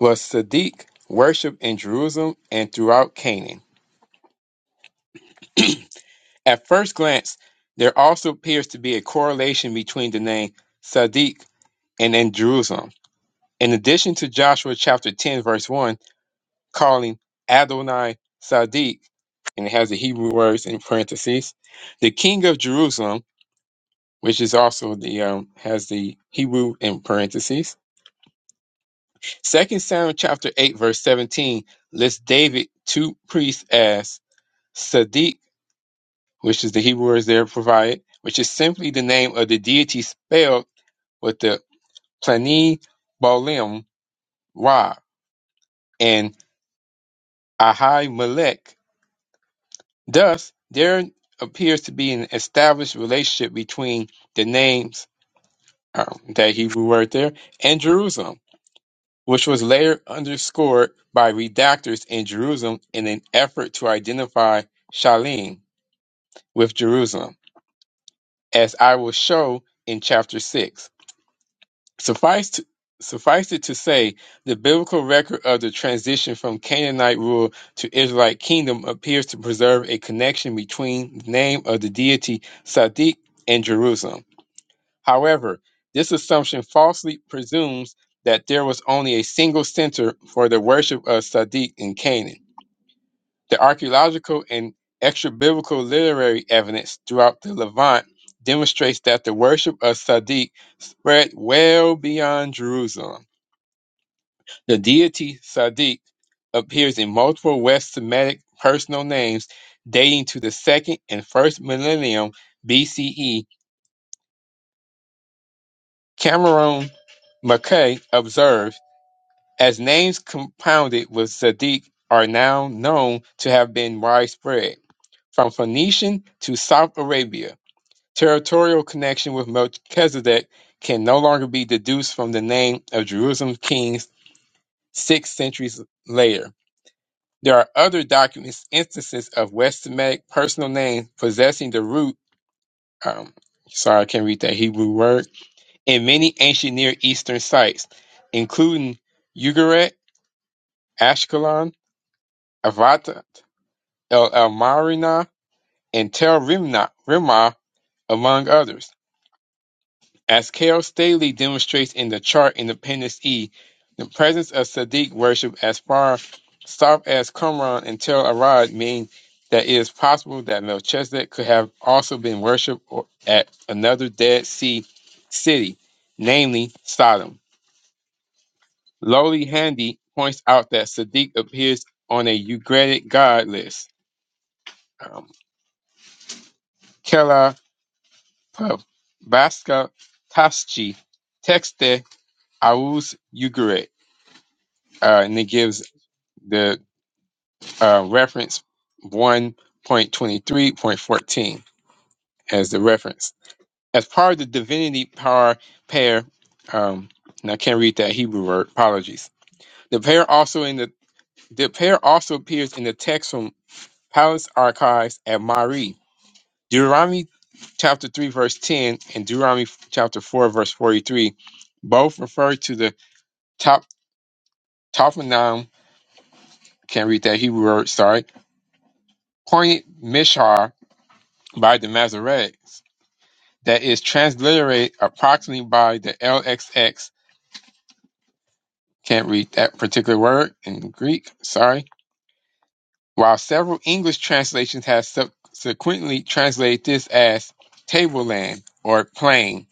A: Was Sadiq worshipped in Jerusalem and throughout Canaan? At first glance, there also appears to be a correlation between the name Sadiq and in Jerusalem. In addition to Joshua chapter 10, verse 1, calling Adonai Sadiq, and it has the Hebrew words in parentheses, the king of Jerusalem, which is also the um, has the Hebrew in parentheses. Second Samuel chapter 8, verse 17 lists David two priests as Sadiq which is the Hebrew words there provided, which is simply the name of the deity spelled with the Plani Bolim Ra and Ahai Melech. Thus, there appears to be an established relationship between the names, um, that Hebrew word there, and Jerusalem, which was later underscored by redactors in Jerusalem in an effort to identify Shalim with Jerusalem, as I will show in chapter 6. Suffice to, suffice it to say, the biblical record of the transition from Canaanite rule to Israelite kingdom appears to preserve a connection between the name of the deity Sadiq and Jerusalem. However, this assumption falsely presumes that there was only a single center for the worship of Sadiq in Canaan. The archaeological and extra biblical literary evidence throughout the Levant demonstrates that the worship of Sadiq spread well beyond Jerusalem. The deity Sadiq appears in multiple West Semitic personal names dating to the second and first millennium BCE. Cameron Mackay observed, as names compounded with Sadiq are now known to have been widespread, from Phoenician to South Arabia. Territorial connection with Melchizedek can no longer be deduced from the name of Jerusalem's kings six centuries later. There are other documents instances of West Semitic personal names possessing the root. Um, sorry, I can't read that Hebrew word. In many ancient Near Eastern sites, including Ugarit, Ashkelon, Avatat, El El and Tel Rimna, Rimah, among others. As Carol Staley demonstrates in the chart in Appendix E, the presence of Sadiq worship as far south as Qumran and Tel Arad means that it is possible that Melchizedek could have also been worshipped or- at another Dead Sea city, namely Sodom. Lowly Handy points out that Sadiq appears on a Ugaritic god list. Um, Kela Pub Baska Taschi Texte Aus Ugarit uh, and it gives the uh, reference 1.23.14 as the reference. As part of the divinity power pair, um, and I can't read that Hebrew word. Apologies. The pair also in the the pair also appears in the text from Palace Archives at Mari, Deuteronomy chapter three verse ten and Deuteronomy chapter four verse forty three, both refer to the top Tophanom. Can't read that Hebrew word. Sorry. Pointed Mishar by the Masoretics that is transliterated approximately by the LXX. Can't read that particular word in Greek, sorry. While several English translations have subsequently translated this as tableland or plain,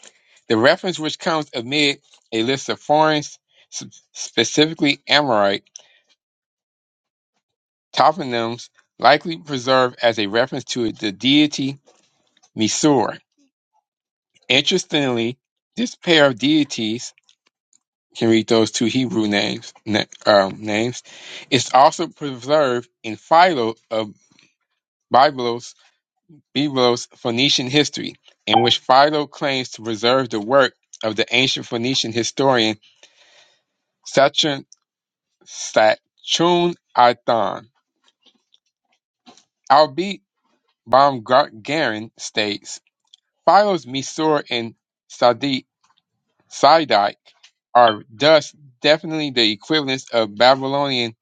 A: the reference which comes amid a list of foreign, specifically Amorite, toponyms likely preserved as a reference to the deity Misur. Interestingly, this pair of deities can read those two Hebrew names. na- um, names. It's also preserved in Philo of Biblos, Biblos Phoenician history, in which Philo claims to preserve the work of the ancient Phoenician historian Saturn Satchun Athan. Albeit Baumgarten states, Philo's Misor and Sadi Sidike are thus definitely the equivalents of Babylonian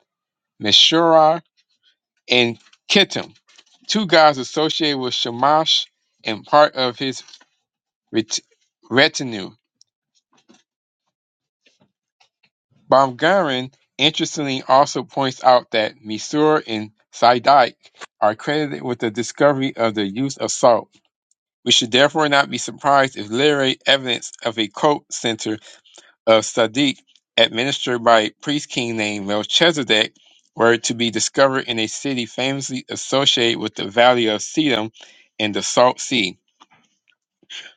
A: Meshura and Kittim two guys associated with Shamash and part of his ret- retinue. Baumgarten interestingly also points out that Misur and Sidike are credited with the discovery of the use of salt. We should therefore not be surprised if literary evidence of a cult center of Sadiq administered by a priest king named Melchizedek were to be discovered in a city famously associated with the valley of Sedum and the Salt Sea.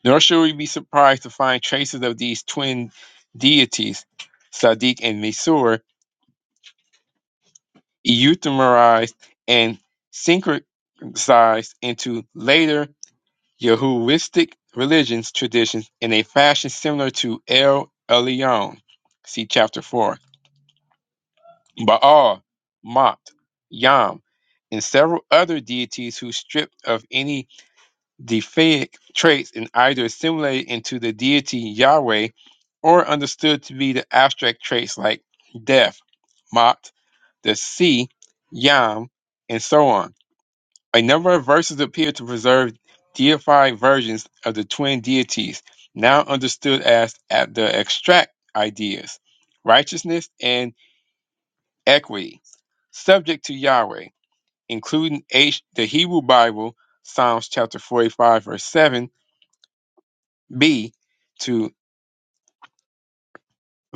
A: Nor should we be surprised to find traces of these twin deities, Sadiq and Mesur, euthemerized and syncretized into later Yahwistic religions traditions in a fashion similar to El Elyon, see chapter 4, Baal, Mot, Yam, and several other deities who stripped of any The Faic traits in either assimilated into the deity Yahweh or understood to be the abstract traits like death, Mot, the sea, Yam, and so on. A number of verses appear to preserve deified versions of the twin deities, now understood as at the extract ideas, righteousness and equity, subject to Yahweh, including H, the Hebrew Bible, Psalms chapter 45, verse 7, B to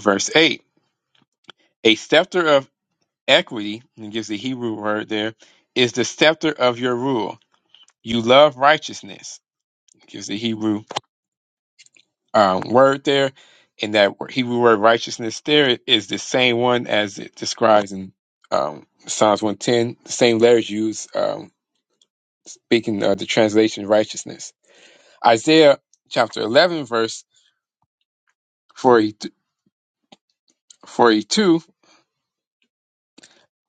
A: verse 8. A scepter of equity, and it gives the Hebrew word there, is the scepter of your rule. You love righteousness, It gives the Hebrew um, word there. And that word- Hebrew word righteousness there is the same one as it describes in um, Psalms 110, the same letters used, um, speaking of the translation righteousness. Isaiah chapter 11, verse 42,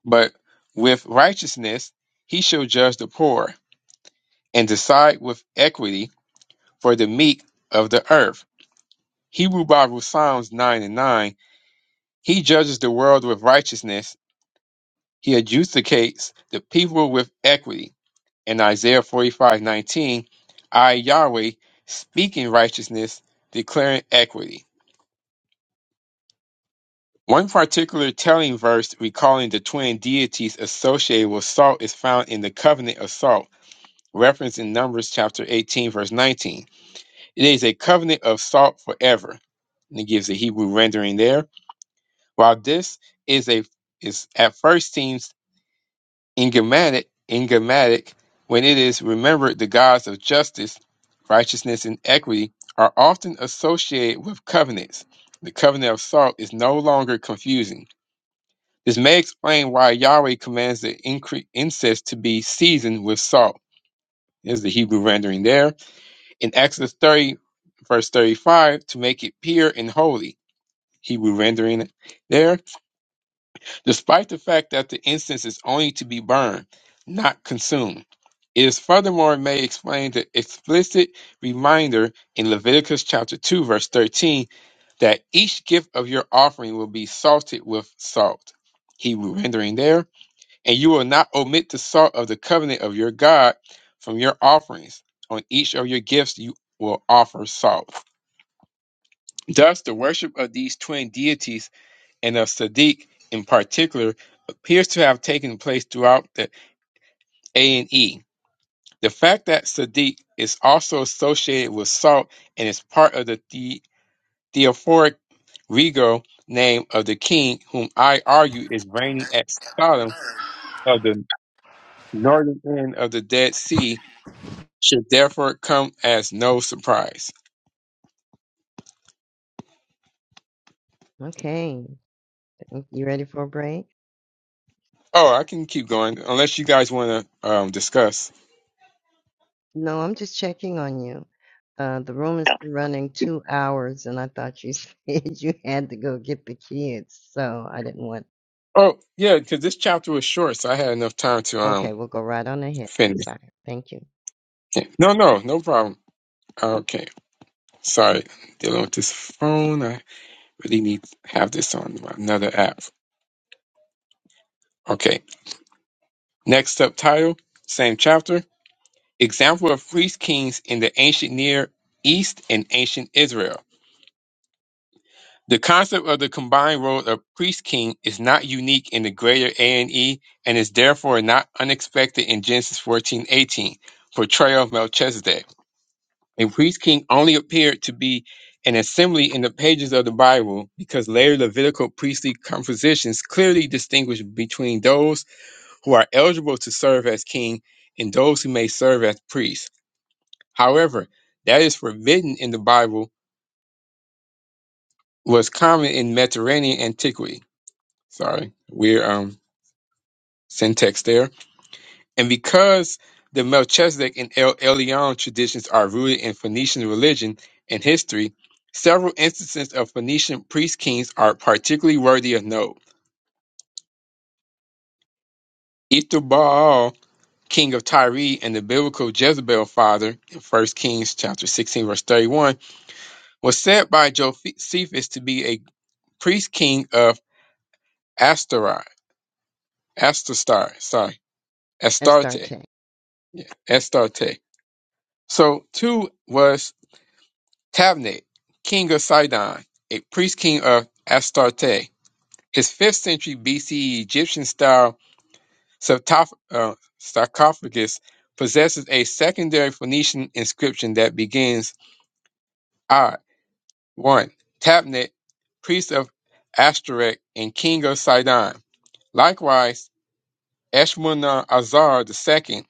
A: but with righteousness he shall judge the poor and decide with equity for the meek of the earth. Hebrew Bible Psalms 9 and 9. He judges the world with righteousness. He adjudicates the people with equity. In Isaiah 45:19, I, Yahweh, speaking righteousness, declaring equity. One particular telling verse recalling the twin deities associated with salt is found in the covenant of salt, referenced in Numbers chapter 18, verse 19. It is a covenant of salt forever. And it gives the Hebrew rendering there. While this is a is at first seems enigmatic, enigmatic, when it is remembered the gods of justice, righteousness, and equity are often associated with covenants. The covenant of salt is no longer confusing. This may explain why Yahweh commands the incre- incense to be seasoned with salt. Is the Hebrew rendering there? in Exodus 30, verse 35, to make it pure and holy, Hebrew rendering it there, despite the fact that the incense is only to be burned, not consumed. It is furthermore may explain the explicit reminder in Leviticus chapter 2, verse 13, that each gift of your offering will be salted with salt, Hebrew rendering there, and you will not omit the salt of the covenant of your God from your offerings. On each of your gifts you will offer salt. Thus, the worship of these twin deities and of Sadiq in particular appears to have taken place throughout the A and E. The fact that Sadiq is also associated with salt and is part of the, the theophoric regal name of the king, whom I argue is reigning at Sodom of the northern end of the Dead Sea, should therefore come as no surprise.
G: Okay, you ready for a break?
A: Oh, I can keep going unless you guys want to um, discuss.
G: No, I'm just checking on you. Uh, the room has been running two hours, and I thought you said you had to go get the kids, so I didn't want.
A: Oh yeah, because this chapter was short, so I had enough time to
G: Okay,
A: um
G: we'll go right on ahead.
A: finish.
G: Sorry, thank you.
A: Yeah. No, no, no problem. Okay, sorry, dealing with this phone. I really need to have this on another app. Okay, next up, title, same chapter. Example of priest kings in the ancient Near East and ancient Israel. The concept of the combined role of priest king is not unique in the greater A and E, and is therefore not unexpected in Genesis fourteen eighteen portrayal of Melchizedek. A priest king only appeared to be an assembly in the pages of the Bible because later Levitical priestly compositions clearly distinguish between those who are eligible to serve as king and those who may serve as priests. However, that is forbidden in the Bible was common in Mediterranean antiquity. Sorry, we're um syntax there. And because the Melchizedek and El Elyon traditions are rooted in Phoenician religion and history, several instances of Phoenician priest kings are particularly worthy of note. Etherbaal, king of Tyre and the biblical Jezebel father in 1 Kings chapter 16 verse 31, was said by Josephus to be a priest king of Astarai, Astastar, sorry,
G: And
A: Astarte,
G: Starte,
A: yeah, Astarte. So two was Tabnet, king of Sidon, a priest-king of Astarte. His 5th century BCE Egyptian-style sarcoph- uh, sarcophagus possesses a secondary Phoenician inscription that begins, I, 1, Tabnet, priest of Ashtoreth and king of Sidon. Likewise, Eshmunazar II,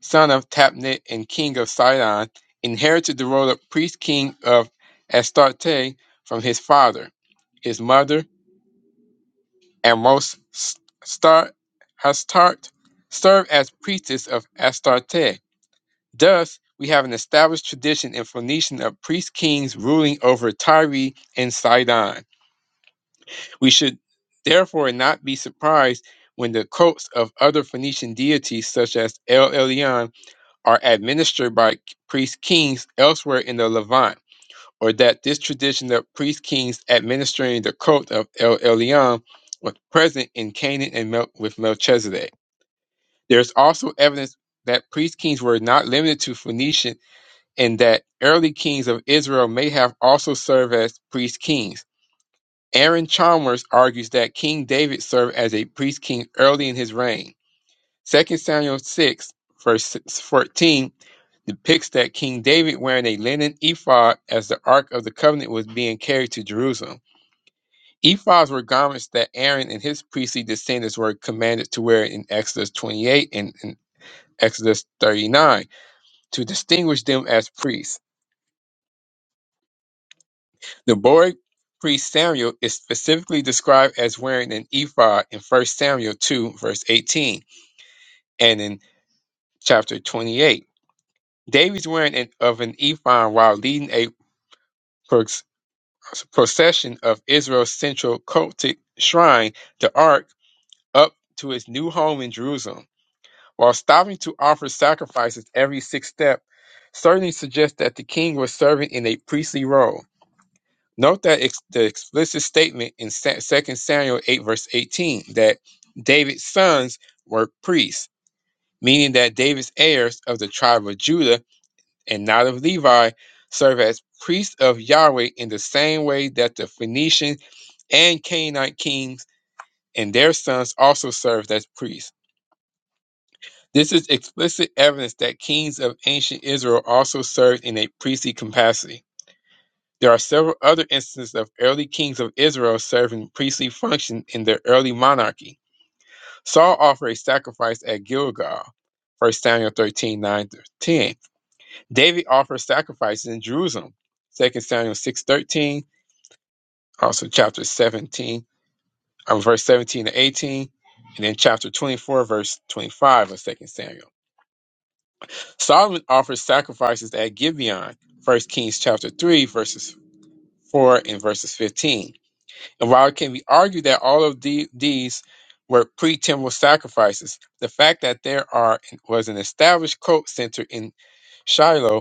A: son of Tabnet and king of Sidon, inherited the role of priest-king of Astarte from his father. his mother, and most s- star, Hastart served as priestess of Astarte. Thus, we have an established tradition in Phoenician of priest kings ruling over Tyre and Sidon. We should therefore not be surprised when the cults of other Phoenician deities such as El Elyon are administered by priest kings elsewhere in the Levant or that this tradition of priest kings administering the cult of El Elyon was present in Canaan and Mel- with Melchizedek. There's also evidence that priest kings were not limited to Phoenician and that early kings of Israel may have also served as priest kings. Aaron Chalmers argues that King David served as a priest king early in his reign. 2 Samuel 6, verse 14, depicts that King David wearing a linen ephod as the Ark of the Covenant was being carried to Jerusalem. Ephods were garments that Aaron and his priestly descendants were commanded to wear in Exodus 28 and, and Exodus 39 to distinguish them as priests. The boy priest Samuel is specifically described as wearing an ephod in 1 Samuel 2, verse 18, and in chapter 28. Davies wearing an, of an ephod while leading a prox- procession of Israel's central cultic shrine, the Ark, up to its new home in Jerusalem, while stopping to offer sacrifices every sixth step, certainly suggests that the king was serving in a priestly role. Note that ex- the explicit statement in Sa- 2 Samuel 8, verse 18, that David's sons were priests, meaning that David's heirs of the tribe of Judah and not of Levi, serve as priests of Yahweh in the same way that the Phoenician and Canaanite kings and their sons also served as priests. This is explicit evidence that kings of ancient Israel also served in a priestly capacity. There are several other instances of early kings of Israel serving priestly function in their early monarchy. Saul offered a sacrifice at Gilgal, 1 Samuel 139 9 through 10. David offered sacrifices in Jerusalem. Second Samuel 6.13, also chapter 17, uh, verse 17 to 18, and then chapter 24, verse 25 of Second Samuel. Solomon offered sacrifices at Gibeon, First Kings chapter 3, verses 4 and verses 15. And while it can be argued that all of the- these were pre-temple sacrifices, the fact that there are was an established cult center in Shiloh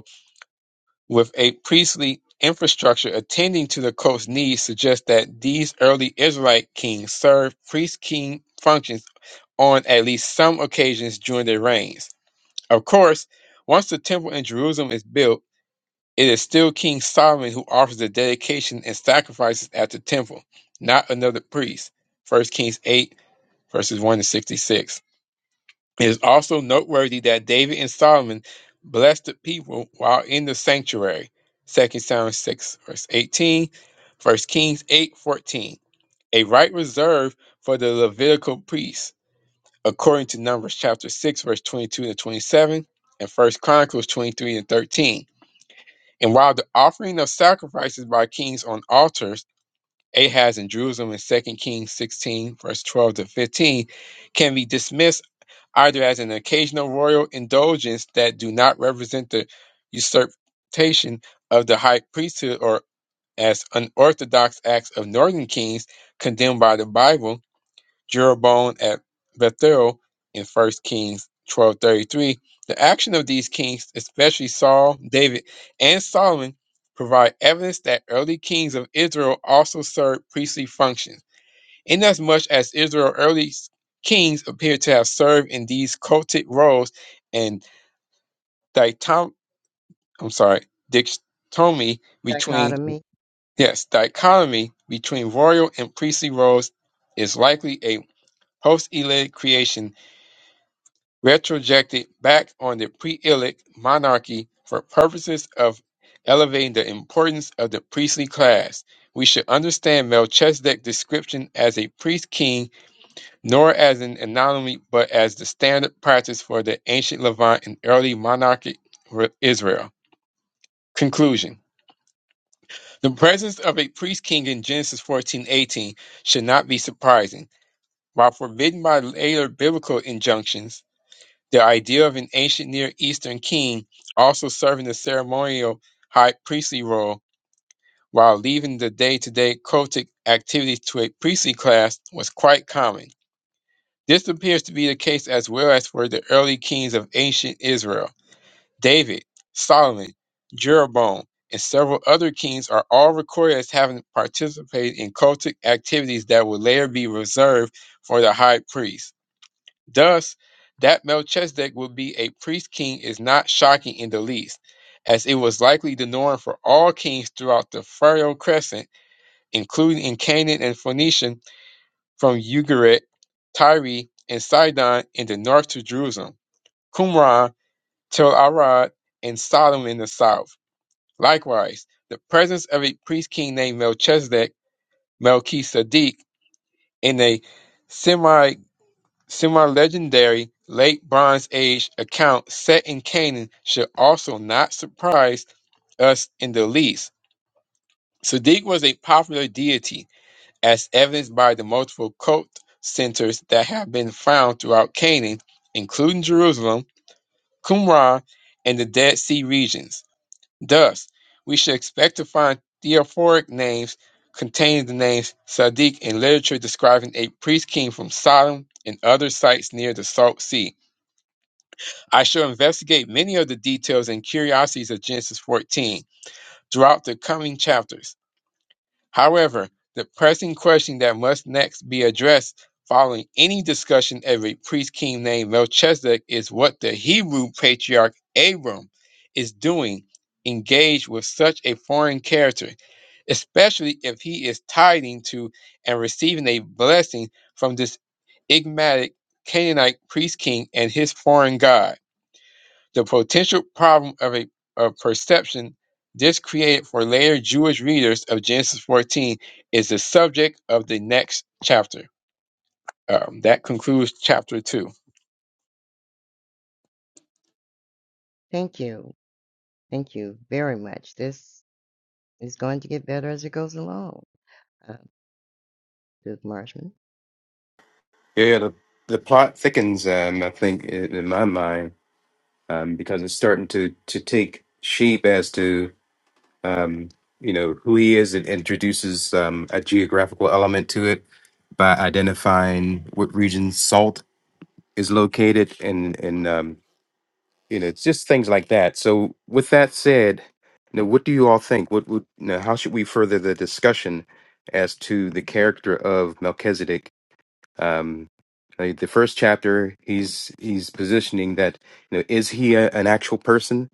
A: with a priestly infrastructure attending to the coast's needs suggests that these early Israelite kings served priest king functions on at least some occasions during their reigns. Of course, once the temple in Jerusalem is built, it is still King Solomon who offers the dedication and sacrifices at the temple, not another priest. 1 Kings 8, verses 1 to 66. It is also noteworthy that David and Solomon blessed the people while in the sanctuary. Second Samuel 6, verse 18, First Kings 8 14. A right reserved for the Levitical priests, according to Numbers chapter 6, verse 22 and 27, and First Chronicles 23 and 13. And while the offering of sacrifices by kings on altars, Ahaz in Jerusalem in Second Kings 16, verse 12 to 15, can be dismissed either as an occasional royal indulgence that do not represent the usurpation of the high priesthood or as unorthodox acts of northern kings condemned by the Bible, Jeroboam at Bethel in 1 Kings 12:33. The action of these kings, especially Saul, David, and Solomon, provide evidence that early kings of Israel also served priestly functions. Inasmuch as Israel's early kings appear to have served in these cultic roles and dichom- I'm sorry, dichotomy between
G: dichotomy.
A: yes, dichotomy between royal and priestly roles is likely a post-Elitic creation retrojected back on the pre-Elitic monarchy for purposes of elevating the importance of the priestly class. We should understand Melchizedek's description as a priest king nor as an anomaly, but as the standard practice for the ancient Levant and early monarchic Israel. Conclusion The presence of a priest king in Genesis fourteen eighteen should not be surprising. While forbidden by later biblical injunctions, the idea of an ancient Near Eastern king also serving the ceremonial high priestly role while leaving the day to day cultic activities to a priestly class was quite common This appears to be the case as well as for the early kings of ancient Israel. David, Solomon, Jeroboam, and several other kings are all recorded as having participated in cultic activities that would later be reserved for the high priest. Thus, that Melchizedek would be a priest king is not shocking in the least, as it was likely the norm for all kings throughout the Fertile Crescent, including in Canaan and Phoenicia from Ugarit, Tyre, and Sidon in the north to Jerusalem, Qumran, Tel Arad, and Sodom in the south. Likewise, the presence of a priest king named Melchizedek, Melchisedek, in a semi semi legendary late Bronze Age account set in Canaan should also not surprise us in the least. Sadiq was a popular deity as evidenced by the multiple cult centers that have been found throughout Canaan, including Jerusalem, Qumran, and the Dead Sea regions. Thus, we should expect to find theophoric names containing the names Sadiq in literature describing a priest king from Sodom and other sites near the Salt Sea. I shall investigate many of the details and curiosities of Genesis 14 throughout the coming chapters. However, the pressing question that must next be addressed following any discussion of a priest king named Melchizedek is what the Hebrew patriarch Abram is doing, engaged with such a foreign character, especially if he is tithing to and receiving a blessing from this enigmatic Canaanite priest king and his foreign god. The potential problem of a of perception this created for later Jewish readers of Genesis 14 is the subject of the next chapter. Um, that concludes chapter two.
G: Thank you, thank you very much. This is going to get better as it goes along. Uh, Duke Marshman.
B: Yeah, yeah the, the plot thickens. Um, I think in, in my mind, um, because it's starting to to take shape as to um, you know who he is. It introduces um, a geographical element to it by identifying what region salt is located, and and um, you know it's just things like that. So, with that said, you know, what do you all think? What would you know, how should we further the discussion as to the character of Melchizedek? Um, like the first chapter, he's he's positioning that you know is he a, an actual person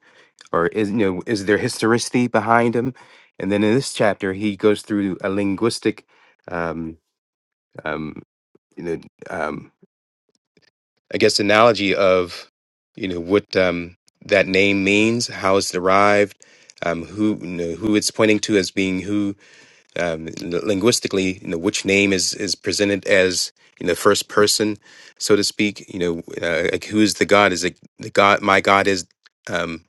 B: or is you know is there historicity behind him? And then in this chapter, he goes through a linguistic, um, um, you know, um, I guess analogy of you know what um, that name means, how it's derived, um, who you know, who it's pointing to as being who um, linguistically, you know, which name is is presented as you know first person, so to speak. You know, uh, like who is the God? Is it the God? My God is um,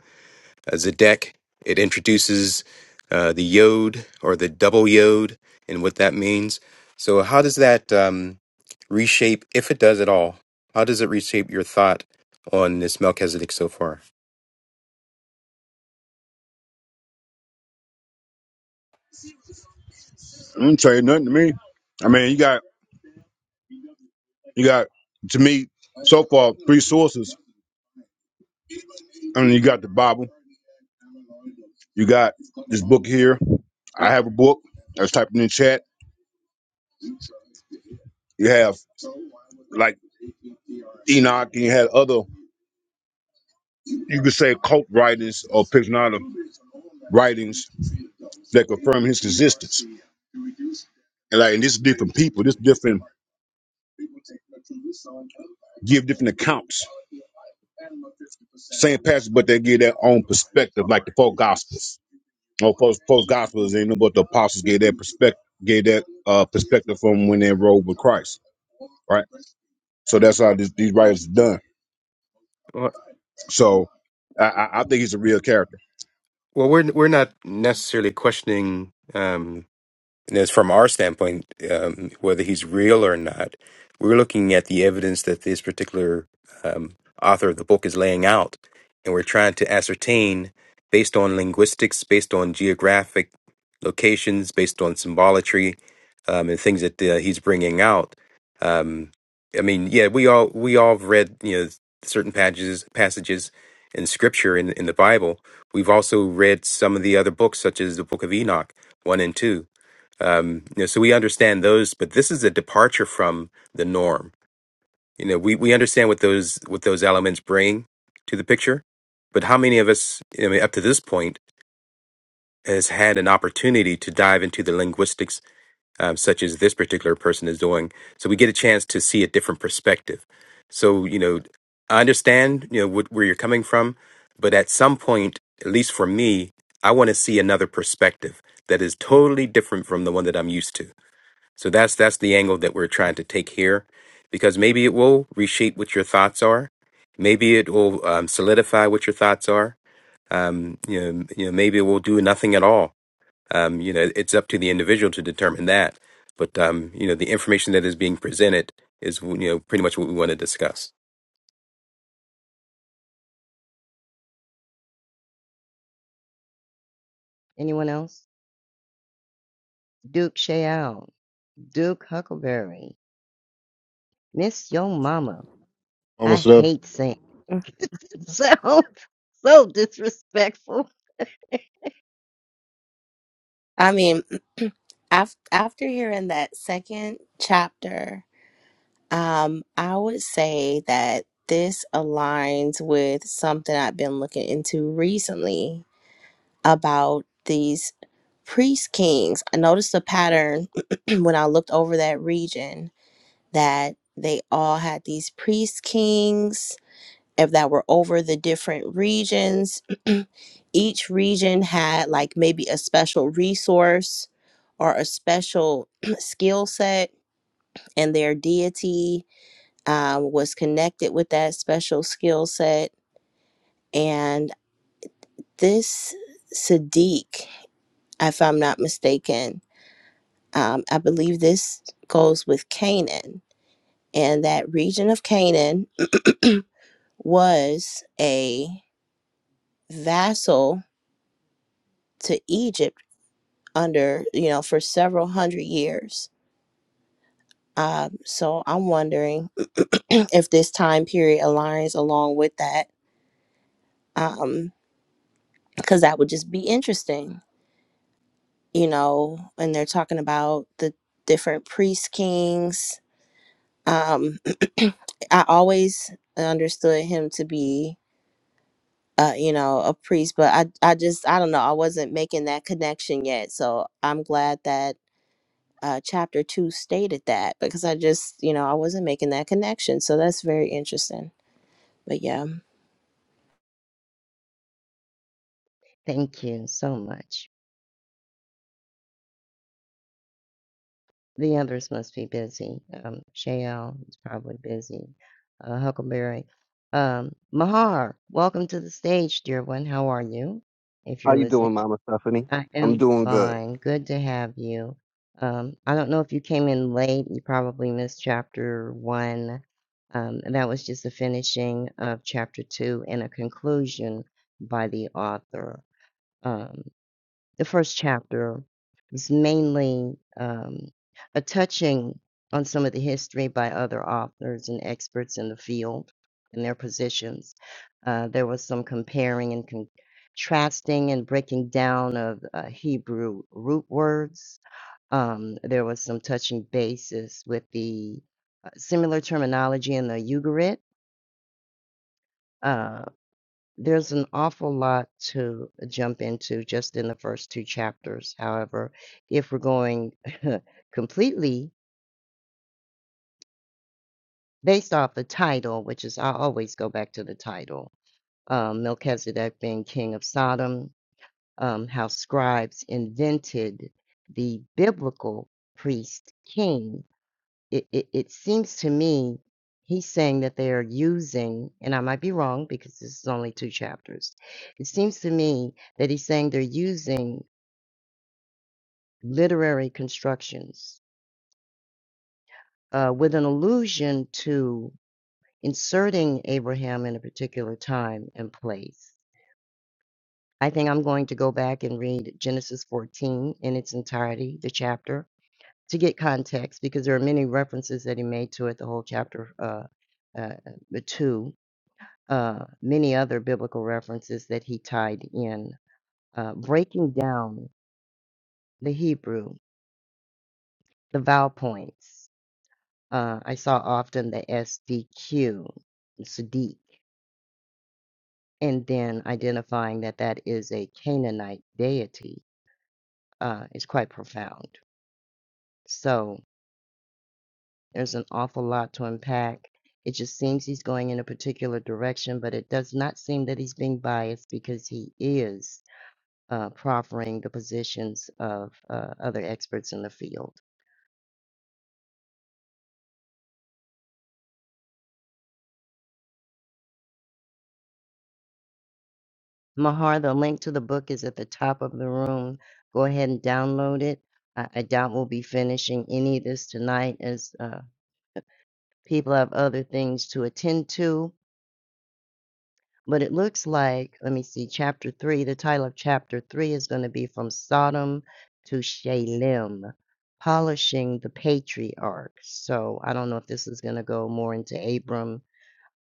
B: uh, Zedek. It introduces uh, the yod or the double yod and what that means. So, how does that um, reshape, if it does at all? How does it reshape your thought on this Melchizedek so far?
F: I'm tell you nothing to me. I mean, you got you got to me so far three sources. I mean, you got the Bible. You got this book here. I have a book. I was typing in chat. You have like Enoch, and you had other you could say cult writings or Pixnada writings that confirm his existence. And like, and this is different people. This different give different accounts, same passage, but they give their own perspective, like the four gospels. Oh, post post gospels ain't know but the apostles gave that perspective gave that uh perspective from when they enrolled with Christ, right? So that's how this, these writers are done.
B: Well,
F: So I, I I think he's a real character.
B: well, we're we're not necessarily questioning. And as from our standpoint, um, whether he's real or not, we're looking at the evidence that this particular um, author of the book is laying out, and we're trying to ascertain, based on linguistics, based on geographic locations, based on symbolatry, um, and things that uh, he's bringing out. Um, I mean, yeah, we all we all have read you know certain passages passages in Scripture in in the Bible. We've also read some of the other books, such as the Book of Enoch, one and two um, you know, so we understand those, but this is a departure from the norm. You know, we, we understand what those what those elements bring to the picture, but how many of us, I mean, up to this point, has had an opportunity to dive into the linguistics, um, such as this particular person is doing? So we get a chance to see a different perspective. So you know, I understand you know what, where you're coming from, but at some point, at least for me, I want to see another perspective that is totally different from the one that I'm used to so that's that's the angle that we're trying to take here, because maybe it will reshape what your thoughts are, maybe it will um, solidify what your thoughts are. Um, you know, you know, maybe it will do nothing at all. Um, you know, it's up to the individual to determine that. But um, you know, the information that is being presented is you know pretty much what we want to discuss.
G: Anyone else? Duke Shayal, Duke Huckleberry, Miss Yo Mama.
E: Almost
G: I
E: up.
G: hate saying
I: Mm.
G: so so disrespectful.
I: I mean, af- after hearing that second chapter, um, I would say that this aligns with something I've been looking into recently about these priest kings. I noticed a pattern when I looked over that region that they all had these priest kings if that were over the different regions each region had like maybe a special resource or a special skill set, and their deity um, was connected with that special skill set. And this Sadiq, if I'm not mistaken, um, I believe this goes with Canaan, and that region of Canaan was a vassal to Egypt under, you know, for several hundred years Um, so I'm wondering if this time period aligns along with that, um, because that would just be interesting, you know. And they're talking about the different priest kings. Um, I always understood him to be, uh, you know, a priest, but I, I just, I don't know, I wasn't making that connection yet. So I'm glad that uh, chapter two stated that because I just, you know, I wasn't making that connection. So that's very interesting. But yeah.
G: Thank you so much. The others must be busy. Um, Shayelle is probably busy. Uh, Huckleberry. Um, Mahar, welcome to the stage, dear one. How are you? If
J: How
G: you're
J: you
G: listening,
J: doing, Mama Stephanie?
G: I
J: I'm
G: am
J: doing good.
G: fine. Good to have you. Um, I don't know if you came in late. You probably missed chapter one. Um, and that was just the finishing of chapter two and a conclusion by the author. Um, the first chapter is mainly um, a touching on some of the history by other authors and experts in the field and their positions. Uh, there was some comparing and contrasting and breaking down of uh, Hebrew root words. Um, there was some touching basis with the uh, similar terminology in the Ugarit uh, there's an awful lot to jump into just in the first two chapters. However, if we're going completely based off the title, which is I always go back to the title, um, Melchizedek being king of Sodom, um, how scribes invented the biblical priest king it, it, it seems to me he's saying that they are using, and I might be wrong because this is only two chapters. It seems to me that he's saying they're using literary constructions uh, with an allusion to inserting Abraham in a particular time and place. I think I'm going to go back and read Genesis 14 in its entirety, the chapter, to get context because there are many references that he made to it, the whole chapter uh, uh, uh, 2 uh, many other biblical references that he tied in, uh, breaking down the Hebrew, the vowel points. Uh, I saw often the SDQ, Sadiq, and then identifying that that is a Canaanite deity uh, is quite profound. So there's an awful lot to unpack. It just seems he's going in a particular direction, but it does not seem that he's being biased because he is uh, proffering the positions of uh, other experts in the field. Mahar, the link to the book is at the top of the room. Go ahead and download it. I, I doubt we'll be finishing any of this tonight as uh, people have other things to attend to. But it looks like, let me see, chapter three, the title of chapter three is going to be From Sodom to Shalem, Polishing the Patriarch. So I don't know if this is going to go more into Abram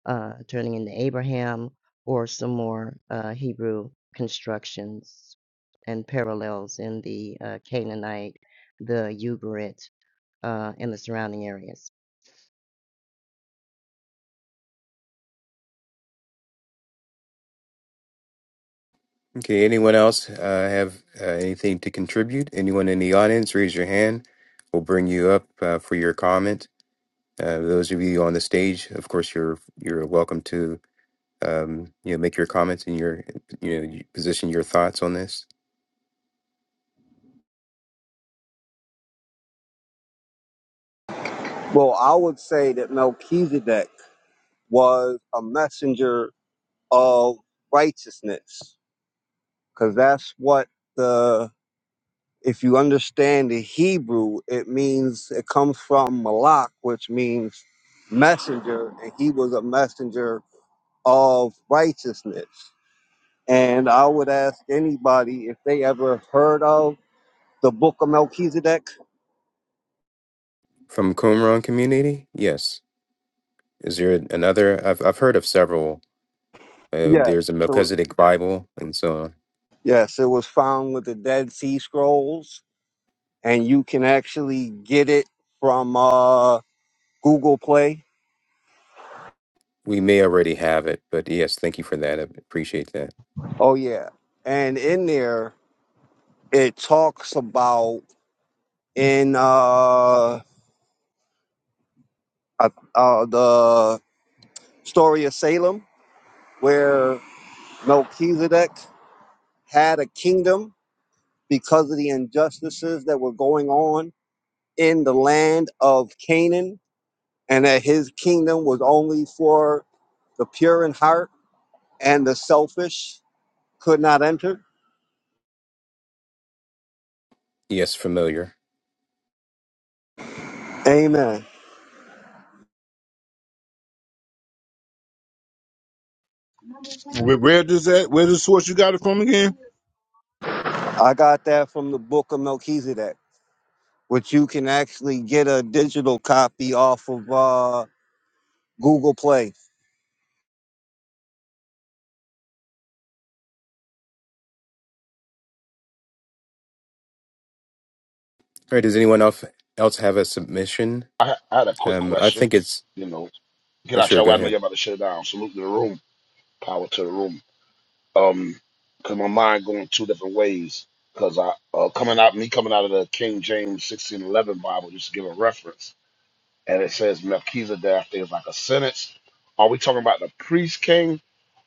G: uh, turning into Abraham, or some more uh, Hebrew constructions and parallels in the uh, Canaanite, the Ugarit, uh, and the surrounding areas.
B: Okay, anyone else uh, have uh, anything to contribute? Anyone in the audience, raise your hand. We'll bring you up uh, for your comment. Uh, those of you on the stage, of course, you're you're welcome to um, you know make your comments and your you know you position your thoughts on this
J: Well, I would say that Melchizedek was a messenger of righteousness, because that's what the if you understand the Hebrew, it means it comes from Malak, which means messenger, and he was a messenger of righteousness. And I would ask anybody if they ever heard of the Book of Melchizedek.
B: from Qumran community. Yes, is there another? I've I've heard of several. Uh,
J: Yeah.
B: there's a
J: So
B: Melchizedek Bible, and so on.
J: Yes, it was found with the Dead Sea Scrolls, and you can actually get it from uh, Google Play.
B: we may already have it, but yes, thank you for that. I appreciate that.
J: Oh yeah, and in there it talks about in uh, uh, uh, the story of Salem where Melchizedek had a kingdom because of the injustices that were going on in the land of Canaan, and that his kingdom was only for the pure in heart and the selfish could not enter.
B: Yes, familiar.
J: Amen.
F: Where, where does that where does the source you got it from again?
J: I got that from the book of Melchizedek, which you can actually get a digital copy off of uh, Google Play.
B: All right. Does anyone else else have a submission?
K: I, I had a quick
B: Um, I
K: question.
B: think it's
K: You know, get
B: uh,
K: out
B: sure.
K: your
B: Go
K: way. I know
B: ahead.
K: you're about to shut it down. Salute to the room. Power to the room. Um, cause my mind going two different ways. Cause I uh, coming out me coming out of the King James sixteen eleven Bible just to give a reference, and it says Melchizedek I think is like a sentence. Are we talking about the priest king,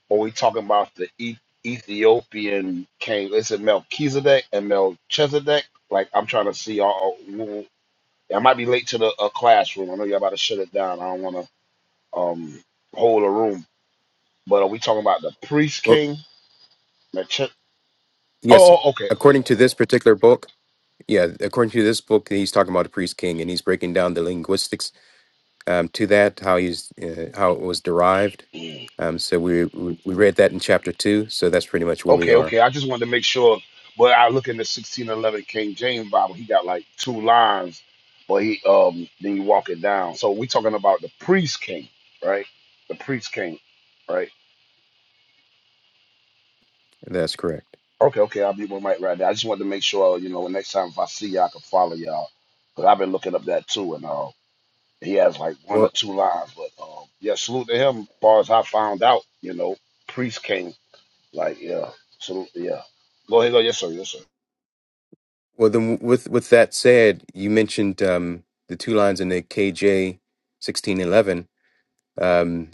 K: or we talking about the e- Ethiopian king? Is it Melchizedek and Melchizedek? Like I'm trying to see. all. all- I might be late to the uh, classroom. I know you're about to shut it down. I don't want to um hold a room. But are we talking about the priest
B: Well,
K: king? That
B: yes.
K: oh, oh, okay,
B: According to this particular book, Yeah, according to this book, he's talking about the priest king, and he's breaking down the linguistics um, to that, how he's uh, how it was derived. Um, so we we we read that in chapter two. So that's pretty much where we
K: okay,
B: are.
K: okay. I just wanted to make sure. But I look in the sixteen eleven King James Bible. He got like two lines, but he um then you walk it down. So we talking about the priest king, right? The priest king, right?
B: That's correct.
K: Okay, okay. I'll be with Mike right there. I just wanted to make sure you know next time if I see y'all, I can follow y'all because I've been looking up that too and all. He has like one or
B: Well,
K: two lines, but um, yeah, salute to him. As far as I found out, you know, Priest came like yeah, salute, yeah. Go ahead, go yes sir, yes sir.
B: well, then with with that said, you mentioned um, the two lines in the KJ sixteen eleven. Um,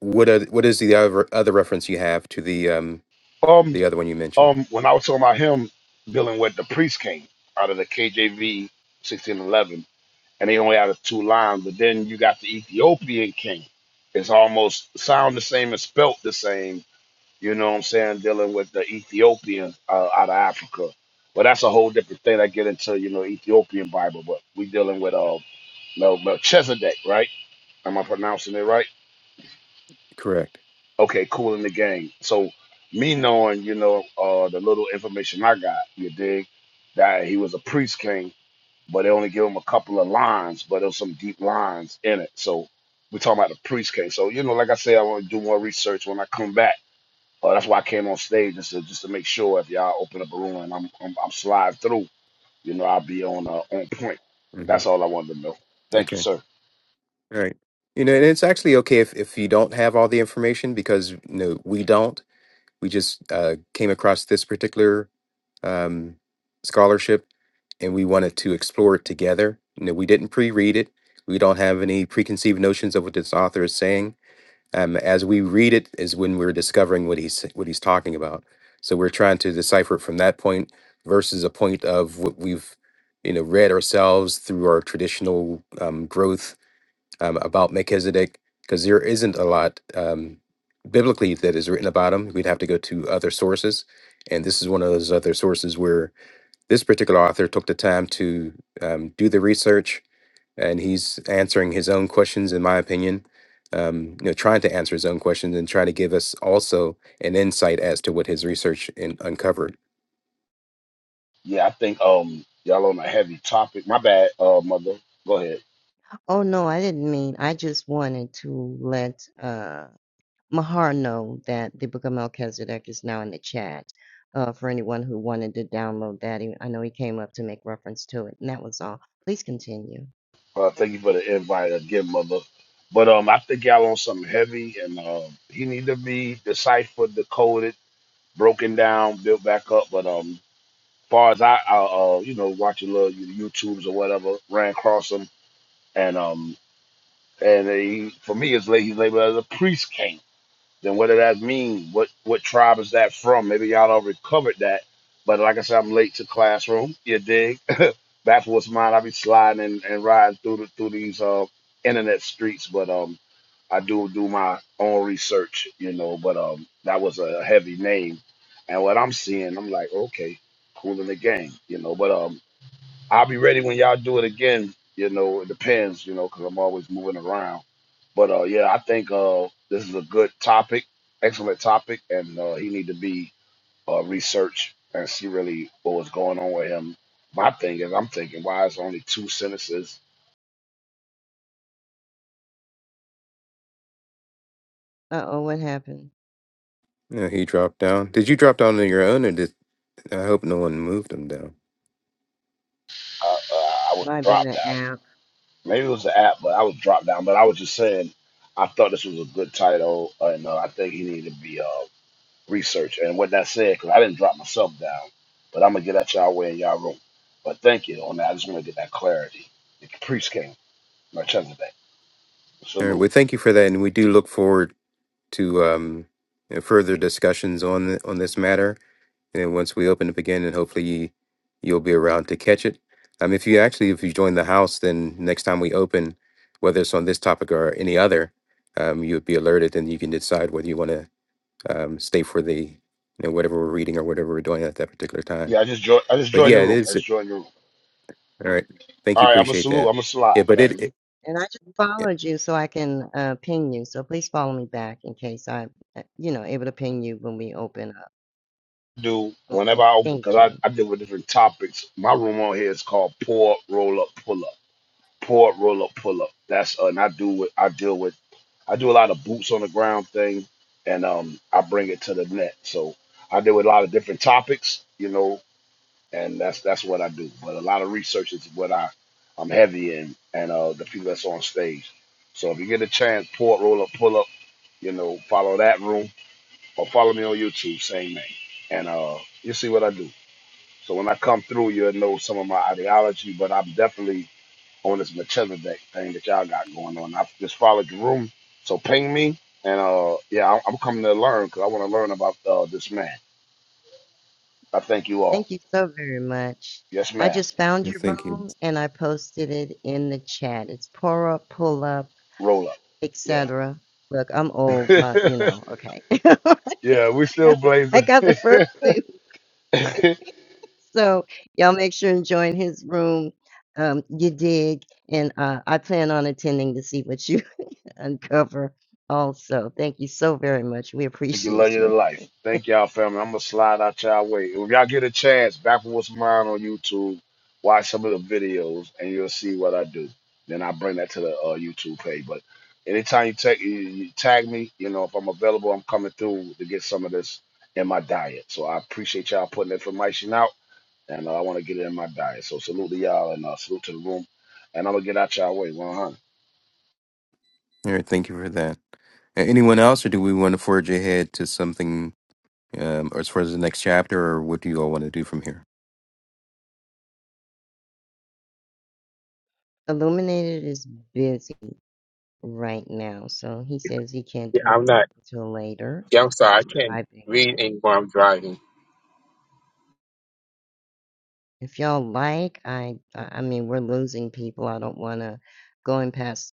B: what are, what is the other other reference you have to the um,
K: Um,
B: the other one you mentioned?
K: um, when I was talking about him dealing with the Priest King out of the KJV sixteen eleven, and they only had two lines, but then you got the Ethiopian King. It's almost sound the same and spelt the same, you know what I'm saying, dealing with the Ethiopian uh, out of Africa. But that's a whole different thing. I get into, you know, Ethiopian Bible, but we dealing with uh Mel Melchizedek, right? Am I pronouncing it right?
B: Correct.
K: Okay, cool in the game. So me knowing, you know, uh the little information I got, you dig, that he was a priest king, but they only give him a couple of lines, but there's some deep lines in it. So we're talking about a priest king. So, you know, like I say, I want to do more research when I come back Uh, that's why I came on stage just to just to make sure if y'all open up a room and I'm I'm, I'm slide through, you know, I'll be on uh, on point.
B: hmm
K: That's all I wanted to know. Thank you,
B: Okay.
K: sir.
B: All right. You know, and it's actually okay if, if you don't have all the information because you know we don't. We just uh, came across this particular um, scholarship, and we wanted to explore it together. You know, we didn't pre-read it. We don't have any preconceived notions of what this author is saying. Um, as we read it, is when we're discovering what he's what he's talking about. So we're trying to decipher it from that point versus a point of what we've you know read ourselves through our traditional um, growth um, about Melchizedek, because there isn't a lot um, biblically that is written about him. We'd have to go to other sources, and this is one of those other sources where this particular author took the time to um, do the research and he's answering his own questions in my opinion um, you know trying to answer his own questions and trying to give us also an insight as to what his research in, uncovered
K: Yeah, I think um y'all on a heavy topic. My bad, uh, mother. Go ahead.
G: Oh no, I didn't mean. I just wanted to let uh, Mahar know that the Book of Melchizedek is now in the chat. Uh, for anyone who wanted to download that, He- I know he came up to make reference to it, and that was all. Please continue.
K: Uh, thank you for the invite again, mother. But um, I think y'all on something heavy, and uh, he need to be deciphered, decoded, broken down, built back up. But um, far as I, I uh, you know, watching little YouTubes or whatever, ran across them, and um. And he, for me, it's la- he's labeled as a priest king. Then what does that mean? What what tribe is that from? Maybe y'all already covered that. But like I said, I'm late to classroom. You dig? That's what's mine. I be sliding and, and riding through the through these uh internet streets. But um, I do do my own research, you know. But um, that was a heavy name. And what I'm seeing, I'm like, okay, cool in the game, you know. But um, I'll be ready when y'all do it again. You know, it depends, you know, because I'm always moving around. But uh, yeah, I think uh, this is a good topic, excellent topic, and uh, he need to be uh, researched and see really what was going on with him. My thing is, I'm thinking, why is only two sentences?
G: Uh oh, what happened?
B: yeah, he dropped down did you drop down on your own or did i hope no one moved him down
K: Uh, uh, I was
G: Might have been
K: dropped
G: an
K: down.
G: app.
K: Maybe it was the app, but I was dropped down. But I was just saying, I thought this was a good title, and uh, I think he needed to be uh, research and what that said because I didn't drop myself down. But I'm gonna get at y'all way in y'all room. But thank you on that. I just want to get that clarity. The priest came, Melchizedek.
B: all right
K: Salute.
B: well thank you for that and we do look forward to um, you know, further discussions on the, on this matter And once we open up again, and hopefully you, you'll be around to catch it. Um, if you actually if you join the house, then next time we open, whether it's on this topic or any other, um, you'll be alerted, and you can decide whether you want to um, stay for the you know whatever we're reading or whatever we're doing at that particular
K: Yeah,
B: time.
K: I just joined. I just
B: But
K: joined
B: yeah,
K: your
B: it
K: room.
B: is.
K: Let's join your room.
B: All right. Thank you.
K: All right, I'm gonna
B: Appreciate
K: salute.
B: that.
K: I'm gonna
B: Yeah,
K: slide,
B: but it.
K: family.
B: it
G: And I just
B: yeah,
G: followed you so I can uh, ping you. So please follow me back in case I'm, uh, you know, able to ping you when we open up.
K: Do whenever
G: Okay.
K: I open because
G: Thank
K: I,
G: you.
K: I deal with different topics. My room on here is called Pour Roll Up Pull Up. Pour Roll Up Pull Up. That's uh, and I do with I deal with I do a lot of boots on the ground thing, and um, I bring it to the net. So I do a lot of different topics, you know, and that's that's what I do. But a lot of research is what I I'm heavy in, and uh, the people that's on stage. So if you get a chance, port roll up, pull up, you know, follow that room or follow me on YouTube, same name, and uh, you see what I do. So when I come through, you'll know some of my ideology, but I'm definitely on this Melchizedek thing that y'all got going on. I just followed the room, so ping me, and uh, yeah, I'm, I'm coming to learn because I want to learn about uh, this man. I thank you all.
G: Thank you so very much.
K: Yes,
G: I
K: ma'am.
G: just found
B: yeah,
G: your
B: thank you.
G: room and I posted it in the chat. It's pour up, pull up,
K: Roll up. Yeah,
G: etc. Look, I'm old, my, you know, okay. That's-
K: yeah, we still
G: I
K: blazing.
G: got the first two. So y'all make sure and join his room. Um, you dig. And uh, I plan on attending to see what you uncover also. Thank you so very much. We
K: Thank you, love
G: appreciate
K: you to
G: you.
K: life. Thank y'all, family. I'm gonna slide out y'all way. If y'all get a chance, back for what's mine on YouTube, watch some of the videos, and you'll see what I do. Then I bring that to the uh, YouTube page. But anytime you tag you, you tag me, you know if I'm available, I'm coming through to get some of this in my diet. So I appreciate y'all putting information out, and uh, I want to get it in my diet. So salute to y'all, and uh, salute to the room. And I'm gonna get out y'all way 100.
B: All right. Thank you for that. A- Anyone else, or do we want to forge ahead to something um, as far as the next chapter, or what do you all want to do from here?
G: Illuminated is busy right now, so he says he can't
A: Yeah,
G: do anything
A: I'm not.
G: until later.
A: Yeah, I'm sorry. I
G: He's
A: can't
G: driving.
A: read anymore. I'm driving.
G: If y'all like, I I I mean we're losing people. I don't want to go and past.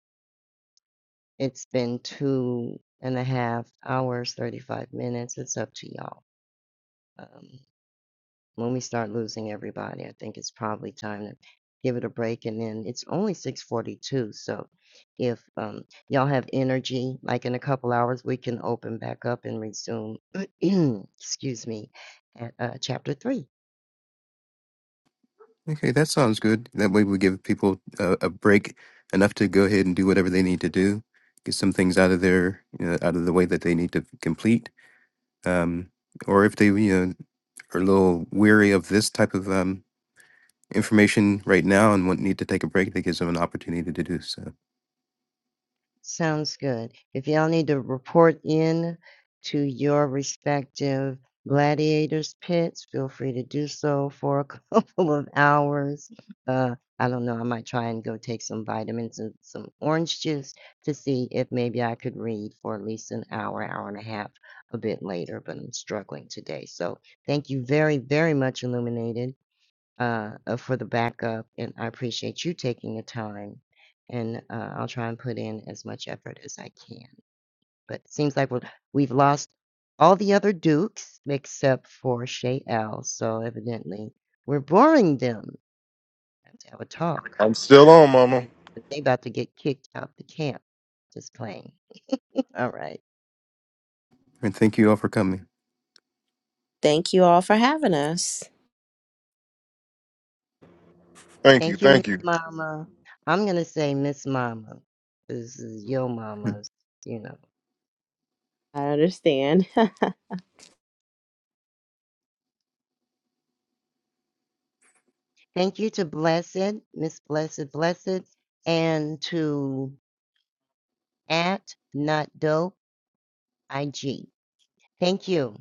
G: It's been two and a half hours, thirty five minutes. It's up to y'all. Um, when we start losing everybody, I think it's probably time to give it a break. And then it's only 6:42, so if um, y'all have energy, like in a couple hours, we can open back up and resume. excuse me, at uh, chapter three.
B: Okay, that sounds good. That way we give people a, a break enough to go ahead and do whatever they need to do, get some things out of their, you know, out of the way that they need to complete. Um, or if they, you know, are a little weary of this type of um, information right now and want need to take a break, that gives them an opportunity to do so.
G: Sounds good. If y'all need to report in to your respective gladiators pits, feel free to do so for a couple of hours. Uh, I don't know, I might try and go take some vitamins and some orange juice to see if maybe I could read for at least an hour, hour and a half a bit later, but I'm struggling today. So thank you very, very much, Illuminated uh, uh, for the backup, and I appreciate you taking the time. And uh, I'll try and put in as much effort as I can. But it seems like we're, we've lost all the other Dukes except for Shay L. So evidently, we're boring them. Have to have a talk.
E: I'm still on, Mama.
G: But they about to get kicked out the camp. Just playing. All right.
B: And thank you all for coming.
I: Thank you all for having us.
E: Thank you.
G: Thank you, Miss
E: Thank you.
G: Mama. I'm gonna say Miss Mama. This is your mama's. You know.
I: I understand.
G: Thank you to Blessed, Miss Blessed Blessed, and to at Not Dope IG. Thank you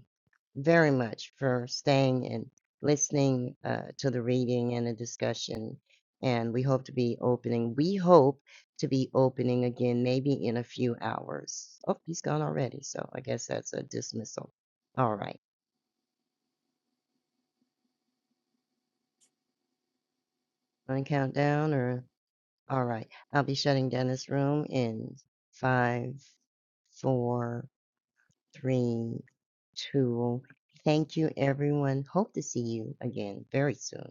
G: very much for staying and listening uh, to the reading and the discussion. And we hope to be opening. We hope to be opening again, maybe in a few hours. Oh, he's gone already, so I guess that's a dismissal. All right, want to count down or? All right. I'll be shutting down this room in five, four, three, two. Thank you, everyone. Hope to see you again very soon.